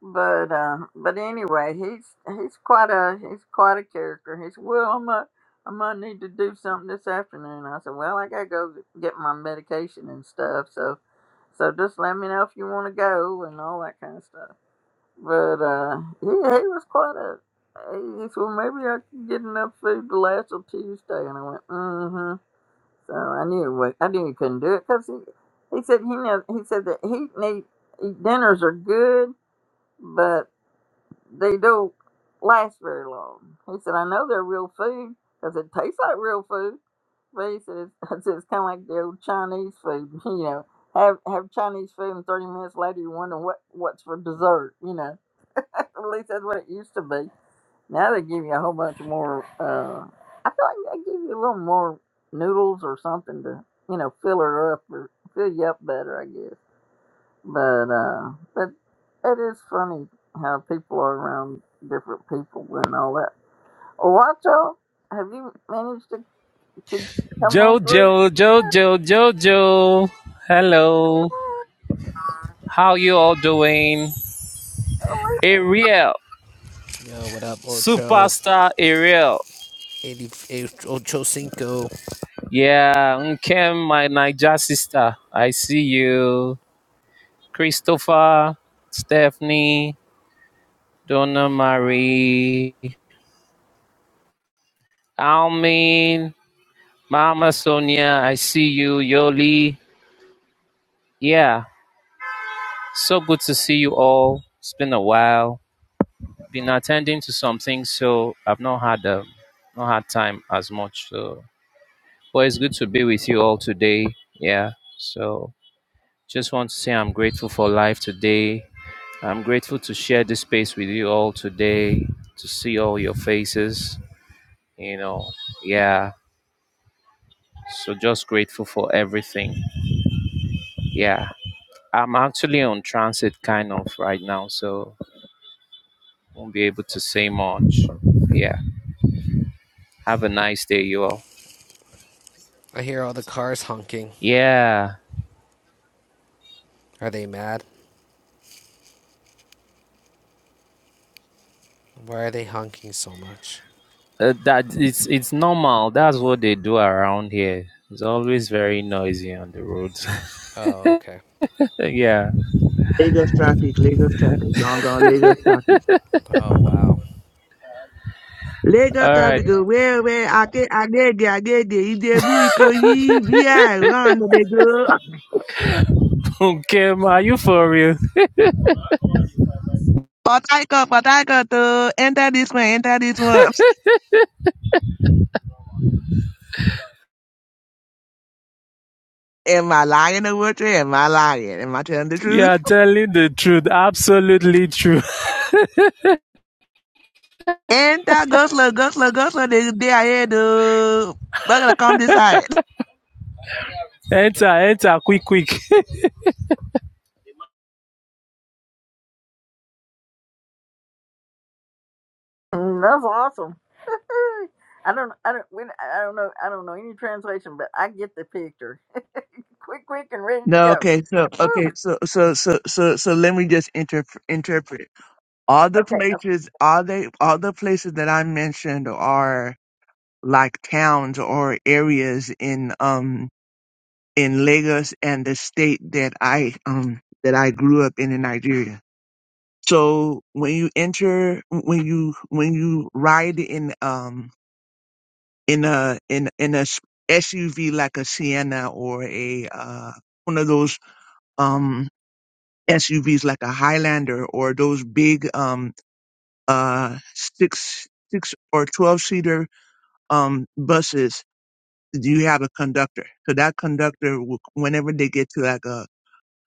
Speaker 1: but uh, but anyway, he's he's quite a he's quite a character. He's well, I might I might need to do something this afternoon. I said, well, I gotta go get my medication and stuff. So so just let me know if you want to go and all that kind of stuff. But uh, he he was quite a he said, well, maybe I can get enough food to last till Tuesday. And I went, mm-hmm. So I knew what I knew he couldn't do it because he he said he know he said that he need dinners are good, but they don't last very long. He said, I know they're real food because it tastes like real food. But he said, it's, I said, it's kind of like the old Chinese food, you know. Have have Chinese food and 30 minutes later you wonder what, what's for dessert, you know. At least that's what it used to be. Now they give you a whole bunch of more, uh, I feel like they give you a little more noodles or something to, you know, fill her up or fill you up better, I guess." But uh, but it is funny how people are around different people and all that. Owacho, have you managed to to come on through?
Speaker 14: Jojo, Jojo, Jojo. Hello. How you all doing? Ariel.
Speaker 7: Yo, what up, Ocho?
Speaker 14: Superstar Ariel.
Speaker 7: Eighty-eight, Ocho Cinco.
Speaker 14: Yeah, Nkem, my Niger sister. I see you. Christopher, Stephanie, Donna Marie, Almin, Mama Sonia. I see you. Yoli. Yeah, so good to see you all. It's been a while. been attending to some things, so I've not had um, not had time as much. So, but it's good to be with you all today. Yeah. So, just want to say I'm grateful for life today. I'm grateful to share this space with you all today. To see all your faces, you know. Yeah. So just grateful for everything. Yeah. I'm actually on transit kind of right now, so won't be able to say much. Yeah. Have a nice day, you all.
Speaker 7: I hear all the cars honking.
Speaker 14: Yeah.
Speaker 7: Are they mad? Why are they honking so much?
Speaker 14: Uh, that it's it's normal. That's what they do around here. It's always very noisy on the roads.
Speaker 7: Oh, okay.
Speaker 14: yeah.
Speaker 9: Lagos traffic, Lagos traffic, gone, gone, Lagos traffic.
Speaker 7: Oh, wow.
Speaker 9: Lagos
Speaker 14: All right.
Speaker 9: traffic go where, where, I get, I get there, I get there. Ijebu, Ikoyi, VI, run, they go.
Speaker 14: Okay. Ma, are you for real?
Speaker 9: Port Harcourt, Port Harcourt, uh, enter this one, enter this one. Am I lying or what? Am I lying? Am I telling the
Speaker 14: You
Speaker 9: truth?
Speaker 14: are telling the truth. Absolutely true.
Speaker 9: And that Gosler, Gosler, Gosler, the day I had uh we're gonna come this side.
Speaker 14: Enter, enter, quick, quick.
Speaker 1: Mm, That's awesome. I don't I don't we, I don't know I don't know any translation, but I get the picture. Quick, quick, and ready to
Speaker 9: No,
Speaker 1: go.
Speaker 9: okay, so
Speaker 1: Woo.
Speaker 9: okay, so so so so so let me just inter- interpret. All the
Speaker 1: Okay.
Speaker 9: places, all they, all the places that I mentioned are like towns or areas in um in Lagos and the state that I um that I grew up in in Nigeria. So when you enter, when you when you ride in um in a in in a s- SUV like a Sienna or a uh one of those um SUVs like a Highlander or those big um uh six six or twelve seater um buses, you have a conductor. So that conductor, will, whenever they get to like a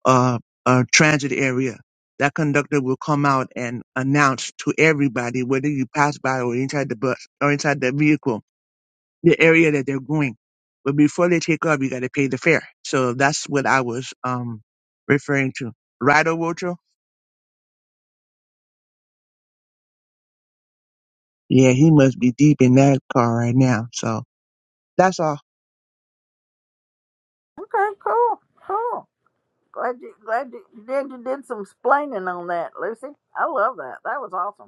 Speaker 9: uh, uh, transit area. That conductor will come out and announce to everybody, whether you pass by or inside the bus or inside the vehicle, the area that they're going. But before they take off, you got to pay the fare. So that's what I was um referring to. Right, Wocho? Yeah, he must be deep in that car right now. So that's all.
Speaker 1: Okay. Cool. Cool. Glad you glad you, glad you did some splaining on that, Lucy. I love that. That was awesome.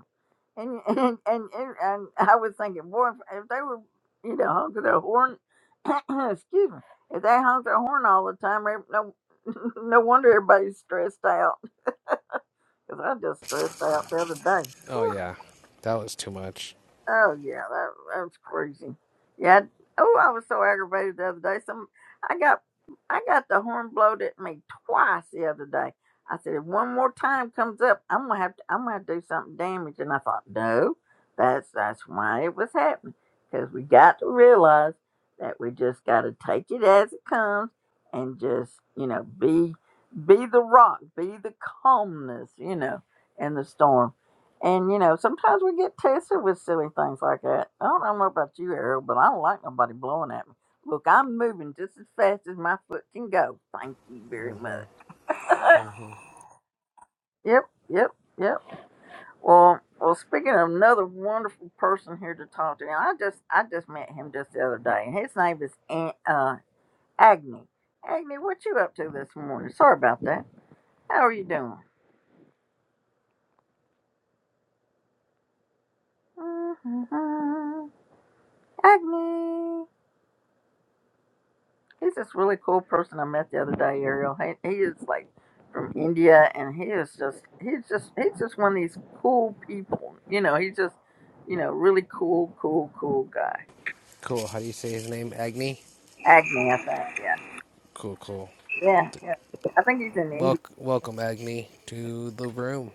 Speaker 1: And and and, and, and I was thinking, boy, if, if they were, you know, honking their horn, excuse me, if they honk their horn all the time, ev- no, no wonder everybody's stressed out. Because I just stressed out the other day.
Speaker 7: Oh, yeah. That was too much.
Speaker 1: Oh yeah, that that was crazy. Yeah. I- Oh, I was so aggravated the other day. Some I got I got the horn blowed at me twice the other day. I said, if one more time comes up, I'm gonna have to I'm gonna have to do something damage. And I thought, no, that's that's why it was happening because we got to realize that we just got to take it as it comes and just you know be be the rock, be the calmness, you know, in the storm and you know, sometimes we get tested with silly things like that. I don't know about you, Harold, but I don't like nobody blowing at me. Look, I'm moving just as fast as my foot can go. Thank you very much.
Speaker 7: Mhm.
Speaker 1: yep, yep, yep. Well, well. Speaking of another wonderful person here to talk to, I just, I just met him just the other day, and his name is An- uh, Agni. Agni, what you up to this morning? Sorry about that. How are you doing? Agni. He's this really cool person I met the other day, Ariel. He, he is like from India, and he is just he's just he's just one of these cool people. You know, he's just you know really cool, cool, cool guy.
Speaker 7: Cool. How do you say his name? Agni?
Speaker 1: Agni, I think. Yeah,
Speaker 7: Cool, cool.
Speaker 1: yeah, yeah. I think he's in India.
Speaker 7: Wel- welcome, Agni, to the room.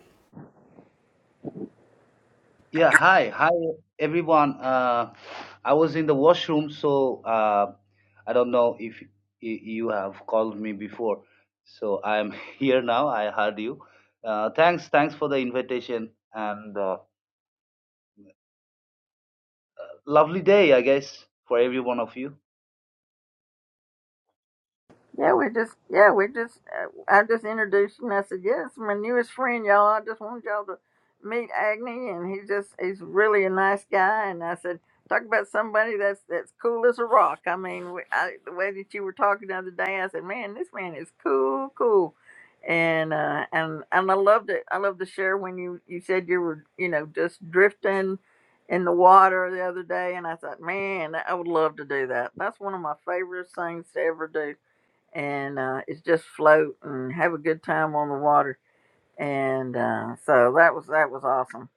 Speaker 15: Yeah, hi, hi everyone. Uh, I was in the washroom, so uh, I don't know if y- you have called me before. So I'm here now. I heard you. Uh, thanks, thanks for the invitation and uh, lovely day, I guess, for every one of you.
Speaker 1: Yeah, we just, yeah, we just, uh, I just introduced you and I said, yeah, it's my newest friend, y'all. I just wanted y'all to meet Agni and he just, he's really a nice guy. And I said, talk about somebody that's, that's cool as a rock. I mean, we- I, the way that you were talking the other day, I said, man, this man is cool, cool. And, uh, and, and I loved it. I loved to share when you, you said you were, you know, just drifting in the water the other day. And I thought, man, I would love to do that. That's one of my favorite things to ever do and uh, it's just float and have a good time on the water. And uh, so that was that was awesome.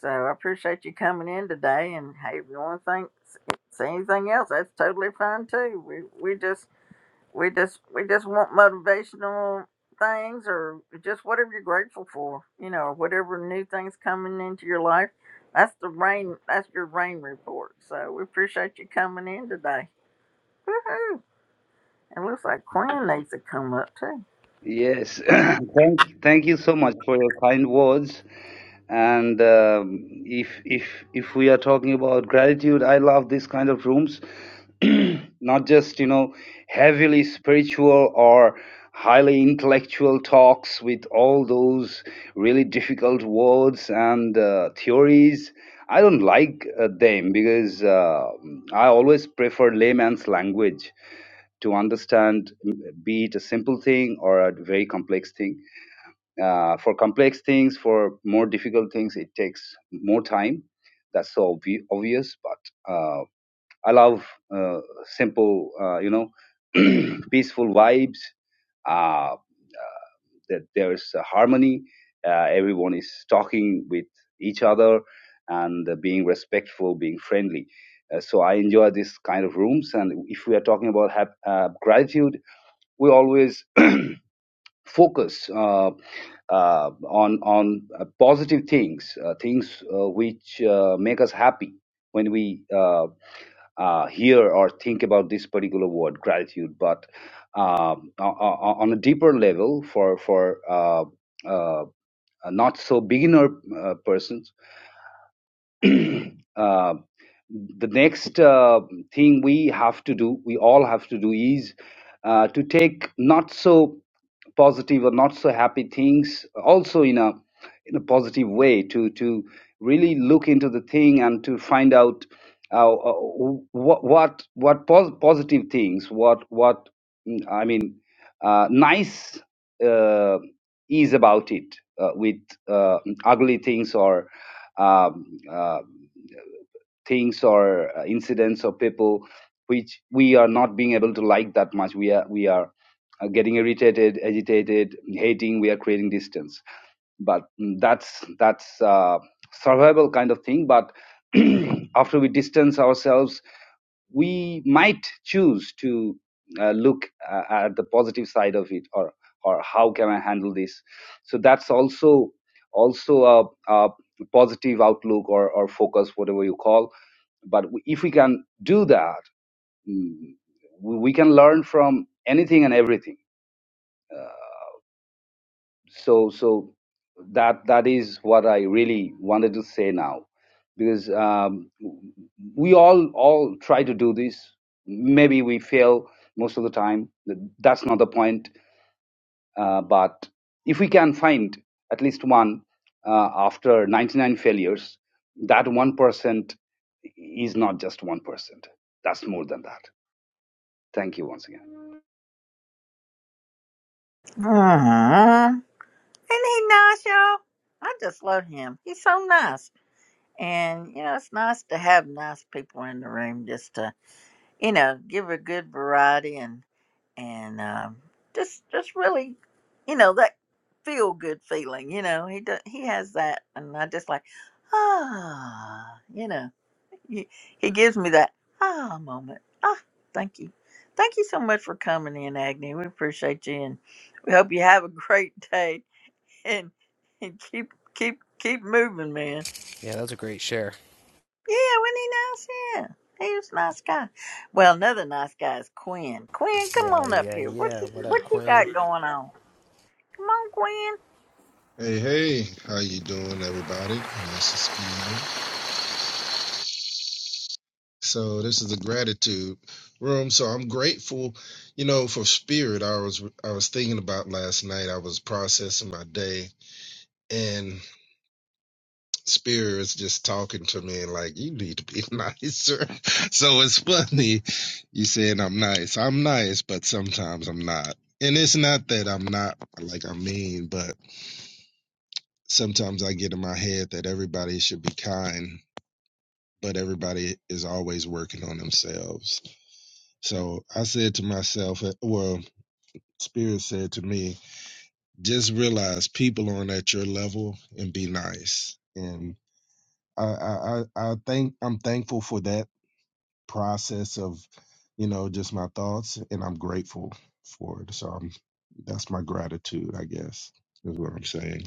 Speaker 1: So I appreciate you coming in today. And hey, if you want to think, say anything else, that's totally fine too. We we just we just we just want motivational things or just whatever you're grateful for, you know, or whatever new things coming into your life. That's the rain. That's your rain report. So we appreciate you coming in today. Woohoo! It looks like Quinn needs to come up too.
Speaker 15: Yes, thank thank you so much for your kind words. And um, if if if we are talking about gratitude, I love this kind of rooms, not just you know heavily spiritual or highly intellectual talks with all those really difficult words and uh, theories. I don't like uh, them because uh, I always prefer layman's language to understand, mm, be it a simple thing or a very complex thing. Uh, for complex things, for more difficult things, it takes more time. That's so obvi- obvious, but uh, I love uh, simple, uh, you know, peaceful vibes. Uh, that there's a harmony. Uh, everyone is talking with each other and uh, being respectful, being friendly. Uh, so I enjoy this kind of rooms. And if we are talking about hap- uh, gratitude, we always focus uh, uh, on on uh, positive things, uh, things uh, which uh, make us happy when we uh, uh, hear or think about this particular word, gratitude. But um, o- o- on a deeper level, for for uh, uh, not so beginner uh, persons, uh, the next uh, thing we have to do, we all have to do, is uh, to take not so positive or not so happy things also in a in a positive way. To to really look into the thing and to find out uh, uh, what what what pos- positive things, what what mm, I mean, uh, nice uh, is about it uh, with uh, ugly things or um, uh, things or uh, incidents or people which we are not being able to like that much. We are we are uh, getting irritated, agitated, hating. We are creating distance. But mm, that's that's uh, survival kind of thing. But after we distance ourselves we might choose to uh, look uh, at the positive side of it or or how can i handle this so that's also also a, a positive outlook or, or focus whatever you call but if we can do that mm, we can learn from anything and everything so so that that is what I really wanted to say now, because um, we all all try to do this. Maybe we fail most of the time. That's not the point. Uh, but if we can find at least one uh, after 99 failures, that one percent is not just one percent. That's more than that. Thank you once again.
Speaker 1: Aww. Isn't he nice, y'all? I just love him. He's so nice. And, you know, it's nice to have nice people in the room just to, you know, give a good variety and, and, um, just, just really, you know, that feel good feeling, you know, he does, he has that. And I just like, ah, you know, he, he gives me that ah moment. Ah, thank you. Thank you so much for coming in, Agni. We appreciate you. And we hope you have a great day and and keep keep keep moving, man.
Speaker 7: Yeah, that was a great share.
Speaker 1: Yeah, wasn't he nice? Yeah, he was a nice guy. Well, another nice guy is Quinn. Quinn, come
Speaker 7: Yeah,
Speaker 1: on up
Speaker 7: yeah,
Speaker 1: here. What
Speaker 7: yeah.
Speaker 1: you,
Speaker 7: What up,
Speaker 1: what you got
Speaker 7: Quinn?
Speaker 1: going on? Come on, Quinn.
Speaker 16: Hey, hey, how you doing, everybody? Nice to see you. So this is the gratitude room. So I'm grateful, you know, for spirit. I was I was thinking about last night. I was processing my day, and spirit was just talking to me and like, you need to be nicer. So it's funny you saying I'm nice. I'm nice, but sometimes I'm not. And it's not that I'm not like I mean, but sometimes I get in my head that everybody should be kind but everybody is always working on themselves. So I said to myself, uh, well, Spirit said to me, just realize people aren't at your level and be nice. And I, I, I I think I'm thankful for that process of, you know, just my thoughts, and I'm grateful for it. So I'm, that's my gratitude, I guess, is what I'm saying.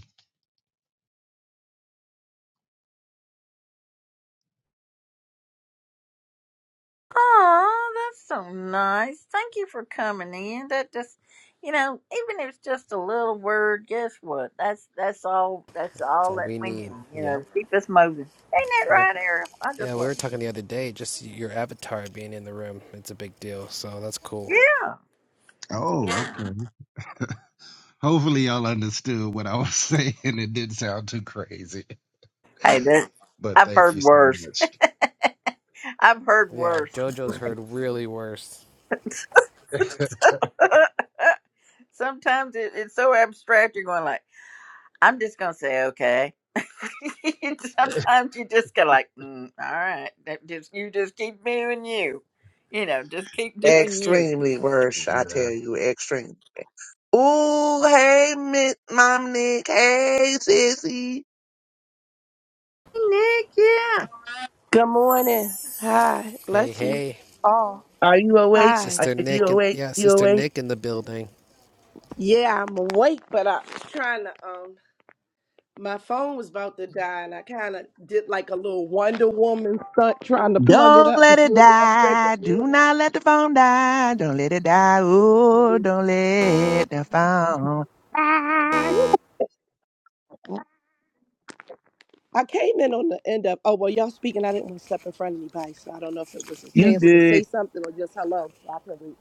Speaker 1: Oh, that's so nice. Thank you for coming in. That just, you know, even if it's just a little word, guess what? That's that's all. That's
Speaker 7: That's
Speaker 1: all
Speaker 7: all
Speaker 1: that
Speaker 7: we
Speaker 1: we need.
Speaker 7: need.
Speaker 1: You know,
Speaker 7: Yep,
Speaker 1: to keep us moving. Ain't that
Speaker 7: yep.
Speaker 1: right, Ariel? I
Speaker 7: Yeah,
Speaker 1: just
Speaker 7: we
Speaker 1: love
Speaker 7: were talking
Speaker 1: it.
Speaker 7: the other day, just your avatar being in the room. It's a big deal, so that's cool.
Speaker 1: Yeah.
Speaker 16: Oh, okay. Hopefully, y'all understood what I was saying. It didn't sound too crazy,
Speaker 1: Hey, that
Speaker 16: but
Speaker 1: I've
Speaker 16: thank you
Speaker 1: heard
Speaker 16: so
Speaker 1: worse.
Speaker 16: much.
Speaker 1: I've heard
Speaker 7: Yeah,
Speaker 1: worse.
Speaker 7: JoJo's heard really worse.
Speaker 1: Sometimes it, it's so abstract. You're going like, I'm just gonna say okay. Sometimes you just go like, mm, all right, that just you just keep doing you. You know, just keep doing you.
Speaker 9: Extremely worse, I
Speaker 16: Yeah.
Speaker 9: tell you, extreme. Ooh, hey, Miss Mom Nick. Hey, sissy.
Speaker 1: Hey, Nick, yeah,
Speaker 17: Good morning. Hi.
Speaker 7: Hey,
Speaker 17: Bless you.
Speaker 7: hey.
Speaker 17: Oh.
Speaker 9: Are you awake?
Speaker 17: Hi.
Speaker 9: Are
Speaker 7: Sister
Speaker 9: you
Speaker 7: Nick and
Speaker 9: awake?
Speaker 7: yeah,
Speaker 9: You
Speaker 7: Sister
Speaker 9: awake?
Speaker 7: Nick in the building.
Speaker 17: Yeah, I'm awake, but I'm trying to um my phone was about to die and I kinda did like a little Wonder Woman stunt trying to plug it
Speaker 9: Don't
Speaker 17: up
Speaker 9: let it
Speaker 17: before y'all said
Speaker 9: die. Do
Speaker 17: good
Speaker 9: not let the phone die. Don't let it die. Oh,
Speaker 17: morning.
Speaker 9: don't let the phone die.
Speaker 17: I came in on the end of oh well y'all speaking, I didn't want to step in front of anybody, so I don't know if it was a
Speaker 9: You
Speaker 17: chance to say
Speaker 9: good?
Speaker 17: something or just hello. So I can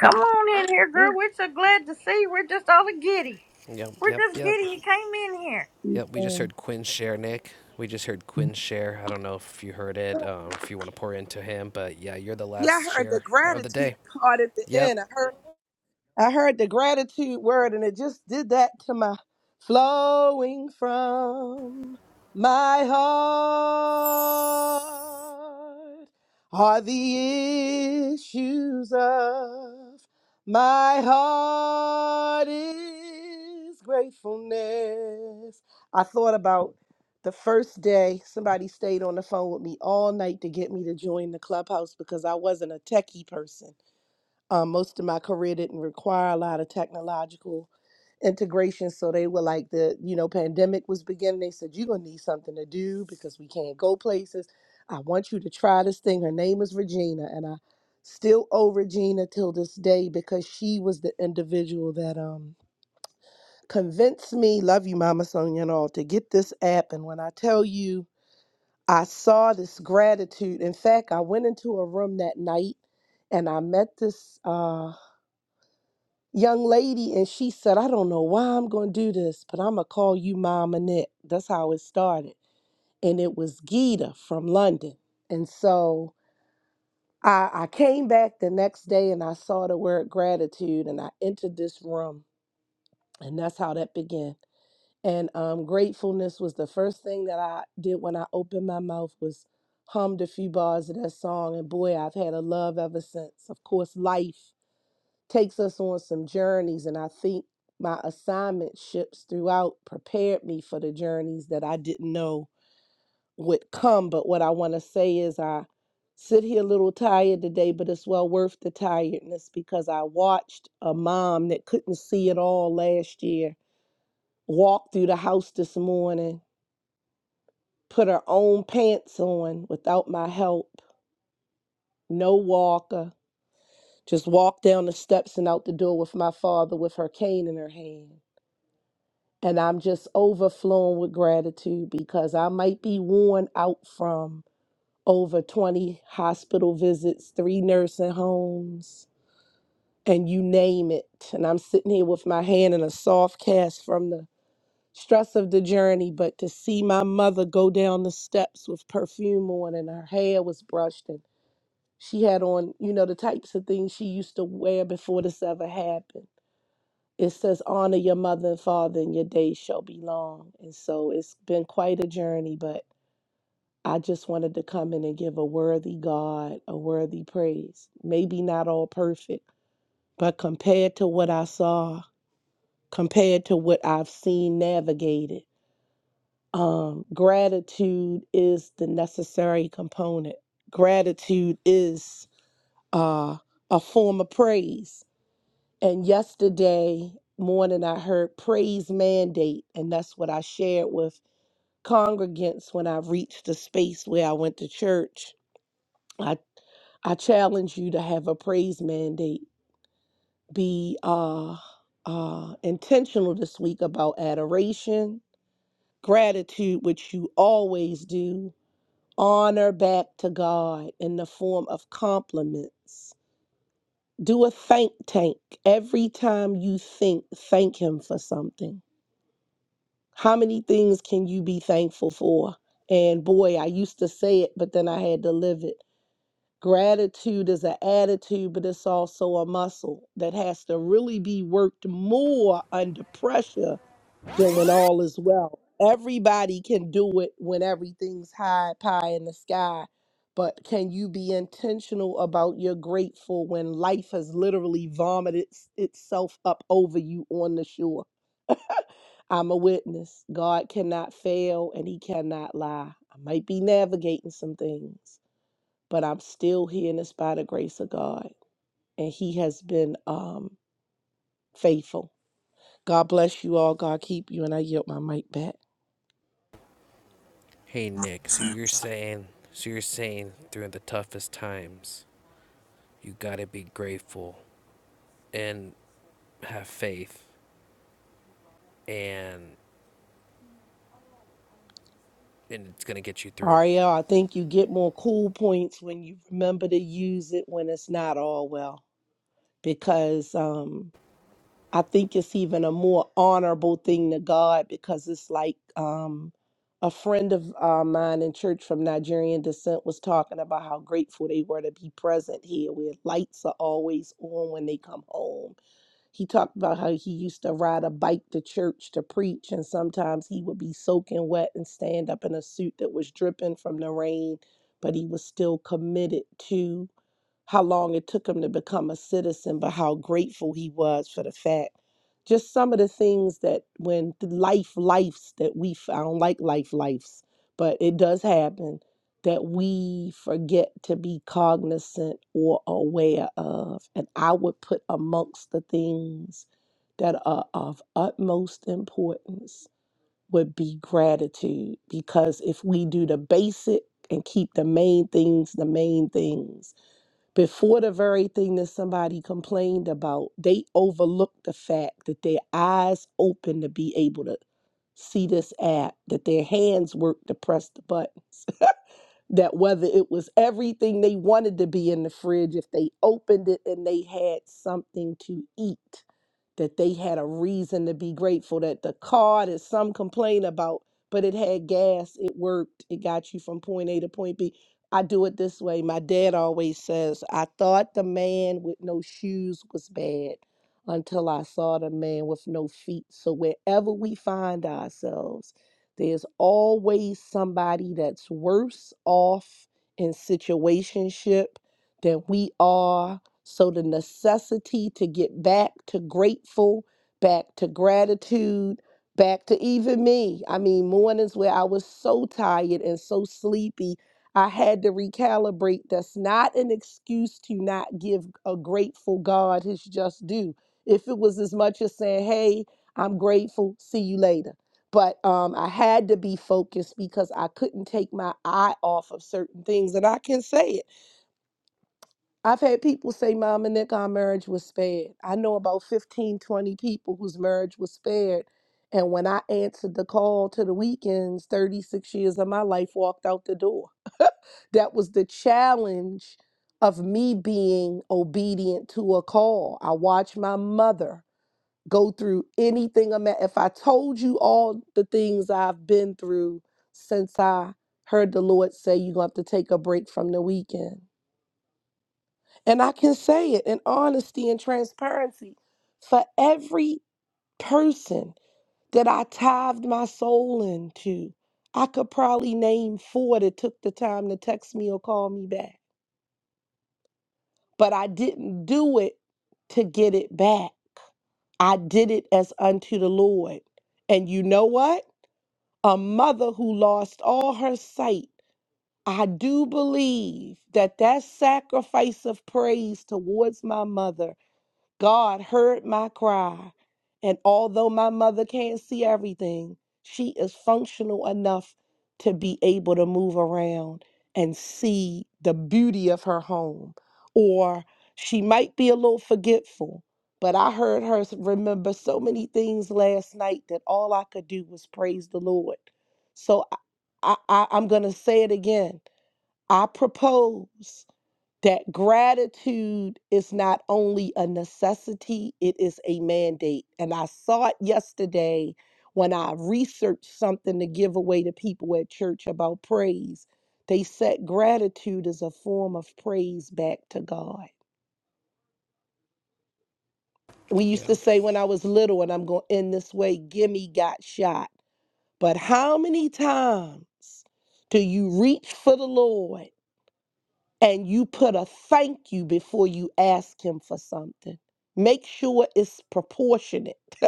Speaker 1: come on in here, girl. We're so glad to see. you. We're just all a giddy.
Speaker 7: Yep,
Speaker 1: We're
Speaker 7: yep,
Speaker 1: just
Speaker 7: yep.
Speaker 1: giddy. You came in here.
Speaker 7: Yep, we just
Speaker 17: wait.
Speaker 7: heard Quinn share, Nick. We just heard Quinn share. I don't know if you heard it, um, if you want to pour into him, but yeah, you're the
Speaker 17: Yeah, I
Speaker 7: last
Speaker 17: heard the
Speaker 7: share of the
Speaker 17: gratitude
Speaker 7: day.
Speaker 17: part at the
Speaker 7: Yep.
Speaker 17: end. I heard. I heard the gratitude word and it just did that to my flowing from my heart are the issues of my heart is gratefulness. I thought about the first day somebody stayed on the phone with me all night to get me to join the clubhouse because I wasn't a techie person. Um, most of my career didn't require a lot of technological integration, so they were like the you know pandemic was beginning. They said you're gonna need something to do because we can't go places. I want you to try this thing. Her name is Regina, and I still owe Regina till this day because she was the individual that um convinced me. Love you, Mama Sonia, and all to get this app. And when I tell you. I saw this gratitude. In fact, I went into a room that night and I met this. uh young lady and she said, I don't know why I'm going to do this, but I'm going to call you Mom Annette. That's how it started. And it was Gita from London. And so I, I came back the next day and I saw the word gratitude and I entered this room. And that's how that began. And um, gratefulness was the first thing that I did when I opened my mouth was hummed a few bars of that song. And boy, I've had a love ever since. Of course, life takes us on some journeys and i think my assignment ships throughout prepared me for the journeys that i didn't know would come but what i want to say is i sit here a little tired today but it's well worth the tiredness because i watched a mom that couldn't see at all last year walk through the house this morning put her own pants on without my help no walker just walk down the steps and out the door with my father with her cane in her hand And I'm just overflowing with gratitude because I might be worn out from over 20 hospital visits, three nursing homes, and you name it. And I'm sitting here with my hand in a soft cast from the stress of the journey. But to see my mother go down the steps with perfume on and her hair was brushed and she had on, you know, the types of things she used to wear before this ever happened it says honor your mother and father and your days shall be long and so it's been quite a journey but i just wanted to come in and give a worthy god a worthy praise maybe not all perfect but compared to what i saw compared to what i've seen navigated um gratitude is the necessary component gratitude is uh a form of praise And yesterday morning, I heard praise mandate, and that's what I shared with congregants when I reached the space where I went to church. I I challenge you to have a praise mandate. Be uh, uh, intentional this week about adoration, gratitude, which you always do, honor back to God in the form of compliments. Do a thank tank every time you think. Thank Him for something How many things can you be thankful for? And boy, I used to say it, but then I had to live it. Gratitude is an attitude, but it's also a muscle that has to really be worked more under pressure than when all is well. Everybody can do it when everything's high, pie in the sky. But can you be intentional about your grateful when life has literally vomited s- itself up over you on the shore? I'm a witness. God cannot fail and he cannot lie. I might be navigating some things, but I'm still here and it's by the grace of God. And he has been um, faithful. God bless you all. God keep you. And I yield my mic back.
Speaker 7: Hey, Nick, so you're saying, so you're saying during the toughest times, you gotta be grateful and have faith, and, and it's gonna get you through.
Speaker 17: Aria, I think you get more cool points when you remember to use it when it's not all well, because um, I think it's even a more honorable thing to God because it's like um, a friend of uh, mine in church from Nigerian descent was talking about how grateful they were to be present here, where lights are always on when they come home he talked about how he used to ride a bike to church to preach, and sometimes he would be soaking wet and stand up in a suit that was dripping from the rain, but he was still committed to how long it took him to become a citizen, but how grateful he was for the fact. Just some of the things that when the life lifes that we f- I don't like life lifes, but it does happen that we forget to be cognizant or aware of. And I would put amongst the things that are of utmost importance would be gratitude because if we do the basic and keep the main things the main things before the very thing that somebody complained about, they overlooked the fact that their eyes open to be able to see this app, that their hands work to press the button that whether it was everything they wanted to be in the fridge, if they opened it and they had something to eat, that they had a reason to be grateful, that the car that some complain about, but it had gas, it worked, it got you from point A to point B. I do it this way. My dad always says, I thought the man with no shoes was bad until I saw the man with no feet. So wherever we find ourselves, there's always somebody that's worse off in situationship than we are. So the necessity to get back to grateful, back to gratitude, back to even me. I mean, mornings where I was so tired and so sleepy, I had to recalibrate. That's not an excuse to not give a grateful God his just due. If it was as much as saying, hey, I'm grateful, see you later but um, I had to be focused because I couldn't take my eye off of certain things. And I can say it. I've had people say, Mama Nick, our marriage was spared. I know about 15, 20 people whose marriage was spared. And when I answered the call to the weekends, 36 years of my life walked out the door. that was the challenge of me being obedient to a call. I watched my mother go through anything. ima- If I told you all the things I've been through since I heard the Lord say you're going to have to take a break from the weekend. And I can say it in honesty and transparency for every person that I tithed my soul into, I could probably name four that took the time to text me or call me back. But I didn't do it to get it back. I did it as unto the Lord. And you know what? a mother who lost all her sight. I do believe that that sacrifice of praise towards my mother God heard my cry. And although my mother can't see everything, she is functional enough to be able to move around and see the beauty of her home. Or she might be a little forgetful, but I heard her s- remember so many things last night that all I could do was praise the Lord. So I, I, I- I'm going to say it again. I propose that gratitude is not only a necessity, it is a mandate. And I saw it yesterday when I researched something to give away to people at church about praise. They said gratitude is a form of praise back to God. We used
Speaker 7: Yeah.
Speaker 17: to say when I was little, and I'm going to end this way, gimme got shot. But how many times do you reach for the Lord? and you put a thank you before you ask him for something. Make sure it's proportionate.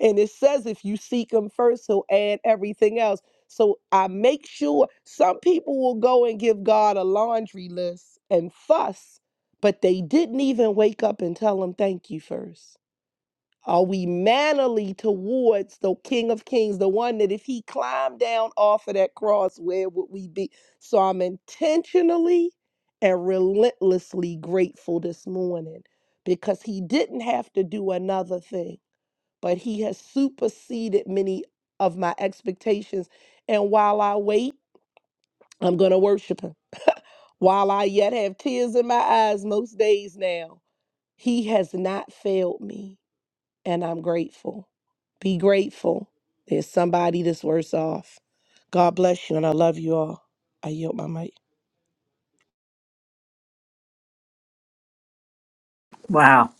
Speaker 17: and it says if you seek him first, he'll add everything else. So I make sure some people will go and give God a laundry list and fuss, but they didn't even wake up and tell him thank you first. Are we mannerly towards the King of Kings, the one that if he climbed down off of that cross, where would we be? So I'm intentionally and relentlessly grateful this morning because he didn't have to do another thing, but he has superseded many of my expectations. And while I wait, I'm going to worship him. While I yet have tears in my eyes most days now, he has not failed me and I'm grateful. Be grateful. There's somebody that's worse off. God bless you, and I love you all. I yield my mic.
Speaker 1: Wow,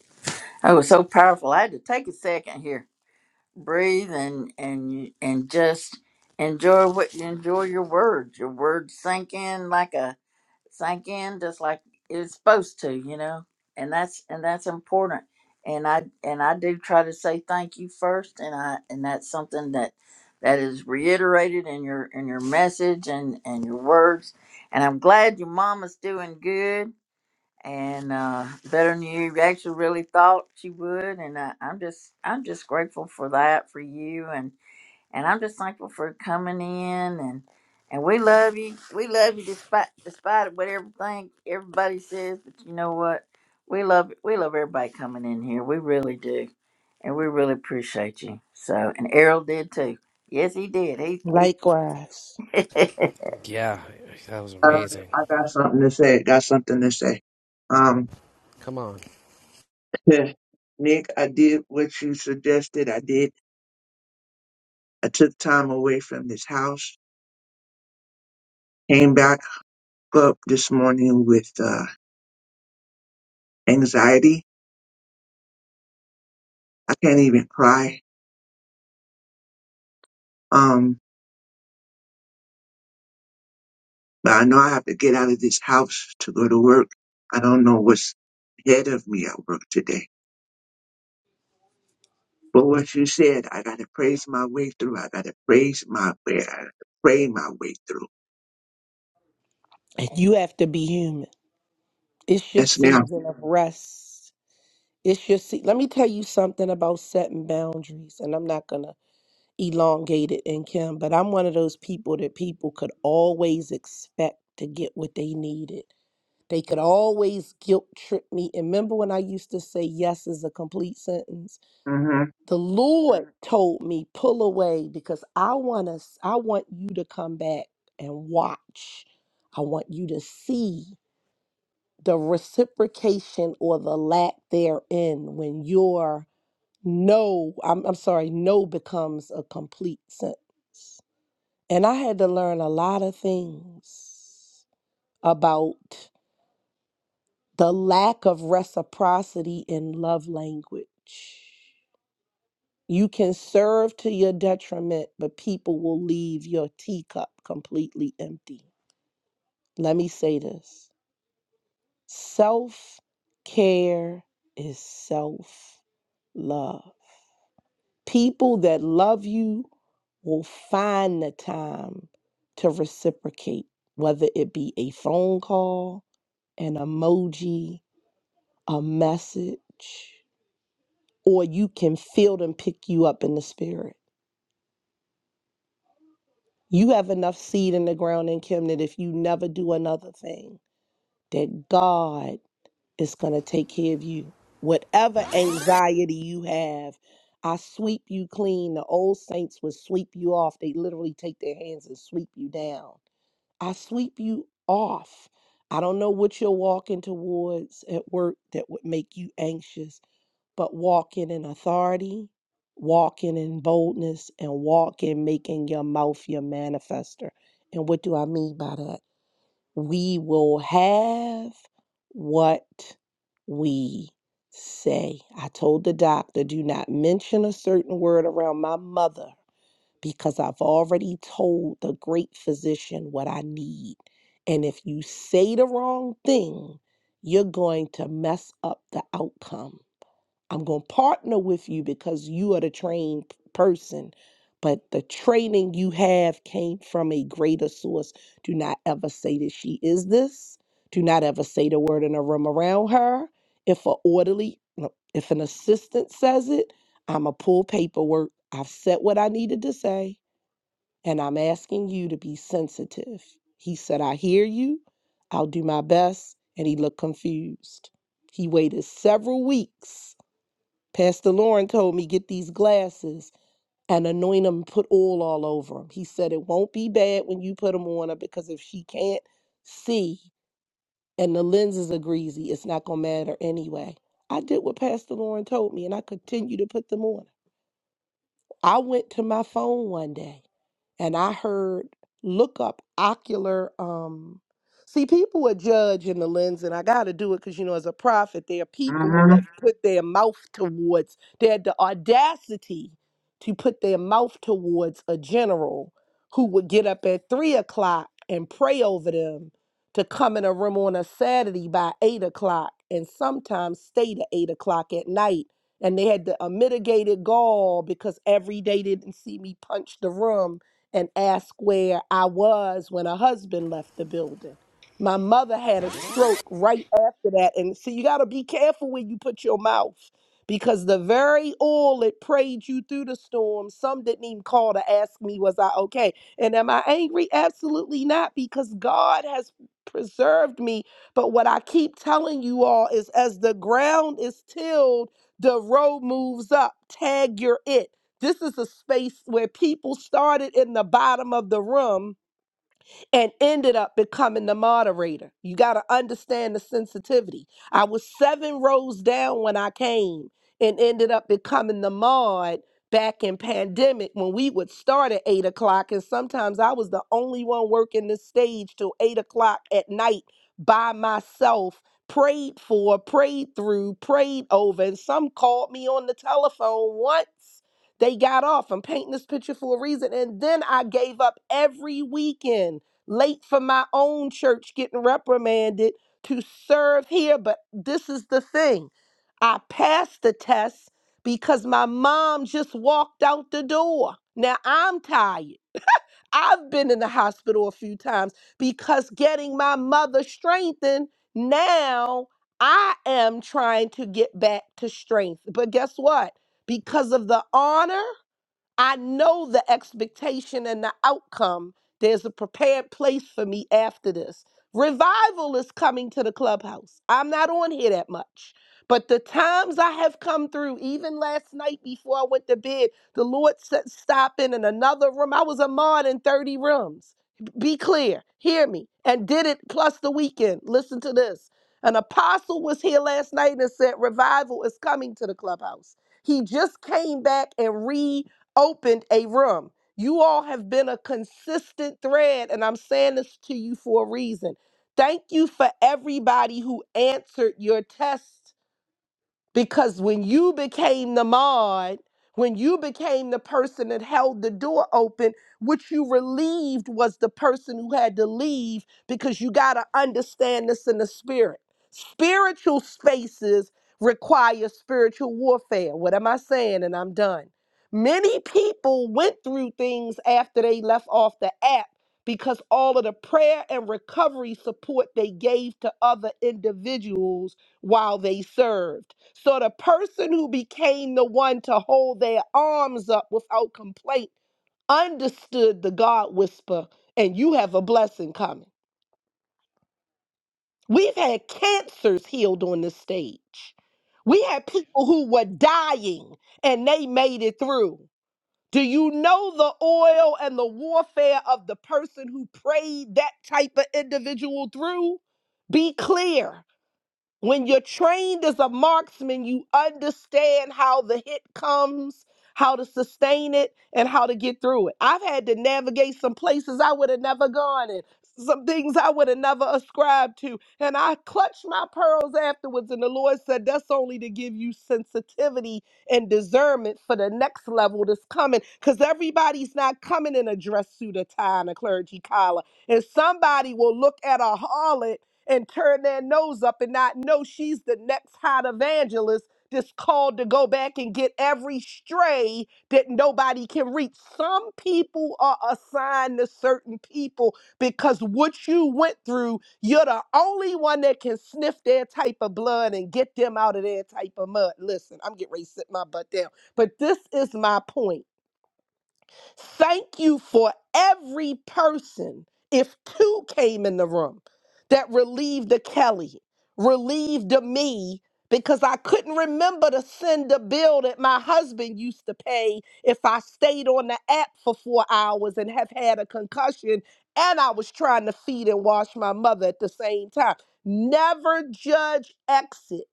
Speaker 1: that was so powerful. I had to take a second here. breathe and and and just enjoy what enjoy your words. Your words sink in like a sink in just like it's supposed to, you know. And that's and that's important. And I and I do try to say thank you first, and I and that's something that that is reiterated in your in your message and and your words. And I'm glad your mama's doing good and uh, better than you actually really thought you would. And I, I'm just I'm just grateful for that for you, and and I'm just thankful for coming in and. And we love you. We love you despite despite what everything everybody says. But you know what? We love we love everybody coming in here. We really do, and we really appreciate you. So, and Errol did too. Yes, he did. He
Speaker 17: Likewise,
Speaker 1: he
Speaker 7: Yeah, that was
Speaker 9: Uh,
Speaker 7: amazing.
Speaker 9: I got something to say. Got something to say. Um,
Speaker 7: Come on.
Speaker 9: Nick, I did what you suggested. I did. I took time away from this house. Came back up this morning with uh, anxiety. I can't even cry. Um, But I know I have to get out of this house to go to work. I don't know what's ahead of me at work today. But what you said, I gotta praise my way through. I gotta praise my way. I gotta pray my way through.
Speaker 17: and you have to be human. It's your
Speaker 9: Yes, ma'am.
Speaker 17: season of rest. It's your se- let me tell you something about setting boundaries, and I'm not gonna elongate it in Kim, but I'm one of those people that people could always expect to get what they needed. They could always guilt trip me. And remember when I used to say yes is a complete sentence?
Speaker 9: Mhm.
Speaker 17: The Lord Mhm. told me, pull away because I want us, I want you to come back and watch. I want you to see the reciprocation or the lack therein when your no, I'm, I'm sorry, no becomes a complete sentence. And I had to learn a lot of things about the lack of reciprocity in love language. You can serve to your detriment, but people will leave your teacup completely empty. Let me say this self care is self love. People that love you will find the time to reciprocate, whether it be a phone call, an emoji, a message. or you can feel them pick you up in the spirit. You have enough seed in the ground in Kim that if you never do another thing, that God is going to take care of you. Whatever anxiety you have, I sweep you clean. The old saints would sweep you off. They literally take their hands and sweep you down. I sweep you off. I don't know what you're walking towards at work that would make you anxious, but walking in authority, walking in boldness, and walking making your mouth your manifester. And what do I mean by that? We will have what we say. I told the doctor, do not mention a certain word around my mother because I've already told the great physician what I need. And if you say the wrong thing, you're going to mess up the outcome. I'm going to partner with you because you are the trained p- person, but the training you have came from a greater source. Do not ever say that she is this. Do not ever say the word in a room around her. If a orderly, no, if an assistant says it, I'm going to pull paperwork. I've said what I needed to say and I'm asking you to be sensitive. He said, I hear you. I'll do my best. And he looked confused. He waited several weeks. Pastor Lauren told me, get these glasses and anoint them, put oil all over them. He said, it won't be bad when you put them on her because if she can't see and the lenses are greasy, it's not going to matter anyway. I did what Pastor Lauren told me and I continued to put them on. I went to my phone one day and I heard look up ocular um see people would judge in the lens and I gotta do it because you know as a prophet there are
Speaker 9: mm
Speaker 17: people who have
Speaker 9: Mhm.
Speaker 17: put their mouth towards they had the audacity to put their mouth towards a general who would get up at three o'clock and pray over them to come in a room on a Saturday by eight o'clock and sometimes stay to eight o'clock at night. And they had the, a mitigated gall because every day they didn't see me punch the room and ask where I was when her husband left the building. My mother had a stroke right after that. And so you got to be careful where you put your mouth because the very oil that prayed you through the storm, some didn't even call to ask me, was I okay? And am I angry? Absolutely not, because God has preserved me. But what I keep telling you all is as the ground is tilled, the road moves up. Tag your it. This is a space where people started in the bottom of the room and ended up becoming the moderator. You got to understand the sensitivity. I was seven rows down when I came and ended up becoming the mod back in pandemic when we would start at eight o'clock. And sometimes I was the only one working the stage till eight o'clock at night by myself. Prayed for, prayed through, prayed over, and some called me on the telephone once they got off. I'm painting this picture for a reason. And then I gave up every weekend late for my own church getting reprimanded to serve here. But this is the thing I passed the test because my mom just walked out the door. Now I'm tired. I've been in the hospital a few times because getting my mother strengthened, now I am trying to get back to strength. But guess what? Because of the honor, I know the expectation and the outcome. There's a prepared place for me after this. Revival is coming to the clubhouse. I'm not on here that much. But the times I have come through, even last night before I went to bed, the Lord said, stopping in in another room. I was a mod in 30 rooms. Be clear, hear me, and did it plus the weekend. Listen to this. An apostle was here last night and said, Revival is coming to the clubhouse. He just came back and re opened a room. You all have been a consistent thread, and I'm saying this to you for a reason. Thank you for everybody who answered your test because when you became the mod, when you became the person that held the door open, what you relieved was the person who had to leave because you got to understand this in the spirit. Spiritual spaces require spiritual warfare. What am I saying? And I'm done. Many people went through things after they left off the app because all of the prayer and recovery support they gave to other individuals while they served. So the person who became the one to hold their arms up without complaint understood the God whisper, and you have a blessing coming. We've had cancers healed on the stage. We had people who were dying and they made it through. Do you know the oil and the warfare of the person who prayed that type of individual through? Be clear. When you're trained as a marksman, you understand how the hit comes, how to sustain it, and how to get through it. I've had to navigate some places I would have never gone in, some things I would have never ascribed to. And I clutched my pearls afterwards, and the Lord said, That's only to give you sensitivity and discernment for the next level that's coming, because everybody's not coming in a dress suit, a tie, and a clergy collar. And somebody will look at a harlot and turn their nose up and not know she's the next hot evangelist that's called to go back and get every stray that nobody can reach. Some people are assigned to certain people because what you went through, you're the only one that can sniff their type of blood and get them out of their type of mud. Listen, I'm getting ready to sit my butt down. But this is my point Thank you for every person, if two came in the room, that relieved the Kelly, relieved the me, because I couldn't remember to send the bill that my husband used to pay if I stayed on the app for four hours and have had a concussion and I was trying to feed and wash my mother at the same time. Never judge exit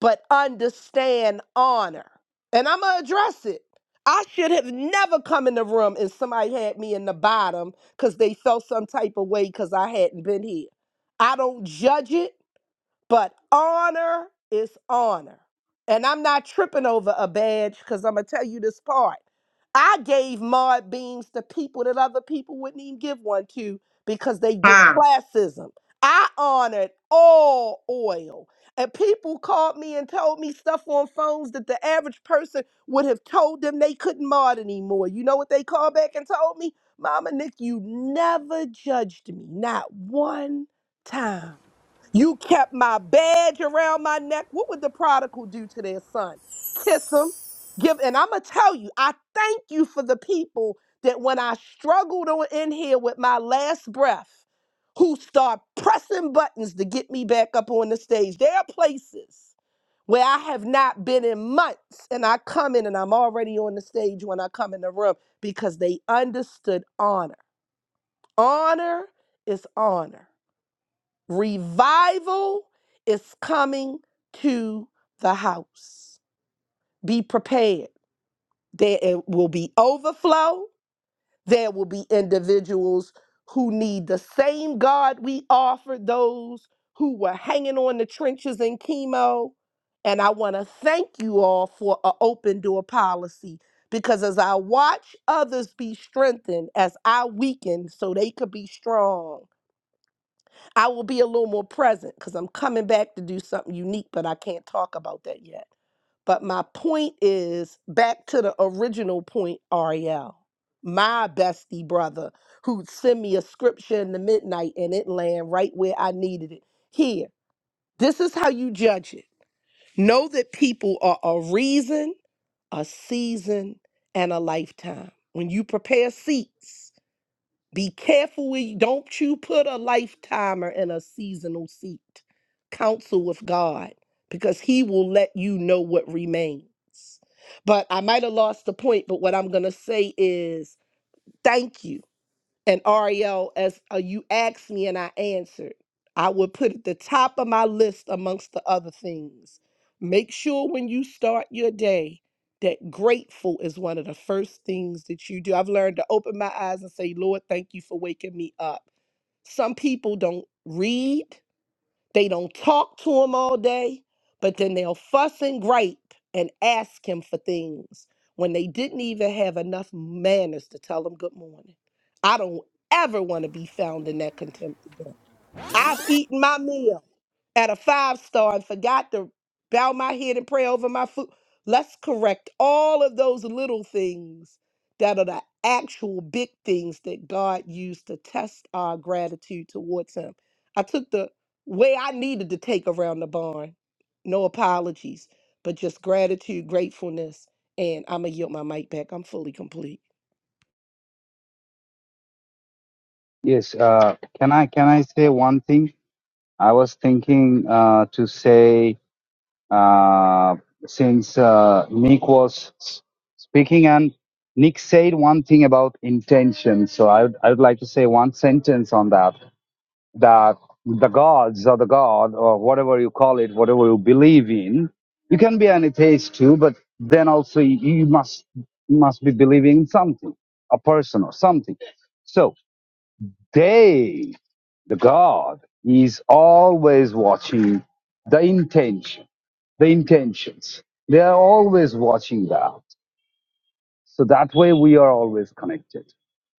Speaker 17: but understand honor. And I'm going to address it. I should have never come in the room and somebody had me in the bottom because they felt some type of way because I hadn't been here. I don't judge it. But honor is honor. And I'm not tripping over a badge because I'm going to tell you this part. I gave Maud beams to people that other people wouldn't even give one to because they did
Speaker 9: Ah.
Speaker 17: classism. I honored all oil. And people called me and told me stuff on phones that the average person would have told them they couldn't mod anymore. You know what they called back and told me? Mama Nick, you never judged me, not one time. You kept my badge around my neck. What would the prodigal do to their son? Kiss him. Give and I'm gonna tell you, I thank you for the people that when I struggled on in here with my last breath, who start pressing buttons to get me back up on the stage. There are places where I have not been in months and I come in and I'm already on the stage when I come in the room because they understood honor. Honor is honor. Revival is coming to the house. Be prepared. There it will be overflow. There will be individuals who need the same God we offered those who were hanging on the trenches in chemo. And I want to thank you all for an open door policy because as I watch others be strengthened, as I weaken so they could be strong. I will be a little more present because I'm coming back to do something unique, but I can't talk about that yet. But my point is back to the original point, Ariel, my bestie brother, who'd send me a scripture in the midnight and it land right where I needed it. Here, this is how you judge it. Know that people are a reason, a season, and a lifetime. When you prepare seats, be careful with don't you put a lifetimer in a seasonal seat. Counsel with God because he will let you know what remains. But I might have lost the point, but what I'm going to say is thank you and Ariel, as uh, you asked me and I answered, I would put at the top of my list amongst the other things. Make sure when you start your day that grateful is one of the first things that you do. I've learned to open my eyes and say, Lord, thank you for waking me up. Some people don't read, they don't talk to him all day, but then they'll fuss and gripe and ask him for things when they didn't even have enough manners to tell him good morning. I don't ever want to be found in that contempt again. I've eaten my meal at a five star and forgot to bow my head and pray over my food. Let's correct all of those little things that are the actual big things that God used to test our gratitude towards Him. I took the way I needed to take around the barn. No apologies, but just gratitude, gratefulness. And I'm going to yield my mic back. I'm fully complete.
Speaker 15: Yes. Uh, can I can I say one thing? I was thinking uh, to say uh, since uh, Nick was s- speaking, and Nick said one thing about intention. So I would, I would like to say one sentence on that. That the gods or the god or whatever you call it, whatever you believe in, you can be an atheist too, but then also you you must you must be believing in something, a person or something. So they, the god, is always watching the intention the intentions. They are always watching that. So that way we are always connected.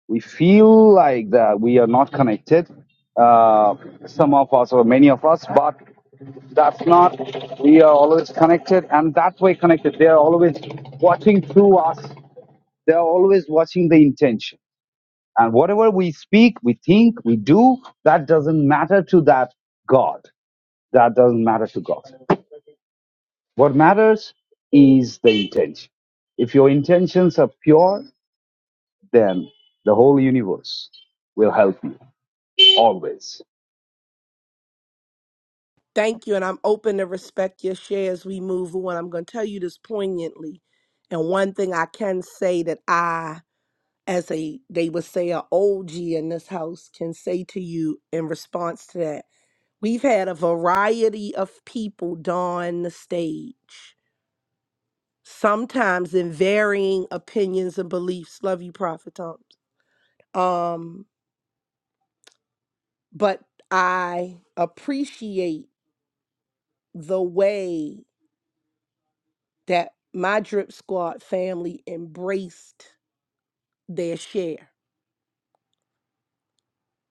Speaker 15: We feel like that we are not connected, uh, some of us or many of us, but that's not, we are always connected and that way connected. They are always watching through us. They are always watching the intention. And whatever we speak, we think, we do, that doesn't matter to that God. That doesn't matter to God. What matters is the intention. If your intentions are pure, then the whole universe will help you always.
Speaker 17: Thank you, and I'm open to respect your share as we move on. I'm going to tell you this poignantly, and one thing I can say that I, as a they would say, a OG in this house, can say to you in response to that. We've had a variety of people don the stage, sometimes in varying opinions and beliefs. Love you, Prophet Thompson. Um, but I appreciate the way. that my drip squad family embraced their share.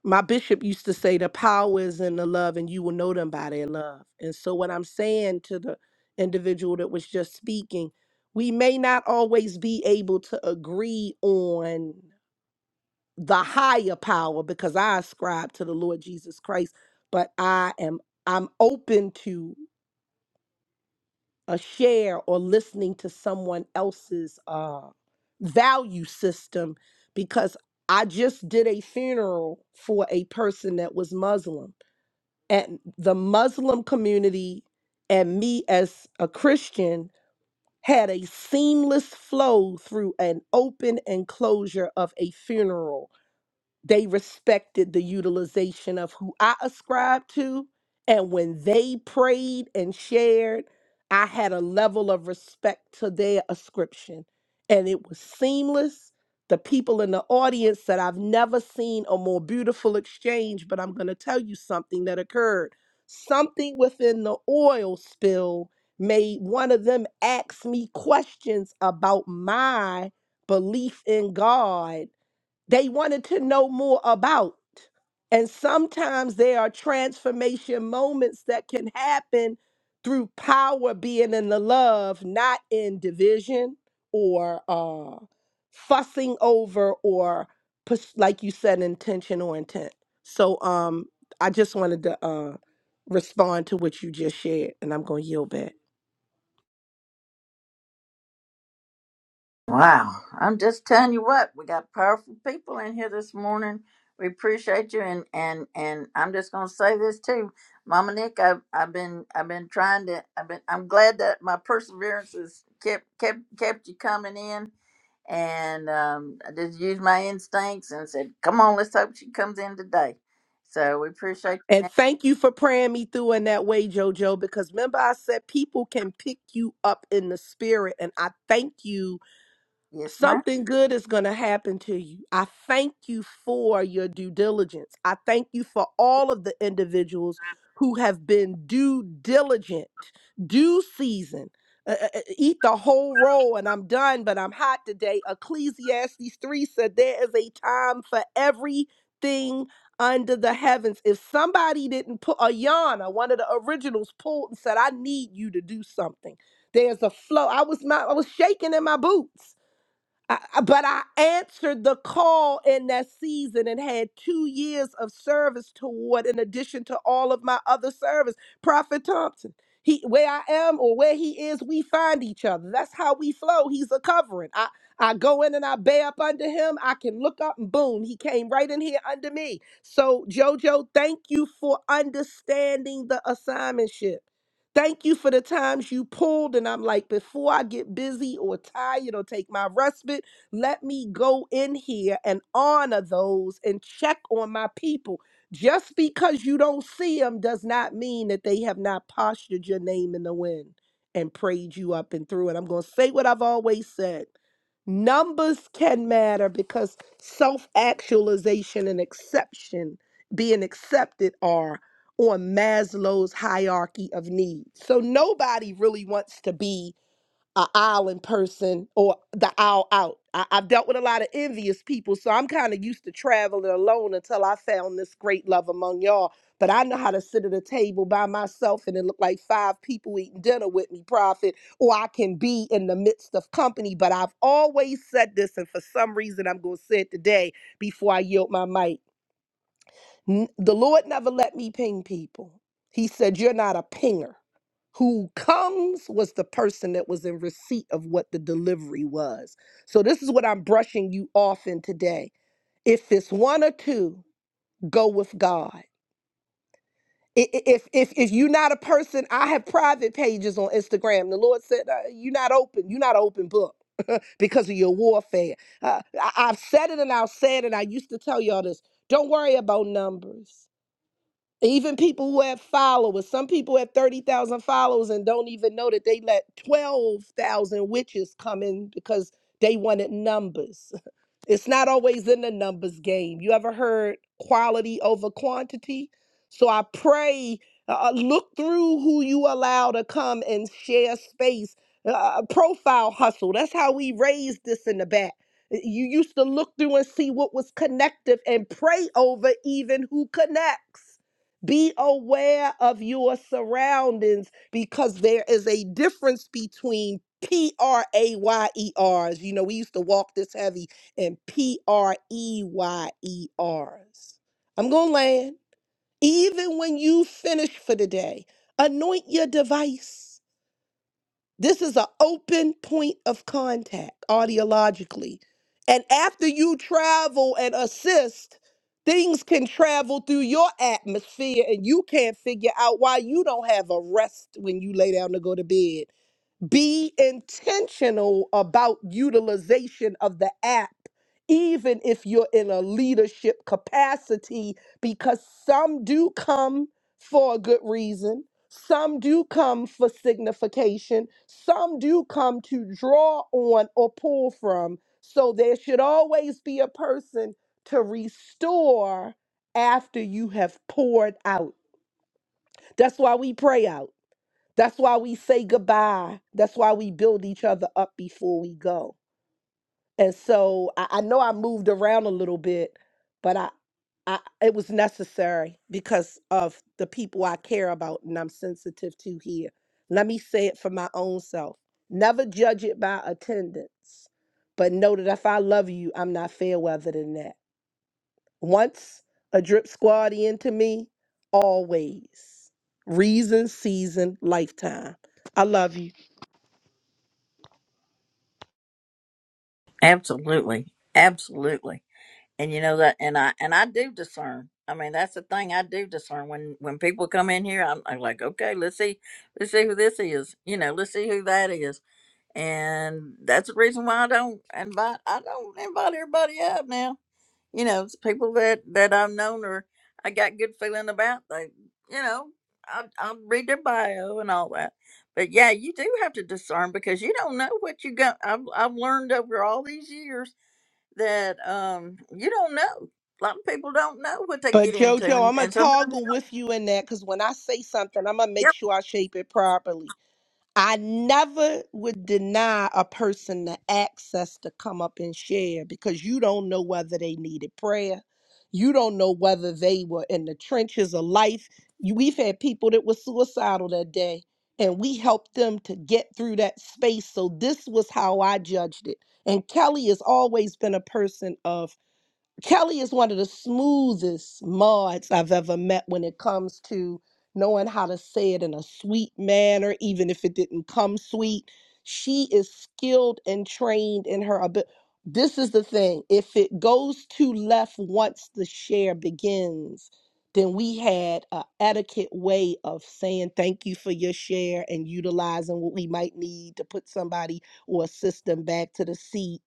Speaker 17: My bishop used to say the power is in the love and you will know them by their love. And so what I'm saying to the individual that was just speaking, we may not always be able to agree on the higher power because I ascribe to the Lord Jesus Christ, but I am I'm open to a share or listening to someone else's uh, value system because I just did a funeral for a person that was Muslim. And the Muslim community and me as a Christian had a seamless flow through an open enclosure of a funeral they respected the utilization of who I ascribed to. And when they prayed and shared, I had a level of respect to their ascription. And it was seamless. The people in the audience said, I've never seen a more beautiful exchange, but I'm going to tell you something that occurred. Something within the oil spill made one of them ask me questions about my belief in God they wanted to know more about. And sometimes there are transformation moments that can happen through power being in the love, not in division or uh, fussing over or push, like you said, intention or intent. So um, I just wanted to uh, respond to what you just shared, and I'm going to yield back.
Speaker 1: Wow. I'm just telling you what, we got powerful people in here this morning. We appreciate you and and and I'm just gonna say this too. Mama Nick, I've I've been I've been trying to I've been I'm glad that my perseverance has kept kept kept you coming in and um, I just used my instincts and said, Come on, let's hope she comes in today. So we appreciate
Speaker 17: And thank you for praying me through in that way, JoJo, because remember I said people can pick you up in the spirit. And I thank you
Speaker 1: yes, ma'am.
Speaker 17: something good is going to happen to you. I thank you for your due diligence. I thank you for all of the individuals who have been due diligent, due season. Uh, uh, uh, eat the whole roll and I'm done, but I'm hot today. Ecclesiastes 3 said there is a time for everything under the heavens. If somebody didn't put a yarn, one of the originals pulled and said, I need you to do something. There's a flow. I was not, I was shaking in my boots I, I- but I answered the call in that season and had two years of service toward, in addition to all of my other service. Prophet Thompson, he where I am or where he is, we find each other. That's how we flow. He's a covering. I I go in and I bay up under him. I can look up and boom, he came right in here under me. So Jojo, thank you for understanding the assignmentship. Thank you for the times you pulled. And I'm like, before I get busy or tired or take my respite, let me go in here and honor those and check on my people. Just because you don't see them does not mean that they have not postured your name in the wind and prayed you up and through. And I'm going to say what I've always said. Numbers can matter because self actualization and exception being accepted are on Maslow's hierarchy of needs. So nobody really wants to be a island person or the owl out. I, I've dealt with a lot of envious people, so I'm kind of used to traveling alone until I found this great love among y'all. But I know how to sit at a table by myself and it look like five people eating dinner with me, Prophet, or I can be in the midst of company. But I've always said this, and for some reason I'm going to say it today before I yield my mic. N- The Lord never let me ping people. He said, You're not a pinger. Who comes was the person that was in receipt of what the delivery was. So, this is what I'm brushing you off in today. If it's one or two, go with God. I- i- If, if, if you're not a person, I have private pages on Instagram. The Lord said, uh, You're not open. You're not an open book because of your warfare. Uh, I, I've said it and I'll say it, and I used to tell y'all this don't worry about numbers. Even people who have followers, some people have 30,000 followers and don't even know that they let 12,000 witches come in because they wanted numbers. It's not always in the numbers game. You ever heard quality over quantity? So I pray, uh, uh, look through who you allow to come and share space. Uh, uh, uh, profile hustle. That's how we raised this in the back. You used to look through and see what was connective and pray over even who connects. Be aware of your surroundings because there is a difference between P R A Y E R's. You know, we used to walk this heavy and P R E Y E R's. I'm going to land. Even when you finish for the day, anoint your device. This is an open point of contact audiologically. And after you travel and assist, things can travel through your atmosphere and you can't figure out why you don't have a rest when you lay down to go to bed be intentional about utilization of the app even if you're in a leadership capacity because some do come for a good reason some do come for signification some do come to draw on or pull from so there should always be a person to restore after you have poured out that's why we pray out that's why we say goodbye. That's why we build each other up before we go. And so I, I know I moved around a little bit, but I, I it was necessary because of the people I care about and I'm sensitive to here. Let me say it for my own self. Never judge it by attendance, but know that if I love you, I'm not fair weather than that. Once a drip squad into me, always. Reason, season, lifetime. I love you.
Speaker 1: Absolutely. Absolutely. and you know that and i and i do discern i mean that's the thing i do discern when when people come in here i'm, I'm like okay let's see let's see who this is you know let's see who that is and that's the reason why i don't invite i don't invite everybody up now you know it's people that that i've known or i got good feeling about they you know I, i'll read their bio and all that but yeah you do have to discern because you don't know what you got i've, I've learned over all these years that um you don't know. A lot of people don't know what they
Speaker 17: But
Speaker 1: get into,
Speaker 17: Jojo, I'm
Speaker 1: and,
Speaker 17: gonna
Speaker 1: and sometimes you
Speaker 17: toggle
Speaker 1: don't.
Speaker 17: with you in that because when I say something, I'm gonna make
Speaker 1: Yep.
Speaker 17: sure I shape it properly. I never would deny a person the access to come up and share because you don't know whether they needed prayer. You don't know whether they were in the trenches of life. You- We've had people that were suicidal that day, and we helped them to get through that space. So this was how I judged it. And Kelly has always been a person of Kelly is one of the smoothest mods I've ever met when it comes to knowing how to say it in a sweet manner, even if it didn't come sweet. She is skilled and trained in her ability. This is the thing if it goes to left once the share begins, then we had a etiquette way of saying thank you for your share and utilizing what we might need to put somebody or assist them back to the seat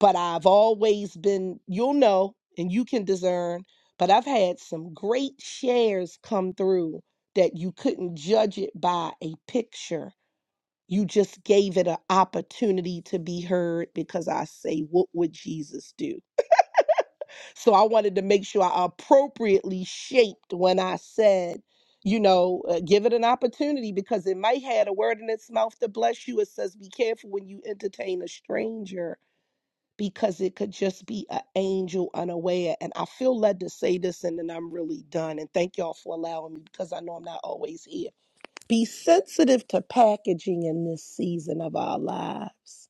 Speaker 17: but I've always been, you'll know, and you can discern, but I've had some great shares come through that you couldn't judge it by a picture. You just gave it an opportunity to be heard because I say, What would Jesus do? So I wanted to make sure I appropriately shaped when I said, you know, uh, give it an opportunity because it might had a word in its mouth to bless you. It says, be careful when you entertain a stranger because it could just be an angel unaware. And I feel led to say this, and then I'm really done. And thank y'all for allowing me because I know I'm not always here. Be sensitive to packaging in this season of our lives.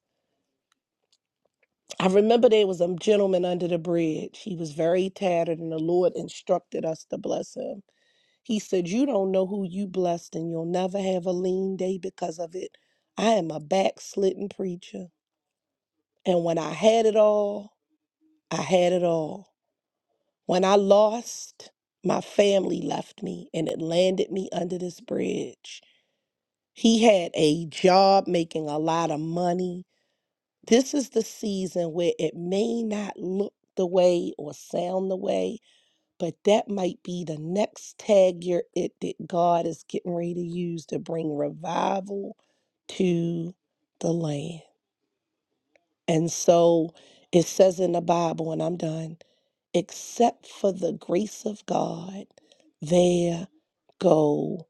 Speaker 17: I remember there was a gentleman under the bridge. He was very tattered, and the Lord instructed us to bless him. He said, You don't know who you blessed, and you'll never have a lean day because of it. I am a backslidden preacher. And when I had it all, I had it all. When I lost, my family left me and it landed me under this bridge. He had a job making a lot of money. This is the season where it may not look the way or sound the way, but that might be the next tag you're it that God is getting ready to use to bring revival to the land. And so it says in the Bible, and I'm done. except for the grace of God, there go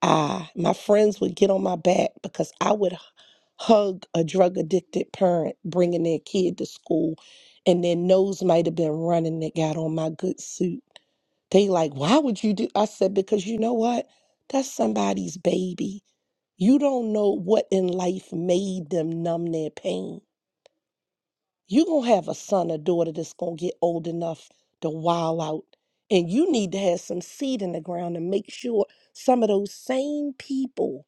Speaker 17: I. My friends would get on my back because I would hug a drug addicted parent bringing their kid to school, and their nose might have been running that got on my good suit. They like, why would you do? I said, because you know what? That's somebody's baby. You don't know what in life made them numb their pain. You're going to have a son or daughter that's going to get old enough to wild out. And you need to have some seed in the ground to make sure some of those same people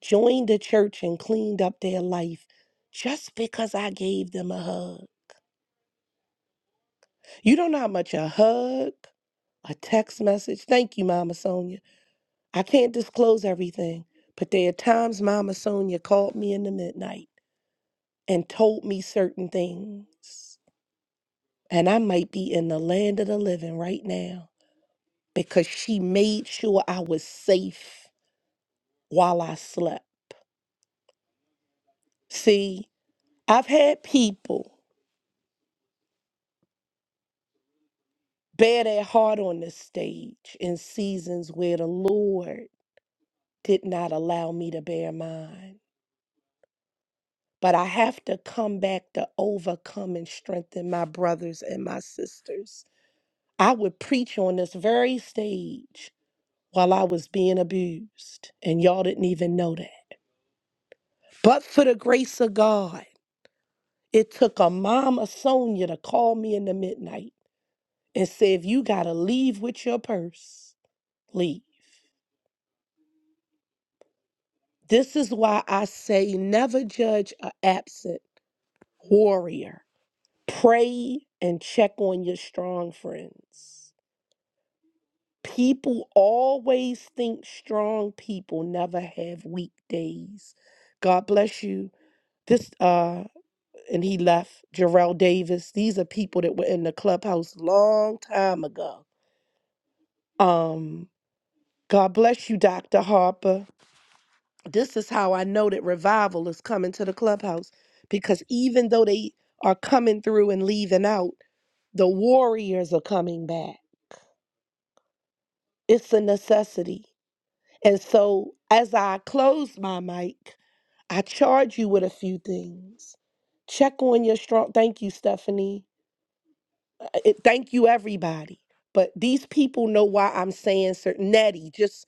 Speaker 17: joined the church and cleaned up their life just because I gave them a hug. You don't know how much a hug, a text message. Thank you, Mama Sonia. I can't disclose everything, but there are times Mama Sonia called me in the midnight and told me certain things. And I might be in the land of the living right now because she made sure I was safe while I slept. See, I've had people bear their heart on the stage in seasons where the Lord did not allow me to bear mine. But I have to come back to overcome and strengthen my brothers and my sisters. I would preach on this very stage while I was being abused, and y'all didn't even know that. But for the grace of God, it took a mama Sonia to call me in the midnight and say, if you got to leave with your purse, leave. This is why I say never judge a absent warrior. Pray and check on your strong friends. People always think strong people never have weak days. God bless you. This uh and he left. Jarrell Davis. These are people that were in the clubhouse long time ago. Um, God bless you, Dr. Harper. This is how I know that revival is coming to the clubhouse because even though they are coming through and leaving out, the warriors are coming back. It's a necessity. And so, as I close my mic, I charge you with a few things. Check on your strong. Thank you, Stephanie Uh, it- thank you, everybody. But these people know why I'm saying certain Nettie, just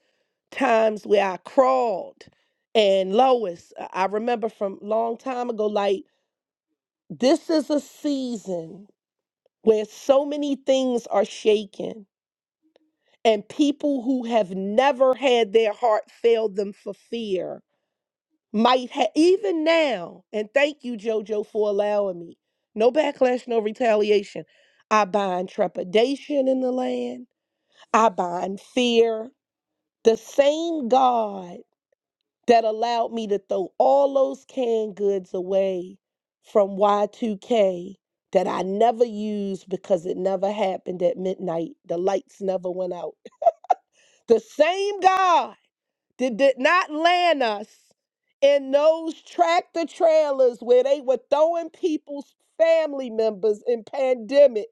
Speaker 17: times where I crawled and Lois, I I remember from long time ago, like this is a season where so many things are shaken and people who have never had their heart fail them for fear might have even now and thank you jojo for allowing me no backlash no retaliation i bind trepidation in the land I bind fear. The same God that allowed me to throw all those canned goods away from Y2K that I never used because it never happened at midnight. The lights never went out. The same God did, did not land us in those tractor trailers where they were throwing people's family members in pandemic.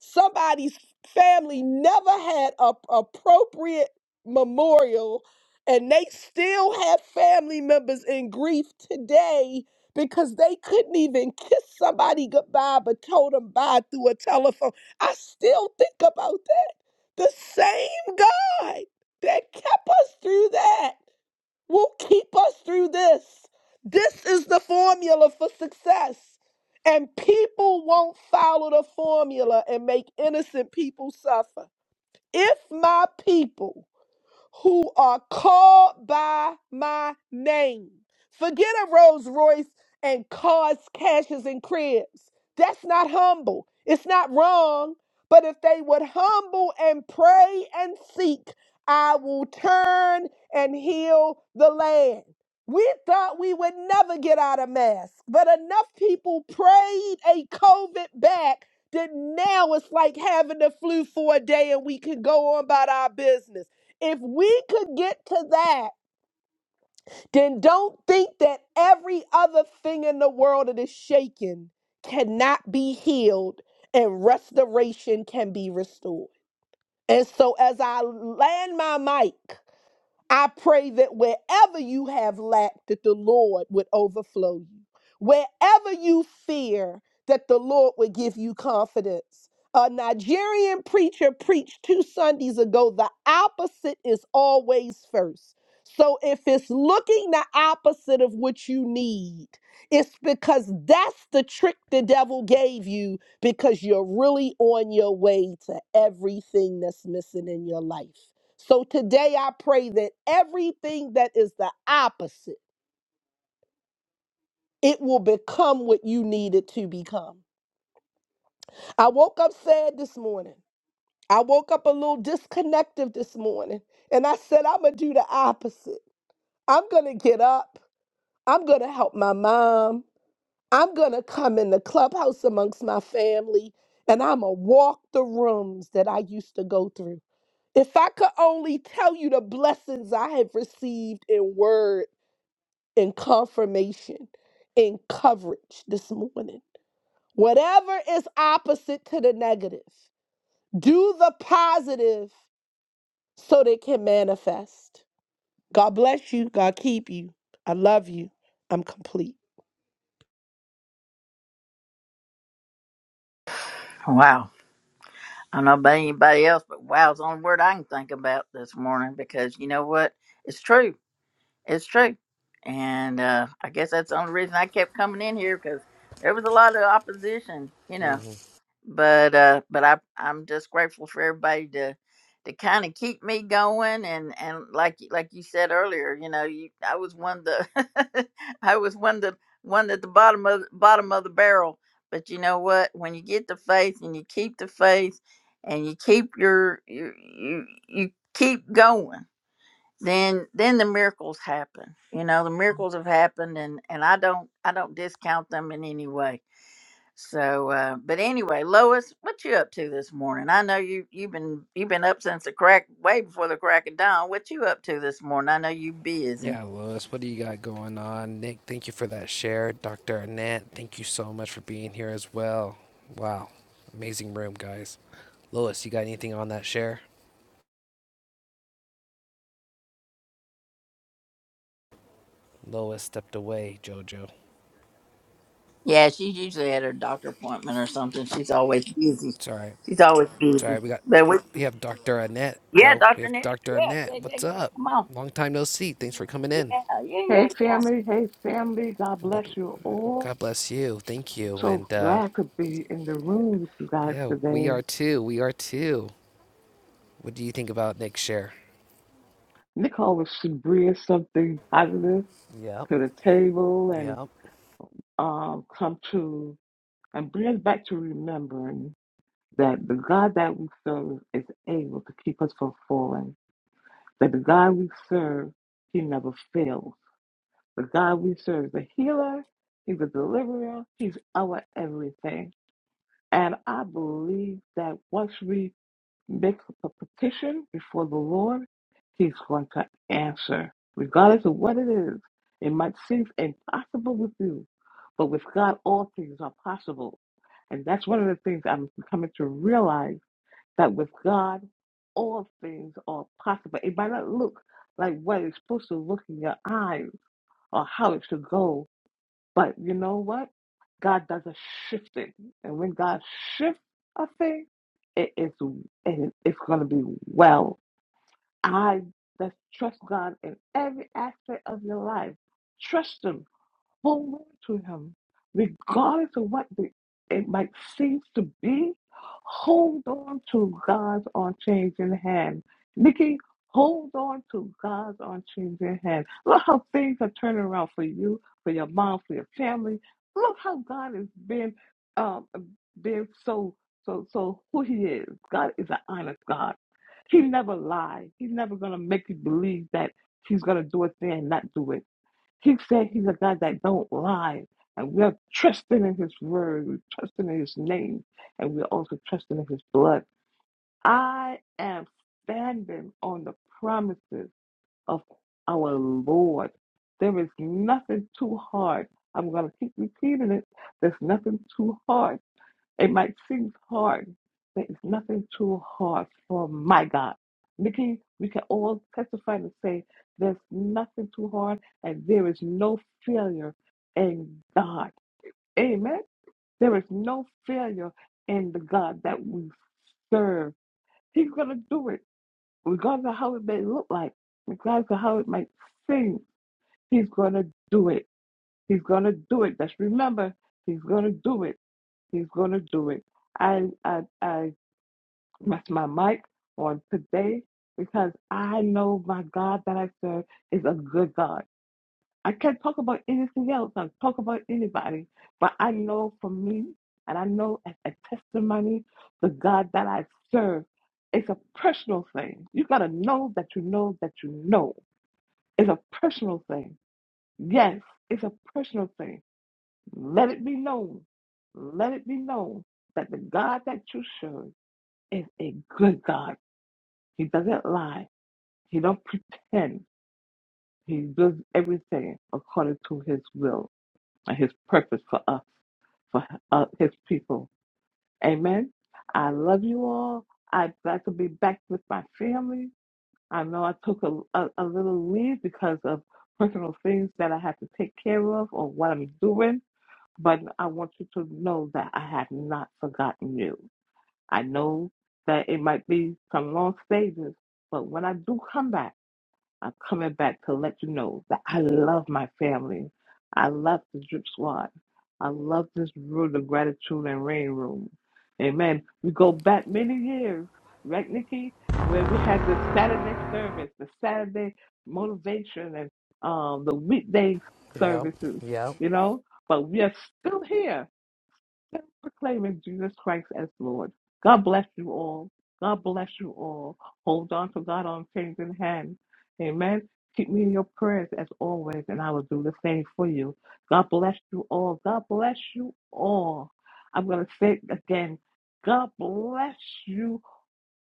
Speaker 17: Somebody's family never had a appropriate memorial and they still have family members in grief today because they couldn't even kiss somebody goodbye but told them bye through a telephone. I still think about that. The same God that kept us through that will keep us through this. This is the formula for success. And people won't follow the formula and make innocent people suffer. If my people who are called by my name. Forget a Rolls Royce and cars, cashes, and cribs. That's not humble. It's not wrong. But if they would humble and pray and seek, I will turn and heal the land. We thought we would never get out of mask, but enough people prayed a COVID back that now it's like having the flu for a day and we can go on about our business. If we could get to that, then don't think that every other thing in the world that is shaken cannot be healed and restoration can be restored. And so, as I land my mic, I pray that wherever you have lacked, that the Lord would overflow you. Wherever you fear, that the Lord would give you confidence. A Nigerian preacher preached two Sundays ago the opposite is always first. So if it's looking the opposite of what you need, it's because that's the trick the devil gave you because you're really on your way to everything that's missing in your life. So today I pray that everything that is the opposite, it will become what you need it to become. I woke up sad this morning. I woke up a little disconnected this morning. And I said, I'm going to do the opposite. I'm going to get up. I'm going to help my mom. I'm going to come in the clubhouse amongst my family. And I'm going to walk the rooms that I used to go through. If I could only tell you the blessings I have received in word in confirmation, in coverage this morning. Whatever is opposite to the negative, do the positive so they can manifest. God bless you. God keep you. I love you. I'm complete.
Speaker 1: Wow. I don't know about anybody else, but wow is the only word I can think about this morning because you know what? It's true. It's true. And uh, I guess that's the only reason I kept coming in here because there was a lot of opposition, you
Speaker 7: Mm.
Speaker 1: know. but uh but i i'm just grateful for everybody to to kind of keep me going and and like you- like you said earlier you know you i was one of the i was one of the one at the bottom of bottom of the barrel but you know what when you get the faith and you keep the faith and you keep your you you, you keep going then then the miracles happen you know the miracles have happened and and i don't i don't discount them in any way so, uh, but anyway, Lois, what you up to this morning? I know you you've been you've been up since the crack, way before the crack of dawn. What you up to this morning? I know you busy.
Speaker 7: Yeah, Lewis, what do you got going on? Nick, thank you for that share. Dr. Annette, thank you so much for being here as well. Wow, amazing room, guys. Lois, you got anything on that share? Lois stepped away, JoJo.
Speaker 1: Yeah, she's usually at her doctor appointment or something. She's always busy.
Speaker 7: It's all right.
Speaker 1: She's always
Speaker 7: It's all
Speaker 1: busy.
Speaker 7: right. We got,
Speaker 1: But we,
Speaker 7: we have Dr. Annette,
Speaker 1: yeah,
Speaker 7: though. We
Speaker 1: Doctor
Speaker 7: have
Speaker 1: Nick,
Speaker 7: Dr.
Speaker 1: yeah,
Speaker 7: Annette.
Speaker 1: yeah, yeah, yeah.
Speaker 7: What's up?
Speaker 1: Come on,
Speaker 7: Long time no see. Thanks for coming
Speaker 1: yeah,
Speaker 7: in.
Speaker 1: yeah,
Speaker 18: Hey,
Speaker 1: yeah, yeah.
Speaker 18: family. Hey, family. God bless
Speaker 7: What-
Speaker 18: you all.
Speaker 7: God bless you. Thank you.
Speaker 18: So
Speaker 7: And uh,
Speaker 18: glad to be in the room with you guys
Speaker 7: yeah, we
Speaker 18: today.
Speaker 7: are too. We are too. What do you think about Nick's share?
Speaker 18: Nicole was to bring something positive
Speaker 7: Yep,
Speaker 18: to the table and
Speaker 7: yep,
Speaker 18: um, come to and bring us back to remembering that the God that we serve is able to keep us from falling. That the God we serve, He never fails. The God we serve is a healer. He's a deliverer. He's our everything. And I believe that once we Make a petition before the Lord. He's going to answer, regardless of what it is. It might seem impossible with you, but with God, all things are possible. And that's one of the things I'm coming to realize that with God, all things are possible. It might not look like what it's supposed to look in your eyes or how it should go, but you know what? God does a shifting. And when God shifts a thing, it is and it's gonna be well. I just trust God in every aspect of your life. Trust him hold on to him, regardless of what the, it might seem to be. Hold on to God's unchanging hand. Nikki, hold on to God's unchanging hand. Look how things are turning around for you, for your mom, for your family. Look how God has been, um, been so, so, so who He is. God is an honest God. He never lies. He's never gonna make you believe that He's gonna do a thing and not do it. He said he's a God that don't lie. And we are trusting in his word. We're trusting in his name. And we're also trusting in his blood. I am standing on the promises of our Lord. There is nothing too hard. I'm going to keep repeating it. There's nothing too hard it might seem hard, but it's nothing too hard for my God. Nikki, we can all testify and say there's nothing too hard and there is no failure in God. Amen. There is no failure in the God that we serve. He's going to do it, regardless of how it may look like, regardless of how it might seem. He's going to do it. He's going to do it. Just remember, he's going to do it. He's going to do it. I, I, I my, my mic on today because I know my God that I serve is a good God. I can't talk about anything else. I talk about anybody, but I know for me, and I know as a testimony, the God that I serve, it's a personal thing. You gotta know that you know that you know. It's a personal thing. Yes, it's a personal thing. Let it be known. Let it be known that the God that you serve is a good God. He doesn't lie. He don't pretend. He does everything according to his will and his purpose for us, for uh, his people. Amen. I love you all. I'm glad to be back with my family. I know I took a, a, a little leave because of personal things that I had to take care of or what I'm doing, but I want you to know that I have not forgotten you. I know that it might be some long stages, but when I do come back, I'm coming back to let you know that I love my family. I love the drip squad. I love this room, the gratitude and rain room. Amen. We go back many years, right, Nikki? Where we had the Saturday service, the Saturday motivation, and um, the weekday
Speaker 7: yep,
Speaker 18: services,
Speaker 7: yep.
Speaker 18: you know? But we are still here and proclaiming Jesus Christ as Lord. God bless you all. God bless you all. Hold on to God on changing hand. Amen. Keep me in your prayers as always, and I will do the same for you. God bless you all. God bless you all. I'm going to say it again. God bless you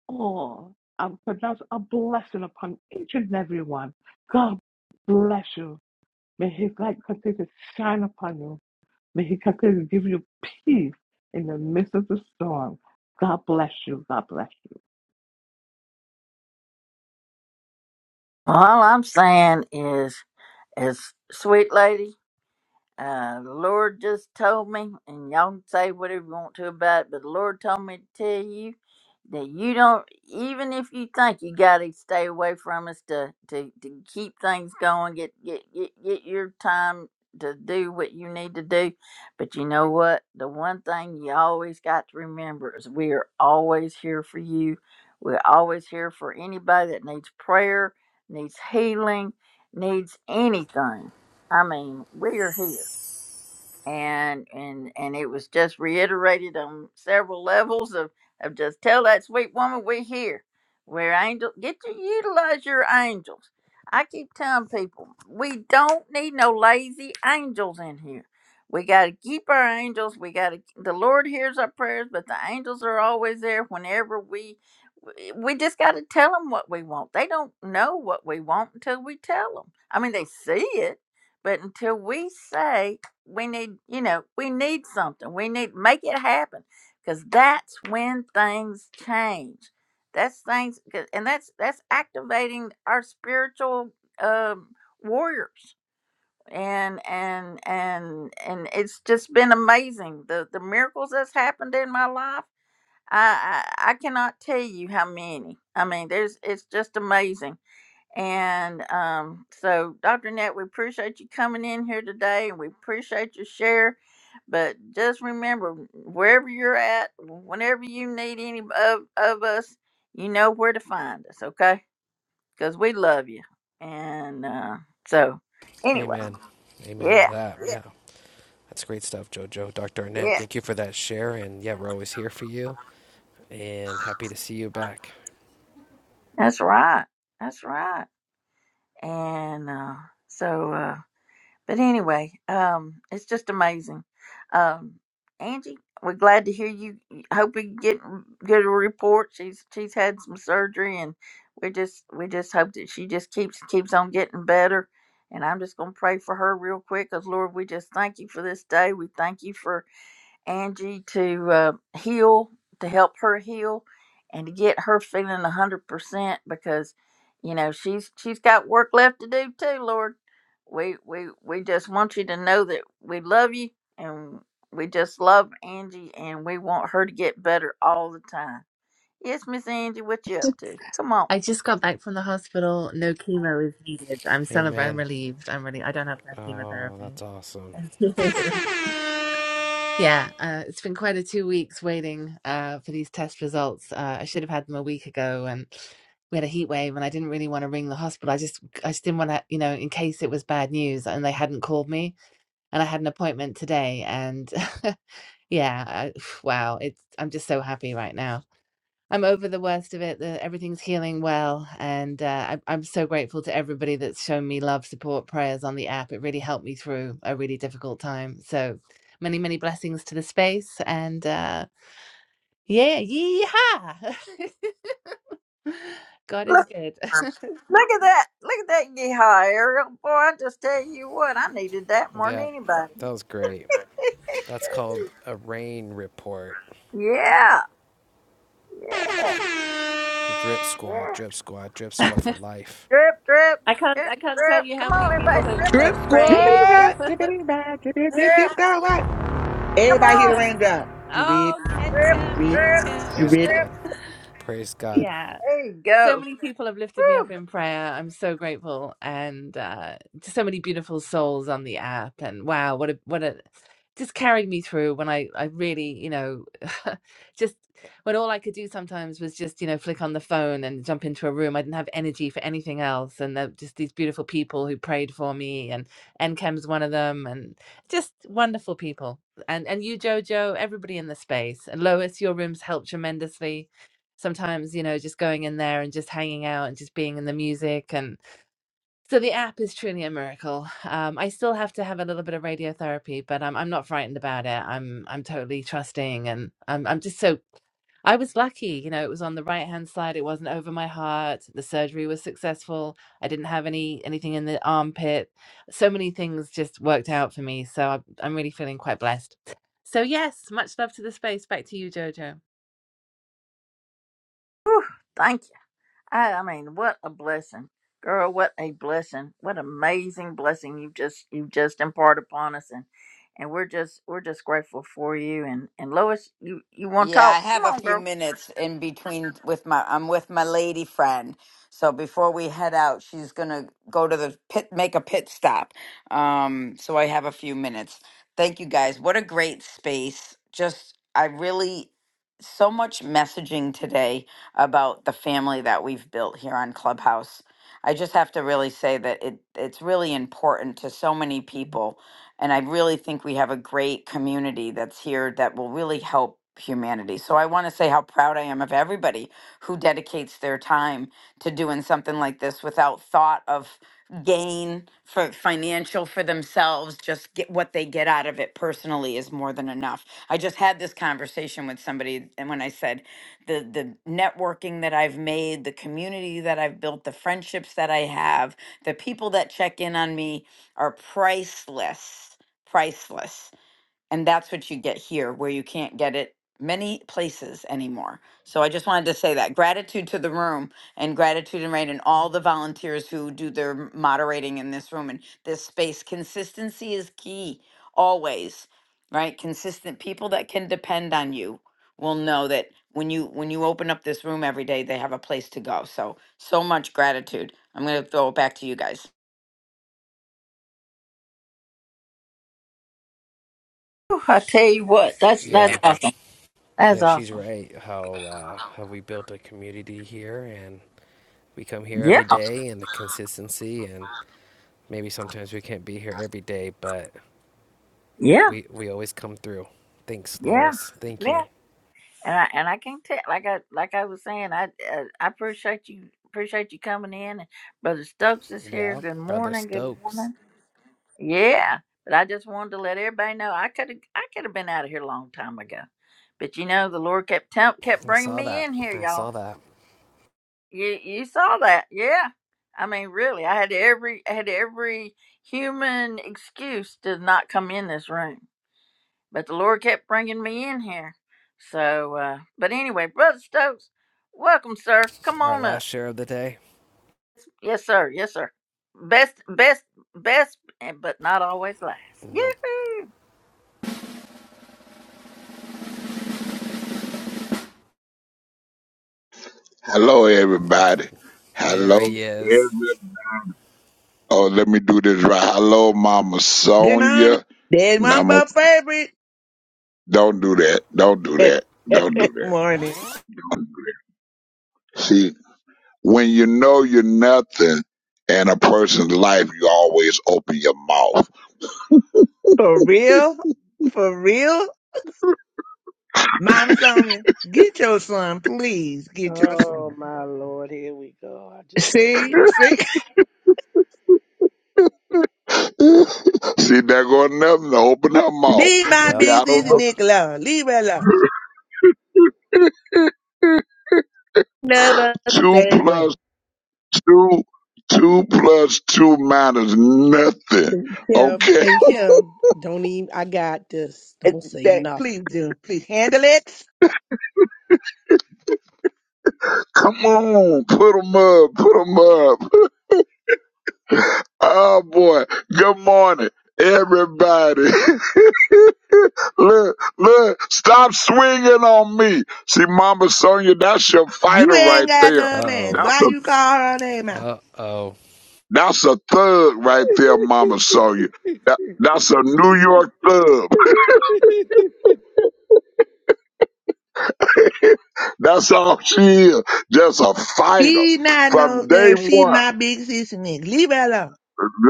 Speaker 18: all. I pronounce a blessing upon each and every one. God bless you. May his light continue to shine upon you. May He continue to give you peace in the midst of the storm. God bless you. God bless you.
Speaker 1: All I'm saying is, as sweet lady. Uh, the Lord just told me, and y'all can say whatever you want to about it, but the Lord told me to tell you that you don't, even if you think you got to stay away from us to, to, to keep things going, get, get, get, get your time to do what you need to do. But you know what? The one thing you always got to remember is we are always here for you. We're always here for anybody that needs prayer, needs healing, needs anything. I mean, we are here and and and it was just reiterated on several levels of of just tell that sweet woman we're here we're angels. get to utilize your angels i keep telling people we don't need no lazy angels in here we got to keep our angels we got to the lord hears our prayers but the angels are always there whenever we we just got to tell them what we want they don't know what we want until we tell them i mean they see it but until we say we need you know we need something we need make it happen because that's when things change that's things 'cause- and that's that's activating our spiritual um warriors and and and and it's just been amazing the the miracles that's happened in my life i i, I cannot tell you how many i mean there's it's just amazing and um, so, Dr. Net, we appreciate you coming in here today and we appreciate your share. But just remember, wherever you're at, whenever you need any of, of us, you know where to find us, okay? Because we love you. And uh, so, anyway,
Speaker 7: Amen. Amen to
Speaker 1: yeah,
Speaker 7: that. Yeah.
Speaker 1: yeah,
Speaker 7: That's great stuff, Jojo. Dr. Arnett,
Speaker 1: yeah.
Speaker 7: thank you for that share. And yeah, we're always here for you and happy to see you back.
Speaker 1: That's right. That's right. And uh, so, uh, But anyway, um, it's just amazing. Um, Angie, we're glad to hear you. Hope we get good report. She's she's had some surgery, and we just we just hope that she just keeps keeps on getting better. And I'm just gonna pray for her real quick, cause Lord, we just thank you for this day. We thank you for Angie to uh, heal, to help her heal, and to get her feeling a hundred percent because, you know, she's she's got work left to do too. Lord, we we we just want you to know that we love you and we just love Angie and we want her to get better all the time. Yes, Miss Angie, what you up to? Come on,
Speaker 19: I just got back from the hospital. No chemo is needed. I'm celebrating. I'm
Speaker 7: Amen.
Speaker 19: relieved. I'm really. I don't have to have
Speaker 7: Oh,
Speaker 19: chemotherapy.
Speaker 7: that's awesome.
Speaker 19: Thank you. Yeah, uh, it's been quite a two weeks waiting uh, for these test results. Uh, I should have had them a week ago, and we had a heat wave, and I didn't really want to ring the hospital. I just, I just didn't want to, you know, in case it was bad news, and they hadn't called me, and I had an appointment today, and yeah, I, wow, it's. I'm just so happy right now. I'm over the worst of it. The, everything's healing well, and uh, I, I'm so grateful to everybody that's shown me love, support, prayers on the app. It really helped me through a really difficult time. So many, many blessings to the space, and uh, yeah, yeehaw! God is
Speaker 1: look.
Speaker 19: good.
Speaker 1: Look at that! Look at that yeehaw, Ariel. Boy, I just tell you what, I needed that more than
Speaker 7: Yeah,
Speaker 1: anybody.
Speaker 7: that was great. That's called a rain report.
Speaker 1: Yeah,
Speaker 7: Drip squad,
Speaker 1: yeah.
Speaker 7: drip squad, drip squad for life.
Speaker 1: Drip, drip,
Speaker 19: I
Speaker 1: drip, drip. Come on, everybody,
Speaker 19: can't
Speaker 1: drip
Speaker 19: have,
Speaker 1: and
Speaker 17: Drip
Speaker 19: have
Speaker 9: Drip
Speaker 19: you.
Speaker 9: it back,
Speaker 17: squad.
Speaker 9: drip it back, drip it, drip, drip,
Speaker 1: drip.
Speaker 9: girl, what?
Speaker 1: Come
Speaker 9: Everybody hear the
Speaker 1: on,
Speaker 9: raindrop. Drip,
Speaker 19: oh, N-
Speaker 1: drip,
Speaker 9: drip,
Speaker 19: NCAM,
Speaker 1: drip,
Speaker 19: cam.
Speaker 7: Praise
Speaker 9: drip.
Speaker 1: drip.
Speaker 7: God. Praise God.
Speaker 19: yeah.
Speaker 1: There you
Speaker 19: so
Speaker 1: go.
Speaker 19: many people have lifted me up
Speaker 1: Woo,
Speaker 19: in prayer. I'm so grateful, and uh, just so many beautiful souls on the app. And wow, what a what a just carried me through when I I really you know just when all I could do sometimes was just you know flick on the phone and jump into a room. I didn't have energy for anything else, and there were just these beautiful people who prayed for me, and NCAM's one of them, and just wonderful people. And and you, Jojo, everybody in the space, and Lois, your rooms helped tremendously sometimes you know just going in there and just hanging out and just being in the music and so the app is truly a miracle um, i still have to have a little bit of radiotherapy but I'm, I'm not frightened about it i'm i'm totally trusting and i'm, I'm just so i was lucky you know it was on the right hand side it wasn't over my heart the surgery was successful i didn't have any anything in the armpit so many things just worked out for me so i'm, I'm really feeling quite blessed so yes much love to the space back to you jojo
Speaker 1: woo. Thank you. I, I mean, what a blessing, girl. What a blessing. What amazing blessing you just you just impart upon us, and and we're just we're just grateful for you. And and Lois, you you want to
Speaker 20: Yeah, I
Speaker 1: talk? Come
Speaker 20: have a
Speaker 1: on,
Speaker 20: few
Speaker 1: girl.
Speaker 20: minutes in between with my I'm with my lady friend. So before we head out, she's gonna go to the pit make a pit stop. Um, so I have a few minutes. Thank you guys. What a great space. Just I really so much messaging today about the family that we've built here on Clubhouse. I just have to really say that it it's really important to so many people and I really think we have a great community that's here that will really help humanity. So I want to say how proud I am of everybody who dedicates their time to doing something like this without thought of gain for financial for themselves just get what they get out of it personally is more than enough i just had this conversation with somebody and when i said the the networking that i've made the community that i've built the friendships that i have the people that check in on me are priceless, priceless. And that's what you get here, where you can't get it many places anymore. So I just wanted to say that gratitude to the room and gratitude and right and all the volunteers who do their moderating in this room and this space. Consistency is key always, right? Consistent people that can depend on you will know that when you when you open up this room every day, they have a place to go. So so much gratitude. I'm going to throw it back to you guys.
Speaker 1: Whew, I tell you what, that's that's
Speaker 7: Yeah,
Speaker 1: awesome. That's
Speaker 7: yeah, she's
Speaker 1: awesome.
Speaker 7: right. How uh, how we built a community here, and we come here
Speaker 1: Yeah,
Speaker 7: every day and the consistency and maybe sometimes we can't be here every day, but
Speaker 1: yeah,
Speaker 7: we we always come through. Thanks,
Speaker 1: yeah,
Speaker 7: Lois. Thank
Speaker 1: yeah.
Speaker 7: you.
Speaker 1: And I and I can tell, like I like I was saying, I uh, I appreciate you appreciate you coming in. And Brother Stokes is here.
Speaker 7: Yeah,
Speaker 1: Good
Speaker 7: brother
Speaker 1: morning. Good
Speaker 7: Stokes.
Speaker 1: morning. Yeah, but I just wanted to let everybody know I could have I could have been out of here a long time ago, but you know the Lord kept tell, kept
Speaker 7: I
Speaker 1: bringing
Speaker 7: saw
Speaker 1: me
Speaker 7: that.
Speaker 1: in here,
Speaker 7: I
Speaker 1: y'all.
Speaker 7: saw that.
Speaker 1: You you saw that, yeah. I mean, really, I had every I had every human excuse to not come in this room but the Lord kept bringing me in here. So, uh, but anyway, Brother Stokes, welcome, sir. Come
Speaker 7: Our
Speaker 1: on up.
Speaker 7: last share of the day.
Speaker 1: Yes, sir. Yes, sir. Best, best, best, and- but not always last.
Speaker 7: Nope.
Speaker 1: Yoo-hoo.
Speaker 21: Hello, everybody. Hello,
Speaker 7: There he is.
Speaker 21: everybody. Oh, let me do this right. Hello, Mama
Speaker 9: Good morning.
Speaker 21: Sonia.
Speaker 9: There's one
Speaker 21: Mama,
Speaker 9: but favorite.
Speaker 21: don't do that. Don't do that. Don't do
Speaker 9: Morning.
Speaker 21: that. See, when you know you're nothing in a person's life, you always open your mouth.
Speaker 9: For real? For real? Mama Sonia, get your son, please. Get your
Speaker 17: Oh
Speaker 9: son.
Speaker 17: my lord, here we go. I just had to
Speaker 9: See,
Speaker 17: be
Speaker 9: see,
Speaker 21: See, there go nothing to open her mouth.
Speaker 9: leave my
Speaker 21: See,
Speaker 7: Yep.
Speaker 21: I
Speaker 9: big
Speaker 21: don't
Speaker 9: sister
Speaker 21: know.
Speaker 7: Yep.
Speaker 9: Nicola. Leave her alone. Love us the
Speaker 21: Two
Speaker 9: same way.
Speaker 21: plus two, two plus two minus nothing.
Speaker 17: Kim
Speaker 21: Okay,
Speaker 17: and Kim, don't even. I got this.
Speaker 9: It-
Speaker 17: Don't say
Speaker 9: That,
Speaker 17: nothing.
Speaker 9: please do. Please handle it.
Speaker 21: come on, put 'em up, put 'em up. Oh boy, good morning, everybody. look, look, stop swinging on me. See, Mama Sonia, that's your
Speaker 9: You
Speaker 21: fighter
Speaker 9: ain't
Speaker 21: right
Speaker 9: got
Speaker 21: there.
Speaker 9: no
Speaker 7: Uh
Speaker 9: man.
Speaker 7: oh.
Speaker 21: That's
Speaker 9: Why
Speaker 21: a
Speaker 9: you call her name out?
Speaker 7: Uh oh.
Speaker 21: that's a thug right there, Mama Sonia. That, that's a New York thug. That's all she is, just a fighter
Speaker 9: She not no
Speaker 21: from day
Speaker 9: there. She
Speaker 21: one.
Speaker 9: my big sister Nick. Leave her alone.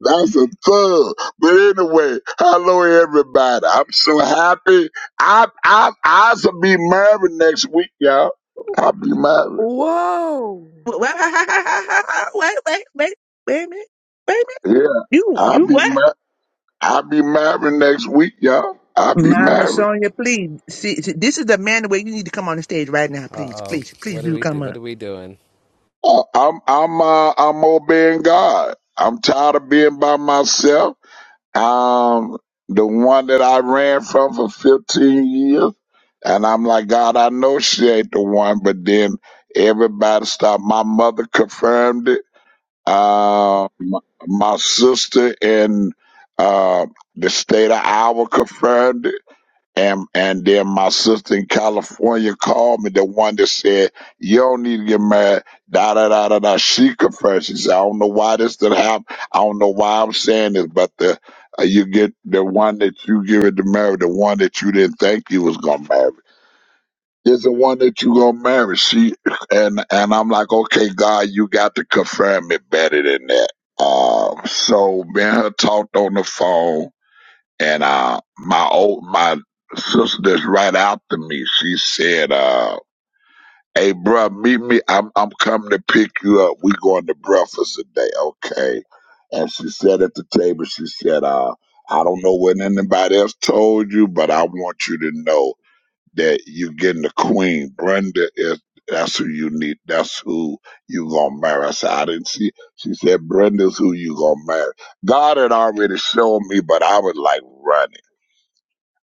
Speaker 21: That's a thug. But anyway, hello everybody. I'm so happy. I I I will be married next week, y'all. I'll be married.
Speaker 17: Whoa,
Speaker 9: Wait, wait, wait, wait, wait a minute, wait a minute.
Speaker 21: Yeah.
Speaker 9: You,
Speaker 21: I'll
Speaker 9: you
Speaker 21: be
Speaker 9: what?
Speaker 21: mar- I'll be married next week, y'all. I'll be
Speaker 9: Mama
Speaker 21: married.
Speaker 9: Sonia, please. See, see, this is the man where you need to come on the stage right now, please,
Speaker 7: Uh oh.
Speaker 9: please, please
Speaker 7: What do
Speaker 9: do
Speaker 7: we
Speaker 9: come
Speaker 7: do?
Speaker 9: up.
Speaker 7: What are we doing?
Speaker 21: I- I'm I'm uh, I'm obeying God. I'm tired of being by myself. Um, the one that I ran from for 15 years. And I'm like, God, I know she ain't the one. But then everybody stopped. My mother confirmed it. Uh, my, my sister in uh, the state of Iowa confirmed it and and then my sister in California called me, the one that said, You don't need to get married, da da da da da. She confessed. She said, I don't know why this did happen. I don't know why I'm saying this, but the uh, you get the one that you give it to marry, the one that you didn't think you was gonna marry. Is the one that you gonna marry. She and and I'm like, Okay, God, you got to confirm it better than that. Um so me and her talked on the phone and uh, my old my sister that's right after me, she said, uh, "Hey, bruh, meet me. I'm I'm coming to pick you up. We going to breakfast today, okay?" And she said at the table, she said, uh, "I don't know what anybody else told you, but I want you to know that you're getting the queen. Brenda is." That's who you need. That's who you gonna marry. I said, I didn't see. She said, Brenda's who you gonna marry. God had already shown me, but I was like running.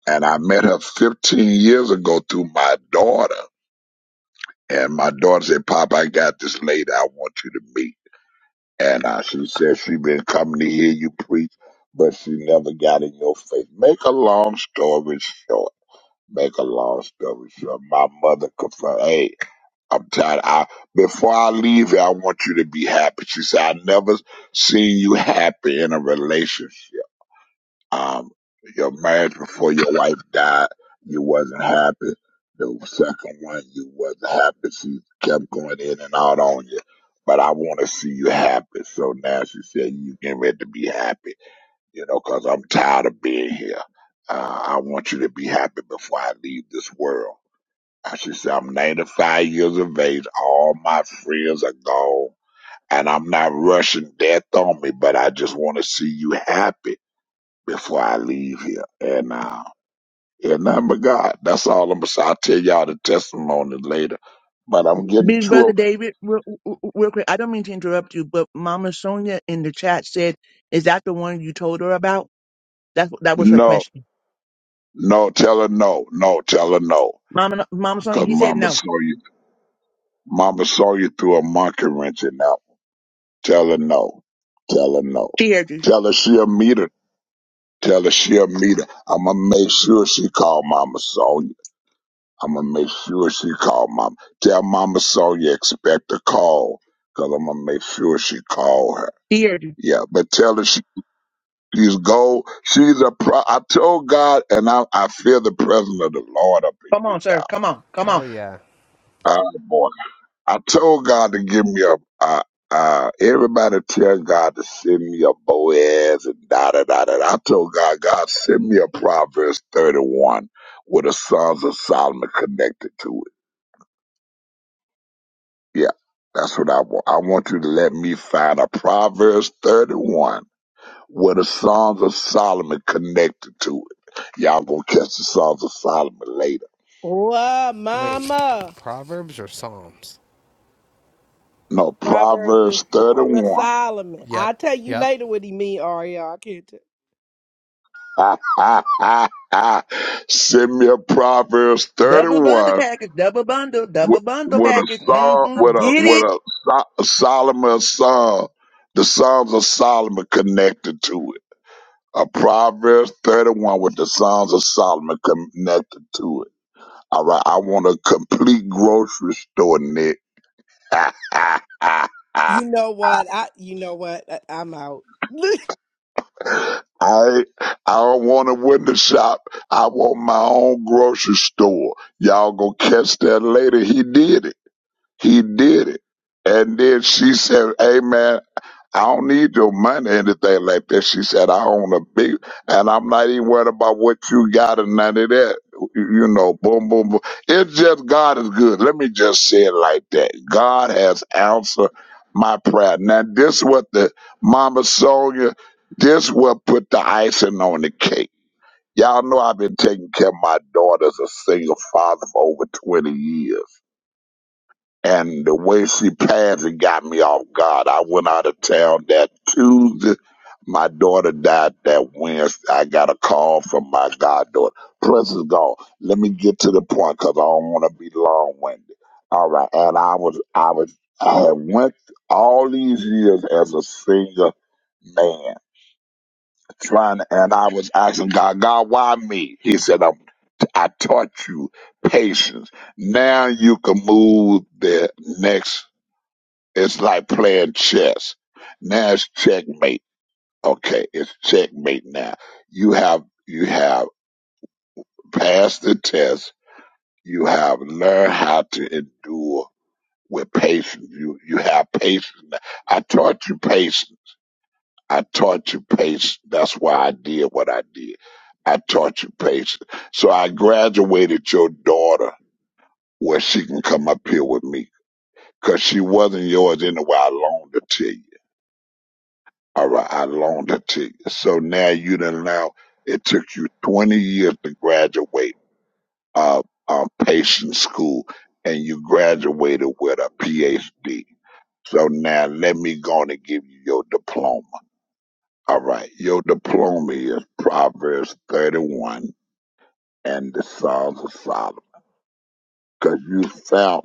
Speaker 21: And I met her 15 years ago through my daughter. And my daughter said, Pop, I got this lady I want you to meet. And I, she said she been coming to hear you preach, but she never got in your face. Make a long story short. Make a long story short. My mother confirmed, hey, I'm tired. I, before I leave here, I want you to be happy. She said, I never seen you happy in a relationship um, your marriage before your wife died, you wasn't happy. The second one, you wasn't happy. She kept going in and out on you. But I want to see you happy. So now she said, you getting ready to be happy, you know, 'cause I'm tired of being here. Uh, I want you to be happy before I leave this world. And she said, I'm 95 years of age. All my friends are gone. And I'm not rushing death on me, but I just want to see you happy before I leave here. And uh, and nothing but God. That's all I'm gonna say. I'll tell y'all the testimony later. But I'm getting
Speaker 9: Big
Speaker 21: to
Speaker 9: brother
Speaker 21: him.
Speaker 9: David, real, real quick. I don't mean to interrupt you, but Mama Sonia in the chat said, "Is that the one you told her about?" That's that was her
Speaker 21: No,
Speaker 9: question.
Speaker 21: no, tell her no, no, tell her no.
Speaker 9: Mama, Mama Sonia,
Speaker 21: Cause
Speaker 9: he said
Speaker 21: mama
Speaker 9: no.
Speaker 21: saw you mama saw you through a monkey wrench and now tell her no. Tell her no.
Speaker 9: She heard you.
Speaker 21: Tell her she'll meet her. Tell her she'll meet her. I'ma make sure she call Mama Sonya. I'ma make sure she call Mama. Tell Mama Sonya expect a call. Cause I'm gonna make sure she call her.
Speaker 9: She heard you.
Speaker 21: Yeah, but tell her she, she's gold. She's a pro. I told God, and I, I feel the presence of the Lord up in
Speaker 9: Come
Speaker 21: here,
Speaker 9: on, sir. Come on. Come
Speaker 7: Oh
Speaker 9: on.
Speaker 7: yeah.
Speaker 21: y'all. Oh boy, I told God to give me a. Uh, uh, everybody tell God to send me a Boaz and da da da da. da. I told God, God send me a Proverbs thirty one with the Sons of Solomon connected to it. Yeah, that's what I want. I want you to let me find a Proverbs thirty one Where the Songs of Solomon connected to it. Y'all gonna catch the Songs of Solomon later.
Speaker 17: whoa,
Speaker 7: Wait.
Speaker 17: Mama!
Speaker 7: Proverbs or Psalms?
Speaker 21: No,
Speaker 17: Proverbs and
Speaker 21: Proverbs
Speaker 17: Song of
Speaker 21: 31.
Speaker 17: Solomon.
Speaker 7: Yep.
Speaker 17: I'll tell you
Speaker 7: Yep.
Speaker 17: later what he mean, Ariel. I can't tell.
Speaker 21: Send me a Proverbs
Speaker 9: Double bundle
Speaker 21: 31
Speaker 9: package. Double bundle.
Speaker 21: with
Speaker 9: Double bundle
Speaker 21: with a
Speaker 9: package.
Speaker 21: song,
Speaker 9: hmm
Speaker 21: with a,
Speaker 9: Get it.
Speaker 21: with a, so- a Solomon song. The Songs of Solomon connected to it. A Proverbs 31 with the Songs of Solomon connected to it. All right. I want a complete grocery store, Nick. I
Speaker 17: You know what? I. You know what? I, I'm out.
Speaker 21: I don't want a window shop. I want my own grocery store. Y'all gonna catch that later. He did it. He did it. And then she said, "Amen." I don't need your money, or anything like that. She said, I own a big, and I'm not even worried about what you got and none of that. You know, boom, boom, boom. It's just God is good. Let me just say it like that. God has answered my prayer. Now, this what the Mama Sonia, this what put the icing on the cake. Y'all know I've been taking care of my daughter as a single father for over 20 years and the way she passed it got me off guard. I went out of town that Tuesday. My daughter died that Wednesday. I got a call from my goddaughter. Plus, it's gone. Let me get to the point because I don't want to be long winded. All right, and I was, I was, I had went all these years as a singer man trying to, and I was asking God, God, why me? He said, I'm, I taught you patience. Now you can move the next it's like playing chess. Now it's checkmate. Okay, it's checkmate now. You have you have passed the test. You have learned how to endure with patience. You you have patience. I taught you patience. I taught you patience. That's why I did what I did. I taught you patience. So I graduated your daughter where she can come up here with me. Cause she wasn't yours anyway. I loaned her to you All right, I loaned it to you. So now you done now it took you twenty years to graduate uh um patient school and you graduated with a PhD. So now let me go on and give you your diploma. All right. Your diploma is Proverbs thirty one and the Psalms of Solomon. Cause you found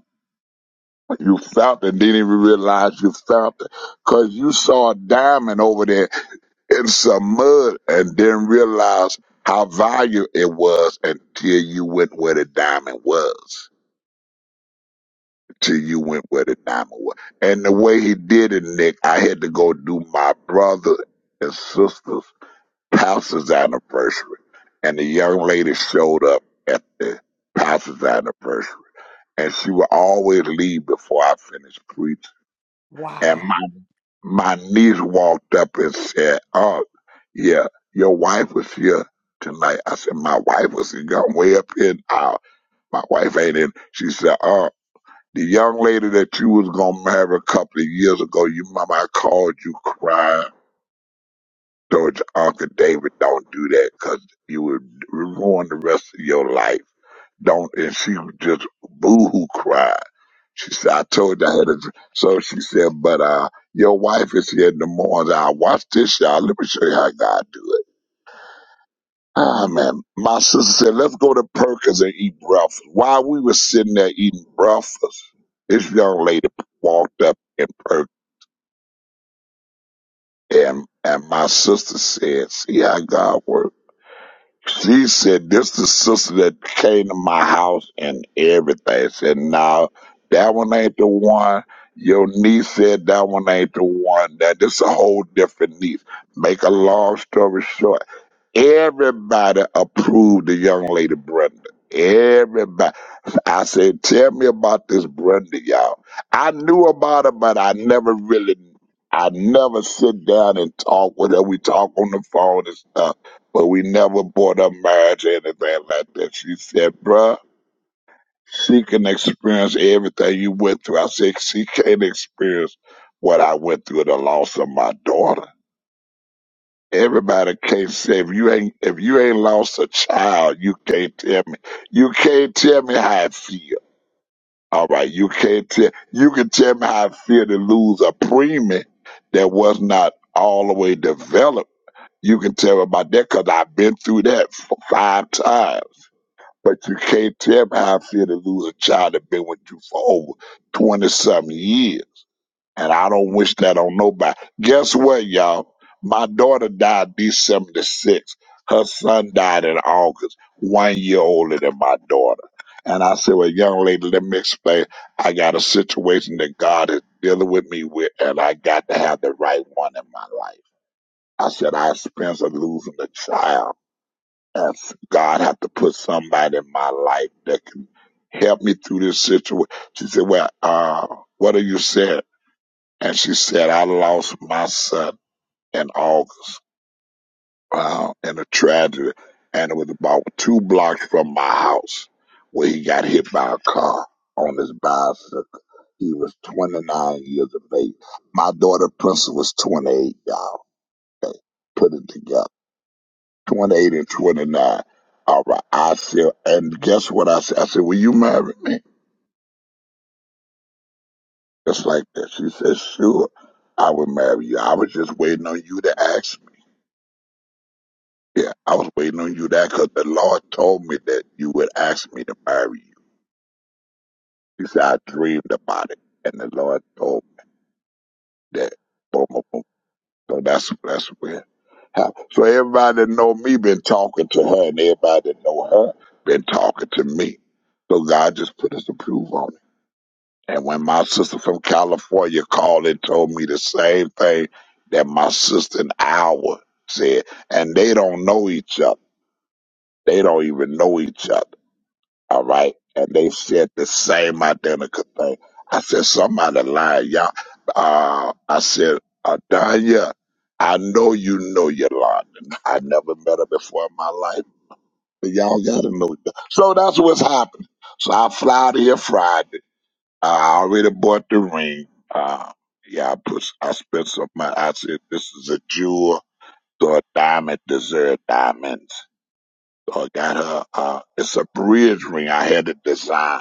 Speaker 21: you found it, didn't even realize you found it. Cause you saw a diamond over there in some mud and didn't realize how valuable it was until you went where the diamond was. Till you went where the diamond was. And the way he did it, Nick, I had to go do my brother and sister's house's anniversary. And the young lady showed up at the house's anniversary. And she would always leave before I finished preaching. and
Speaker 17: wow.
Speaker 21: my niece walked up and said, "Oh, yeah, your wife was here tonight." I said, "My wife was here. I'm way up in now. My wife ain't in." She said, "Oh, the young lady that you was gonna marry a couple of years ago, your mama called you crying." Told your Uncle David, don't do that 'cause you would ruin the rest of your life don't and she just boo-hoo cried she said i told you i had a dr-" so she said but uh your wife is here in the morning i watch this y'all let me show you how god do it ah man my sister said let's go to perkins and eat breakfast while we were sitting there eating breakfast this young lady walked up in perkins and, and my sister said see how god works She said, This the sister that came to my house and everything. Said, No, that one ain't the one. Your niece said that one ain't the one. That this a whole different niece. Make a long story short. Everybody approved the young lady Brenda. Everybody. I said, tell me about this Brenda, y'all. I knew about her, but I never really, I never sit down and talk with her. We talk on the phone and stuff, but we never bought up marriage or anything like that. She said, bruh, she can experience everything you went through. I said, she can't experience what I went through, the loss of my daughter. Everybody can't say if you ain't if you ain't lost a child, you can't tell me. You can't tell me how I feel. All right, you can't tell. You can tell me how I feel to lose a preemie that was not all the way developed. You can tell me about that because I've been through that f- five times. But you can't tell me how I feel to lose a child that been with you for over twenty something years and I don't wish that on nobody. Guess what, y'all? My daughter died December the 6th. Her son died in August, one year older than my daughter. And I said, Well, young lady, let me explain. I got a situation that God is dealing with me with, and I got to have the right one in my life. I said, I expense of losing a child. And God have to put somebody in my life that can help me through this situation. She said, Well, uh, what are you saying? And she said, I lost my son in August uh, in a tragedy. And it was about two blocks from my house where he got hit by a car on his bicycle. He was 29 years of age. My daughter, Princess, was 28, y'all. Okay. Put it together. 28 and 29. All right. I said, and guess what I said? I said, will you marry me? Just like that. She said, sure, I would marry you. I was just waiting on you to ask Yeah, I was waiting on you that because the Lord told me that you would ask me to marry you. He said I dreamed about it, and the Lord told me that. Boom, boom, boom. So that's that's where. how- So everybody that know me been talking to her, and everybody that know her been talking to me. So God just put His approval on it. And when my sister from California called and told me the same thing that my sister in Iowa said, and they don't know each other. They don't even know each other All right. And they said the same identical thing. I said, somebody lying, y'all. Uh, I said, Adanya, I know you know Yolanda. I never met her before in my life, but y'all gotta know. that." So that's what's happening. So I fly out of here Friday. I already bought the ring. Uh, yeah, I put, I spent some money. I said, this is a jewel. So a diamond deserves diamonds. So I got her, uh, it's a bridge ring I had to design.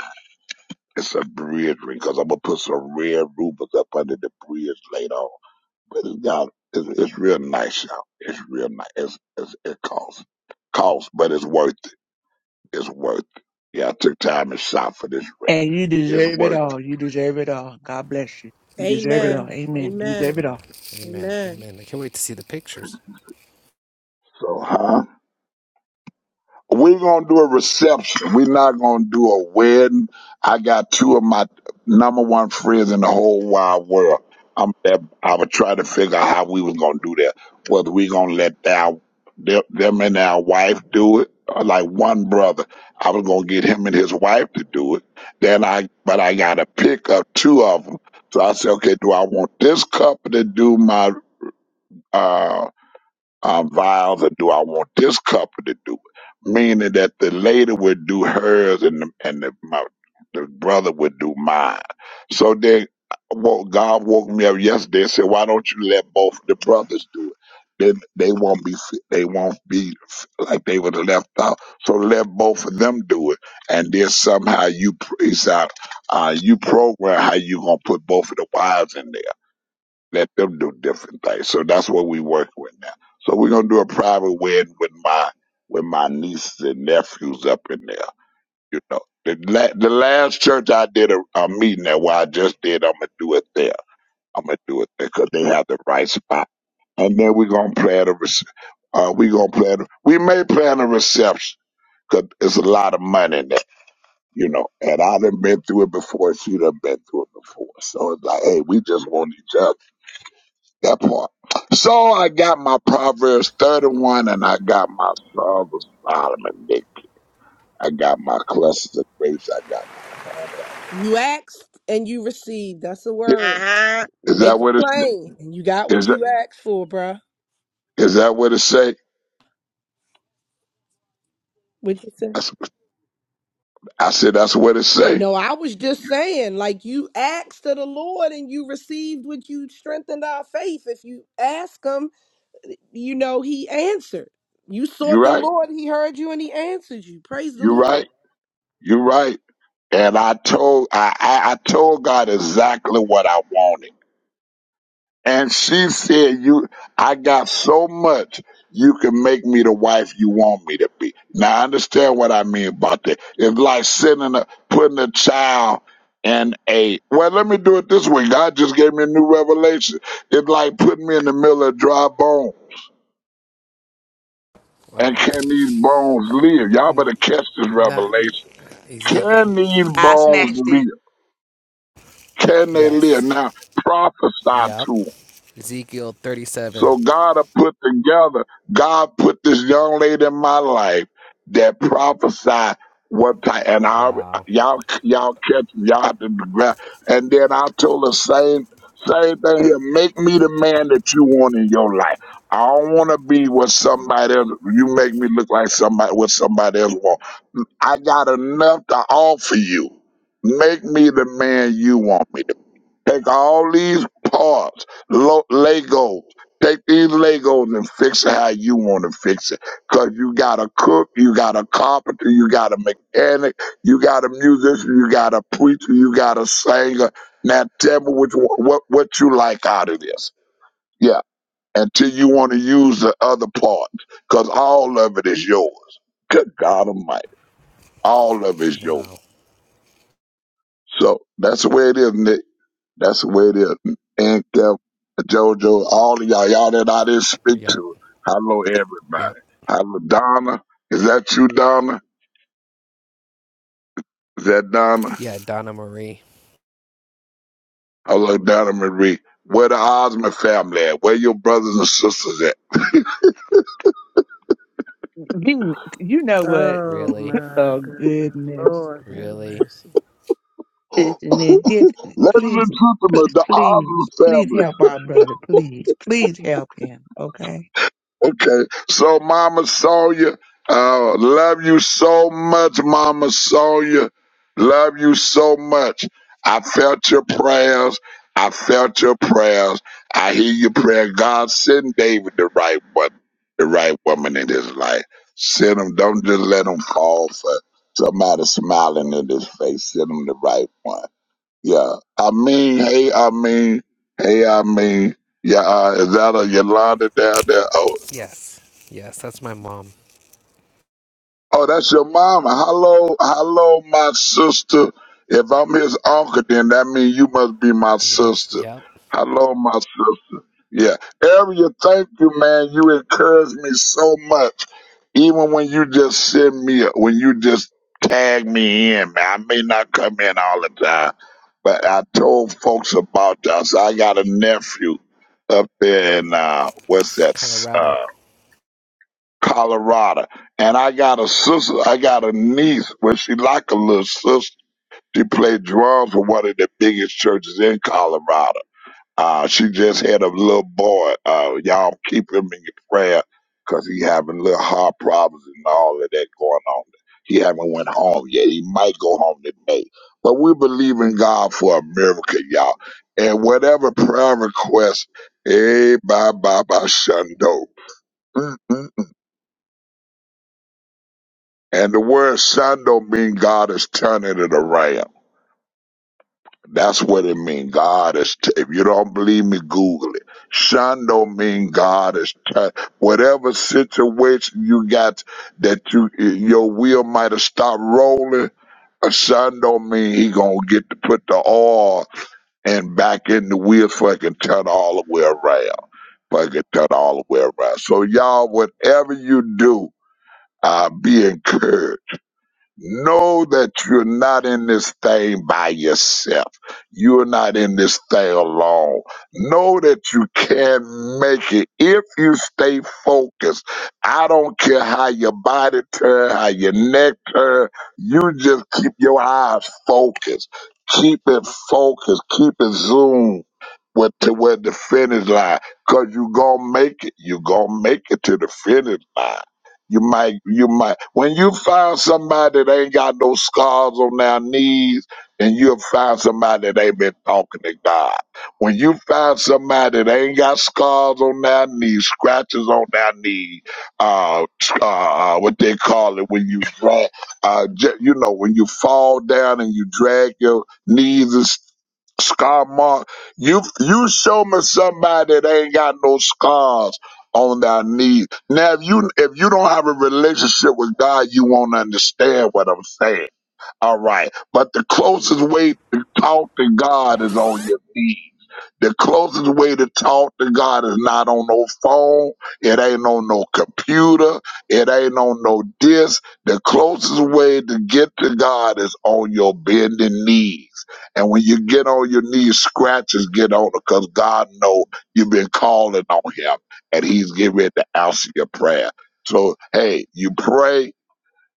Speaker 21: It's a bridge ring because I'm gonna put some red rubies up under the bridge later on. But it's got it's, it's real nice, y'all. It's real nice. It's, it's, it costs costs, but it's worth it. It's worth it. Yeah, I took time and shop for this ring.
Speaker 9: And you
Speaker 21: It's
Speaker 9: deserve it
Speaker 21: worth it.
Speaker 9: all. You deserve it all. God bless you. You deserve
Speaker 21: Like,
Speaker 9: it all.
Speaker 17: Amen.
Speaker 9: Amen.
Speaker 7: Yeah.
Speaker 9: You deserve
Speaker 17: Amen.
Speaker 9: it
Speaker 7: Amen.
Speaker 9: all.
Speaker 7: Amen.
Speaker 17: Amen.
Speaker 7: Amen. I can't wait to see the pictures.
Speaker 21: so, huh? We're gonna do a reception. We're not gonna do a wedding. I got two of my number one friends in the whole wide world. I'm I would try to figure out how we was gonna do that. Whether we gonna let our them them and our wife do it, or like one brother. I was gonna get him and his wife to do it. Then I but I gotta pick up two of them. So I said, okay, do I want this couple to do my uh uh, vows or do I want this couple to do it? Meaning that the lady would do hers and the, and the, my, the brother would do mine. So then wo- God woke me up yesterday and said, why don't you let both of the brothers do it? Then they won't be fi- they won't be f- like they were left out. So let both of them do it, and then somehow you praise out, uh, you program how you gonna put both of the wives in there. Let them do different things. So that's what we work with now. So we're gonna do a private wedding with my with my nieces and nephews up in there. You know, the la- the last church I did a, a meeting at where I just did, I'm gonna do it there. I'm gonna do it there because they have the right spot. And then we're gonna plan a rece- uh, we gonna plan. a- We may plan a reception because it's a lot of money in there, you know. And I done been through it before. She done been through it before. So it's like, hey, we just want each other. That part. So I got my Proverbs 31 and I got my Songs of Solomon. Nick. I got my clusters of grapes. I got
Speaker 17: You asked and you received. That's the
Speaker 21: my.
Speaker 17: word.
Speaker 9: Uh-huh.
Speaker 21: Is that
Speaker 17: Make it
Speaker 21: what it
Speaker 17: plain, and you got
Speaker 21: is?
Speaker 17: what
Speaker 21: That,
Speaker 17: you asked for, bruh.
Speaker 21: is that what it say?
Speaker 17: What you say?
Speaker 21: That's- I said that's what it say.
Speaker 17: No, I was just saying, like you asked of the Lord and you received what you strengthened our faith. If you ask him, you know, he answered. You
Speaker 21: You
Speaker 17: sought the
Speaker 21: right.
Speaker 17: Lord, he heard you and he answered you. Praise the
Speaker 21: You
Speaker 17: Lord.
Speaker 21: right. You right. And I told I, I I told God exactly what I wanted. And she said, "You, I got so much. You can make me the wife you want me to be." Now, I understand what I mean about that. It's like sending a putting a child in a. Well, let me do it this way. God just gave me a new revelation. It's like putting me in the middle of dry bone.
Speaker 7: Uh
Speaker 21: And
Speaker 7: oh.
Speaker 21: can these bones live? Y'all better catch this
Speaker 7: Not
Speaker 21: revelation.
Speaker 7: Ezekiel.
Speaker 21: Can these
Speaker 9: I
Speaker 21: bones
Speaker 9: snatched
Speaker 21: live?
Speaker 9: it.
Speaker 21: Can they live?
Speaker 7: Yes.
Speaker 21: Now prophesy
Speaker 7: Yep.
Speaker 21: to 'em.
Speaker 7: Ezekiel 37.
Speaker 21: So God have put together, God put this young lady in my life that prophesied what type, and I,
Speaker 7: Wow.
Speaker 21: y'all, y'all catch, y'all have to grab. And then I told the same, same thing here. Make me the man that you want in your life. I don't want to be with somebody else, you make me look like somebody, what somebody else want. I got enough to offer you. Make me the man you want me. Take all these parts, lo- Legos. Take these Legos and fix it how you want to fix it. Cause you got a cook, you got a carpenter, you got a mechanic, you got a musician, you got a preacher, you got a singer. Now tell me which one, what what you like out of this. Yeah, until you want to use the other part, cause all of it is yours. Good God Almighty, all of it is yours.
Speaker 7: Wow.
Speaker 21: So that's the way it is. Nick. That's the way it is. And Kev, JoJo, all of y'all, y'all that I didn't speak
Speaker 7: Yep.
Speaker 21: to. Hello,
Speaker 7: Yep.
Speaker 21: everybody. Hello, Donna. Is that you, Donna? Is that Donna?
Speaker 7: Yeah, Donna Marie.
Speaker 21: Hello, Donna Marie. Where the Osmond family at? Where your brothers and sisters at?
Speaker 9: You you know what?
Speaker 17: Oh
Speaker 7: Really?
Speaker 17: my
Speaker 9: Oh
Speaker 17: goodness.
Speaker 9: goodness.
Speaker 17: Lord have
Speaker 7: Really?
Speaker 17: mercy.
Speaker 21: Ladies
Speaker 9: Listen, it gets please
Speaker 21: and gentlemen, the
Speaker 9: please
Speaker 21: Osmond
Speaker 9: please
Speaker 21: family.
Speaker 9: help our brother. Please. Please help him. Okay?
Speaker 21: Okay. So, Mama Sawyer, uh, love you so much, Mama Sawyer. Love you so much. I felt your prayers. I felt your prayers. I hear your prayer. God, send David the right one, the right woman in his life. Send him. Don't just let him fall for somebody smiling in his face. Send him the right one. Yeah. I mean, hey, I mean, hey, I mean. Yeah, uh, is that a Yolanda down there? Oh,
Speaker 7: Yes. Yes, that's my mom.
Speaker 21: Oh, that's your mama. Hello, hello, my sister. If I'm his uncle, then that means you must be my
Speaker 7: Yep.
Speaker 21: sister.
Speaker 7: Yep.
Speaker 21: Hello, my sister. Yeah. Area, thank you, man. You encourage me so much. Even when you just send me, a- when you just tag me in, man. I may not come in all the time, but I told folks about you. I I got a nephew up there in, uh, what's that? uh,
Speaker 7: Colorado.
Speaker 21: Colorado. And I got a sister, I got a niece, well, she like a little sister. She played drums for one of the biggest churches in Colorado. Uh, she just had a little boy. Uh, y'all keep him in your prayer because he having little heart problems and all of that going on. He haven't went home yet. He might go home today. But we believe in God for a miracle, y'all. And whatever prayer request, eh, bye, bye, bye, shundo. And the word son don't mean God is turning it around. That's what it means. God is, t- if you don't believe me, Google it. Son don't mean God is turning. Whatever situation you got that you, your wheel might have stopped rolling, a son don't mean he gonna get to put the oil and back in the wheel so it can turn all the way around. Fucking turn all the way around. So y'all, whatever you do, uh, be encouraged Know that you're not in this thing by yourself. You're not in this thing alone. Know that you can make it if you stay focused. I don't care how your body turn, how your neck turn. You just keep your eyes focused. Keep it focused. Keep it zoomed with to where the finish line. Cause you gonna make it. You gonna make it to the finish line you might, you might, when you find somebody that ain't got no scars on their knees, and you'll find somebody that ain't been talking to God. When you find somebody that ain't got scars on their knees, scratches on their knee, uh, uh, uh, what they call it when you drag, uh, j- you know, when you fall down and you drag your knees and s- scar mark. You you show me somebody that ain't got no scars on their knee now, if you if you don't have a relationship with God, you won't understand what I'm saying. All right. But the closest way to talk to God is on your knees. The closest way to talk to God is not on no phone. It ain't on no computer. It ain't on no disc. The closest way to get to God is on your bending knees. And when you get on your knees, scratches get on it because God know you've been calling on him and he's getting ready to answer your prayer. So, hey, you pray,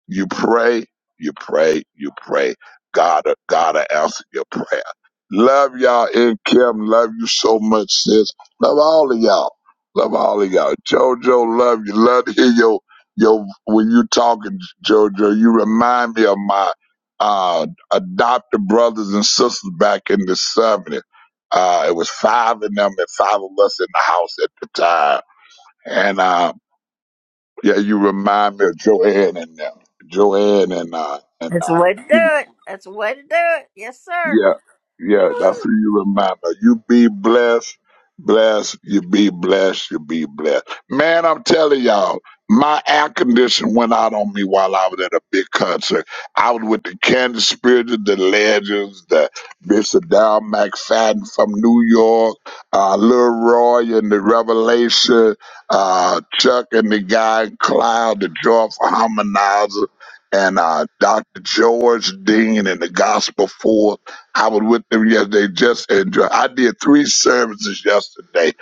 Speaker 21: you pray, you pray, you pray. God, God will answer your prayer. Love y'all in Kim. Love you so much, sis. Love all of y'all. Love all of y'all. Jojo, love you. Love to hear your your when you talking, Jojo. You remind me of my uh adopted brothers and sisters back in the seventies. Uh, it was five of them and five of us in the house at the time. And uh, yeah, you remind me of Joanne and them. Joanne and uh and
Speaker 1: That's the
Speaker 21: uh
Speaker 1: way to do it. That's the way to do it. Yes, sir.
Speaker 21: yeah, yeah,
Speaker 1: Woo.
Speaker 21: that's what you remember. You be blessed, blessed, you be blessed, you be blessed. Man, I'm telling y'all, my air condition went out on me while I was at a big concert. I was with the Kansas Spirit, the Legends, the Bishop Down McFadden from New York, uh, Lil Roy and the Revelation, uh, Chuck and the guy Cloud, the Joyful Harmonizer, and uh, Dr. George Dean and the Gospel Four. I was with them yesterday just enjoy. I did three services yesterday.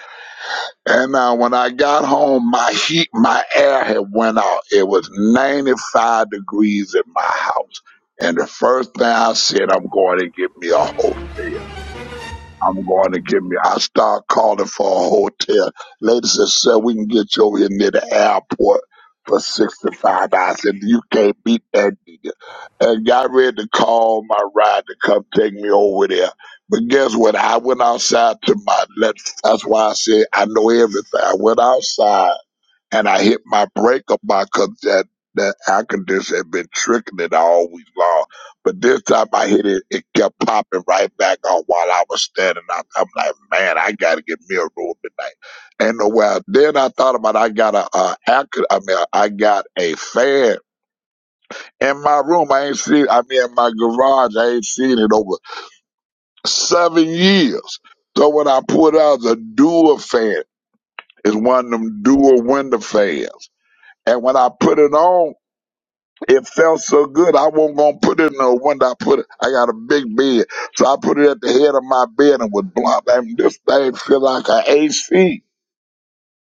Speaker 21: And uh, when I got home, my heat, my air had went out. It was 95 degrees in my house. And the first thing I said, I'm going to get me a hotel. I'm going to get me, I start calling for a hotel. Lady said, sir, we can get you over here near the airport for 65 dollars. I said, you can't beat that and got ready to call my ride to come take me over there. But guess what? I went outside to my left. That's why I said I know everything. I went outside and I hit my brake on my because that, that air conditioner had been tricking it all week long. But this time I hit it, it kept popping right back on while I was standing out. I'm like, man, I got to get me a room tonight. Ain't no way. Then I thought about I got a, a, air con- I mean, I got a fan in my room, I ain't seen. I mean, in my garage, I ain't seen it over seven years. So what I put out is a dual fan. It's one of them dual window fans. And when I put it on, it felt so good. I wasn't gonna put it in the window. I put it. I got a big bed, so I put it at the head of my bed and was blunt. And this thing feel like an AC.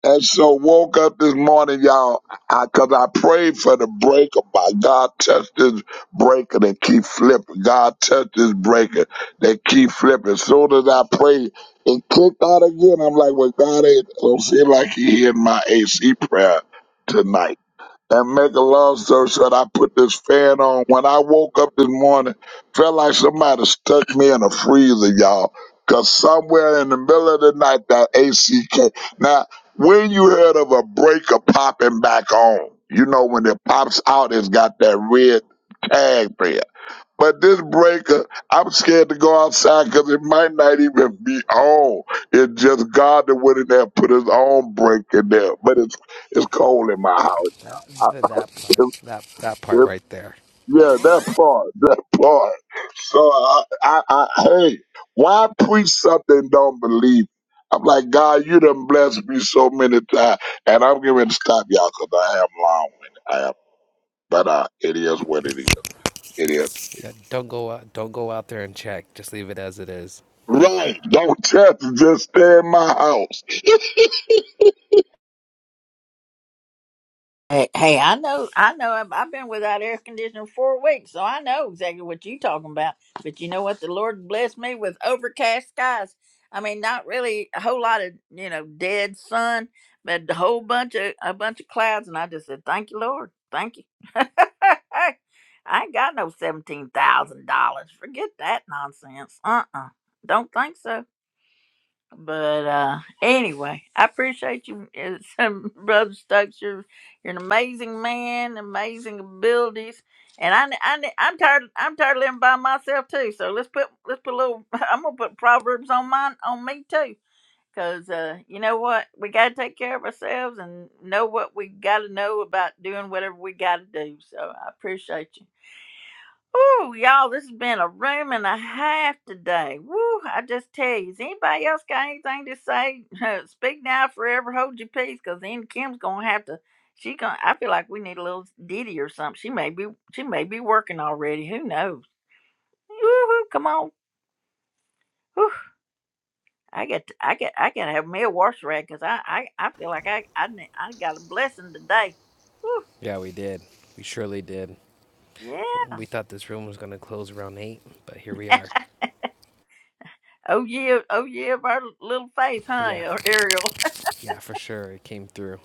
Speaker 21: And so woke up this morning, y'all, I cause I prayed for the breaker by God touch this breaker and keep flipping. God touch this breaker that keep flipping. As soon as I prayed, it clicked out again. I'm like, well, God ain't don't seem like he hearing my AC prayer tonight. And make a long story short, I put this fan on. When I woke up this morning, felt like somebody stuck me in a freezer, y'all. Cause somewhere in the middle of the night, that AC came. Now, when you heard of a breaker popping back on, you know when it pops out, it's got that red tag there. But this breaker, I'm scared to go outside because it might not even be on. It's just God that went in there and put his own break in there. But it's it's cold in my
Speaker 7: That
Speaker 21: house.
Speaker 7: th- that part. That that part
Speaker 21: Yep.
Speaker 7: right there.
Speaker 21: Yeah, that part, that part. So I, I, I, hey, why preach something and don't believe? I'm like, God, you done blessed me so many times, and I'm going to stop y'all because I am long-winded. I am, but uh, it is what it is. It is.
Speaker 7: Yeah, don't go out don't go out there and check. Just leave it as it is.
Speaker 21: Right. Don't touch. it. Just stay in my house.
Speaker 1: Hey, hey, I know, I know. I've, I've been without air conditioning four weeks, so I know exactly what you're talking about. But you know what? The Lord blessed me with overcast skies. I mean, not really a whole lot of you know dead sun, but a whole bunch of a bunch of clouds, and I just said, "Thank you, Lord, thank you." I ain't got no seventeen thousand dollars. Forget that nonsense. Uh, uh-uh. uh. do not think so. But uh anyway, I appreciate you, uh, some Brother Stokes. You're, you're an amazing man, amazing abilities, and I, I I'm tired I'm tired of living by myself too. So let's put let's put a little. I'm gonna put proverbs on mine on me too, cause uh, you know what we gotta take care of ourselves and know what we gotta know about doing whatever we gotta do. So I appreciate you. Oh, y'all, this has been a room and a half today. Woo, I just tell you, has anybody else got anything to say? Speak now, forever hold your peace, because then Kim's gonna have to. She gonna. I feel like we need a little ditty or something. She may be. She may be working already. Who knows? woo come on. Whew, I get. To, I get. I gotta have me a wash rag because I, I. I feel like I. I. ne- I got a blessing today. Woo,
Speaker 7: Yeah, we did. We surely did.
Speaker 1: yeah.
Speaker 7: We thought this room was going to close around 8, but here we are.
Speaker 1: Oh yeah. Oh yeah. Of our little faith,
Speaker 7: Yeah.
Speaker 1: huh, Ariel?
Speaker 7: Yeah, for sure it came through.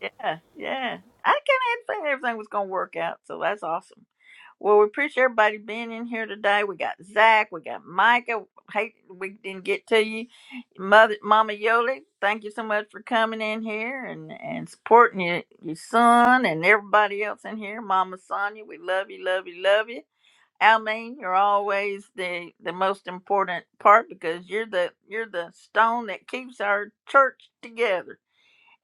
Speaker 1: Yeah, yeah. I kind of had a feeling everything was going to work out, so that's awesome. Well, we appreciate everybody being in here today. We got Zach, we got Micah. Hey, we didn't get to you, Mother Mama Yoli. Thank you so much for coming in here and and supporting your your son and everybody else in here. Mama Sonia, we love you, love you, love you. Almaine, you're always the the most important part because you're the you're the stone that keeps our church together.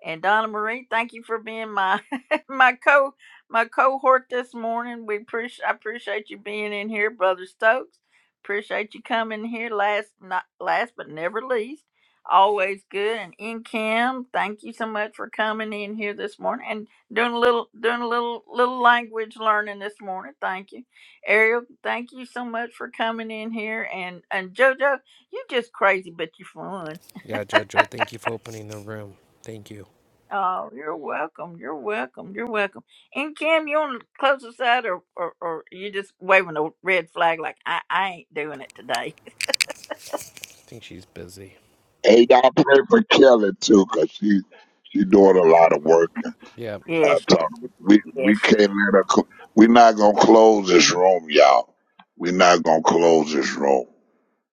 Speaker 1: And Donna Marie, thank you for being my my co my cohort this morning. We appreciate I appreciate you being in here, Brother Stokes. Appreciate you coming here last not last but never least. Always good and in Kim, thank you so much for coming in here this morning and doing a little doing a little little language learning this morning. Thank you. Ariel, thank you so much for coming in here and and JoJo, you just crazy but you are fun.
Speaker 7: Yeah, Jojo, thank you for opening the room. Thank you.
Speaker 1: Oh, you're welcome. You're welcome. You're welcome. And Kim, you want to close us out, or or, or you just waving a red flag like I, I ain't doing it today?
Speaker 7: I think she's busy.
Speaker 21: Hey, y'all pray for Kelly too, cause she she doing a lot of work.
Speaker 7: Yep,
Speaker 21: I
Speaker 1: Yes,
Speaker 21: told him, we we
Speaker 1: yes,
Speaker 21: can't let her. Cl- we not gonna close this room, y'all. we not gonna close this room.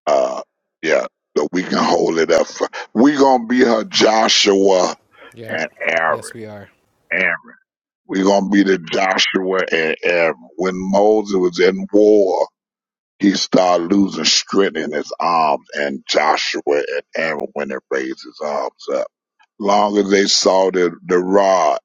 Speaker 21: Uh, yeah, but we can hold it up. For, we gonna be her Joshua
Speaker 7: yep.
Speaker 21: and
Speaker 7: Yes,
Speaker 21: Aaron.
Speaker 7: we are.
Speaker 21: Aaron. we gonna be the Joshua and Aaron. When Moses was in war, he started losing strength in his arms, and Joshua and Aaron when it raised his arms up long as they saw the the rod,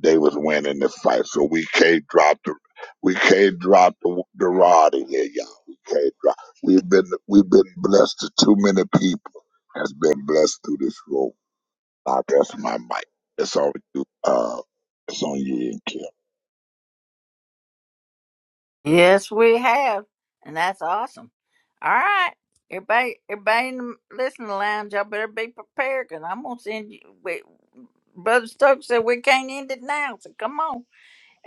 Speaker 21: they was winning the fight. So we can't drop the we can't drop the, the rod in here, y'all. We can't drop. We've been we've been blessed to too many people has been blessed through this room. I rest my mic. It's on you. Uh, it's on you and Kim.
Speaker 1: yes. We have, and that's awesome. All right, everybody, everybody in the listening lounge, y'all better be prepared, cause I'm gonna send you. We, Brother Stokes said we can't end it now, so come on.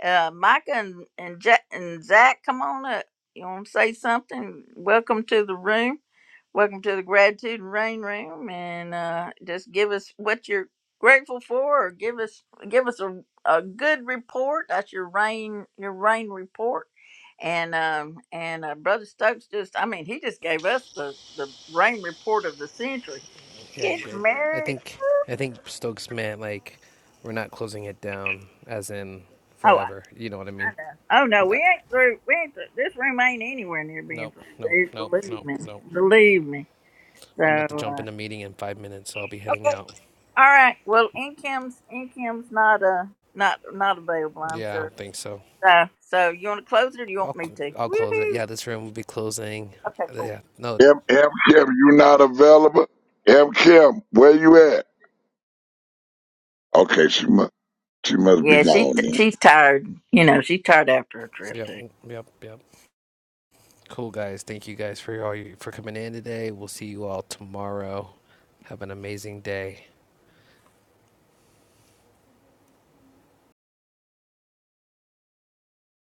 Speaker 1: Uh, Micah and and, Jack, and Zach, come on up. You want to say something? Welcome to the room. Welcome to the Gratitude and Rain Room, and uh, just give us what you're grateful for, or give us give us a, a good report. That's your rain your rain report, and um and uh, Brother Stokes just I mean he just gave us the the rain report of the century.
Speaker 7: Yeah, you
Speaker 1: Get
Speaker 7: did. I
Speaker 1: married.
Speaker 7: think I think Stokes meant like we're not closing it down as in
Speaker 1: Oh,
Speaker 7: forever.
Speaker 1: I,
Speaker 7: You know what I
Speaker 1: I
Speaker 7: mean?
Speaker 1: know. Oh no, we
Speaker 7: Nah,
Speaker 1: ain't through. We ain't through. This room ain't anywhere near being
Speaker 7: Nope, nope,
Speaker 1: through.
Speaker 7: nope,
Speaker 1: Believe
Speaker 7: nope,
Speaker 1: me,
Speaker 7: nope.
Speaker 1: believe me. So.
Speaker 7: I'm about to
Speaker 1: uh,
Speaker 7: jump in a meeting in five minutes, so I'll be heading out.
Speaker 1: All right. Well, Incam's Incam's not uh not not available. I'm
Speaker 7: Yeah, I
Speaker 1: sure.
Speaker 7: don't think so.
Speaker 1: So, so you want to close it, or do you want
Speaker 7: I'll
Speaker 1: me
Speaker 7: cl-
Speaker 1: to?
Speaker 7: I'll close it.
Speaker 1: Woohoo!
Speaker 7: Yeah, this room will be closing.
Speaker 1: Okay,
Speaker 7: Uh,
Speaker 1: cool.
Speaker 7: Yeah, no.
Speaker 21: M M Kim, you not available? M Kim, where you at? Okay, she must she must be
Speaker 1: Yeah, she
Speaker 21: gone then.
Speaker 1: she's tired. You know, she's tired after her trip
Speaker 7: Yep,
Speaker 1: too.
Speaker 7: yep, yep. Cool guys, thank you guys for all you, for coming in today. We'll see you all tomorrow. Have an amazing day.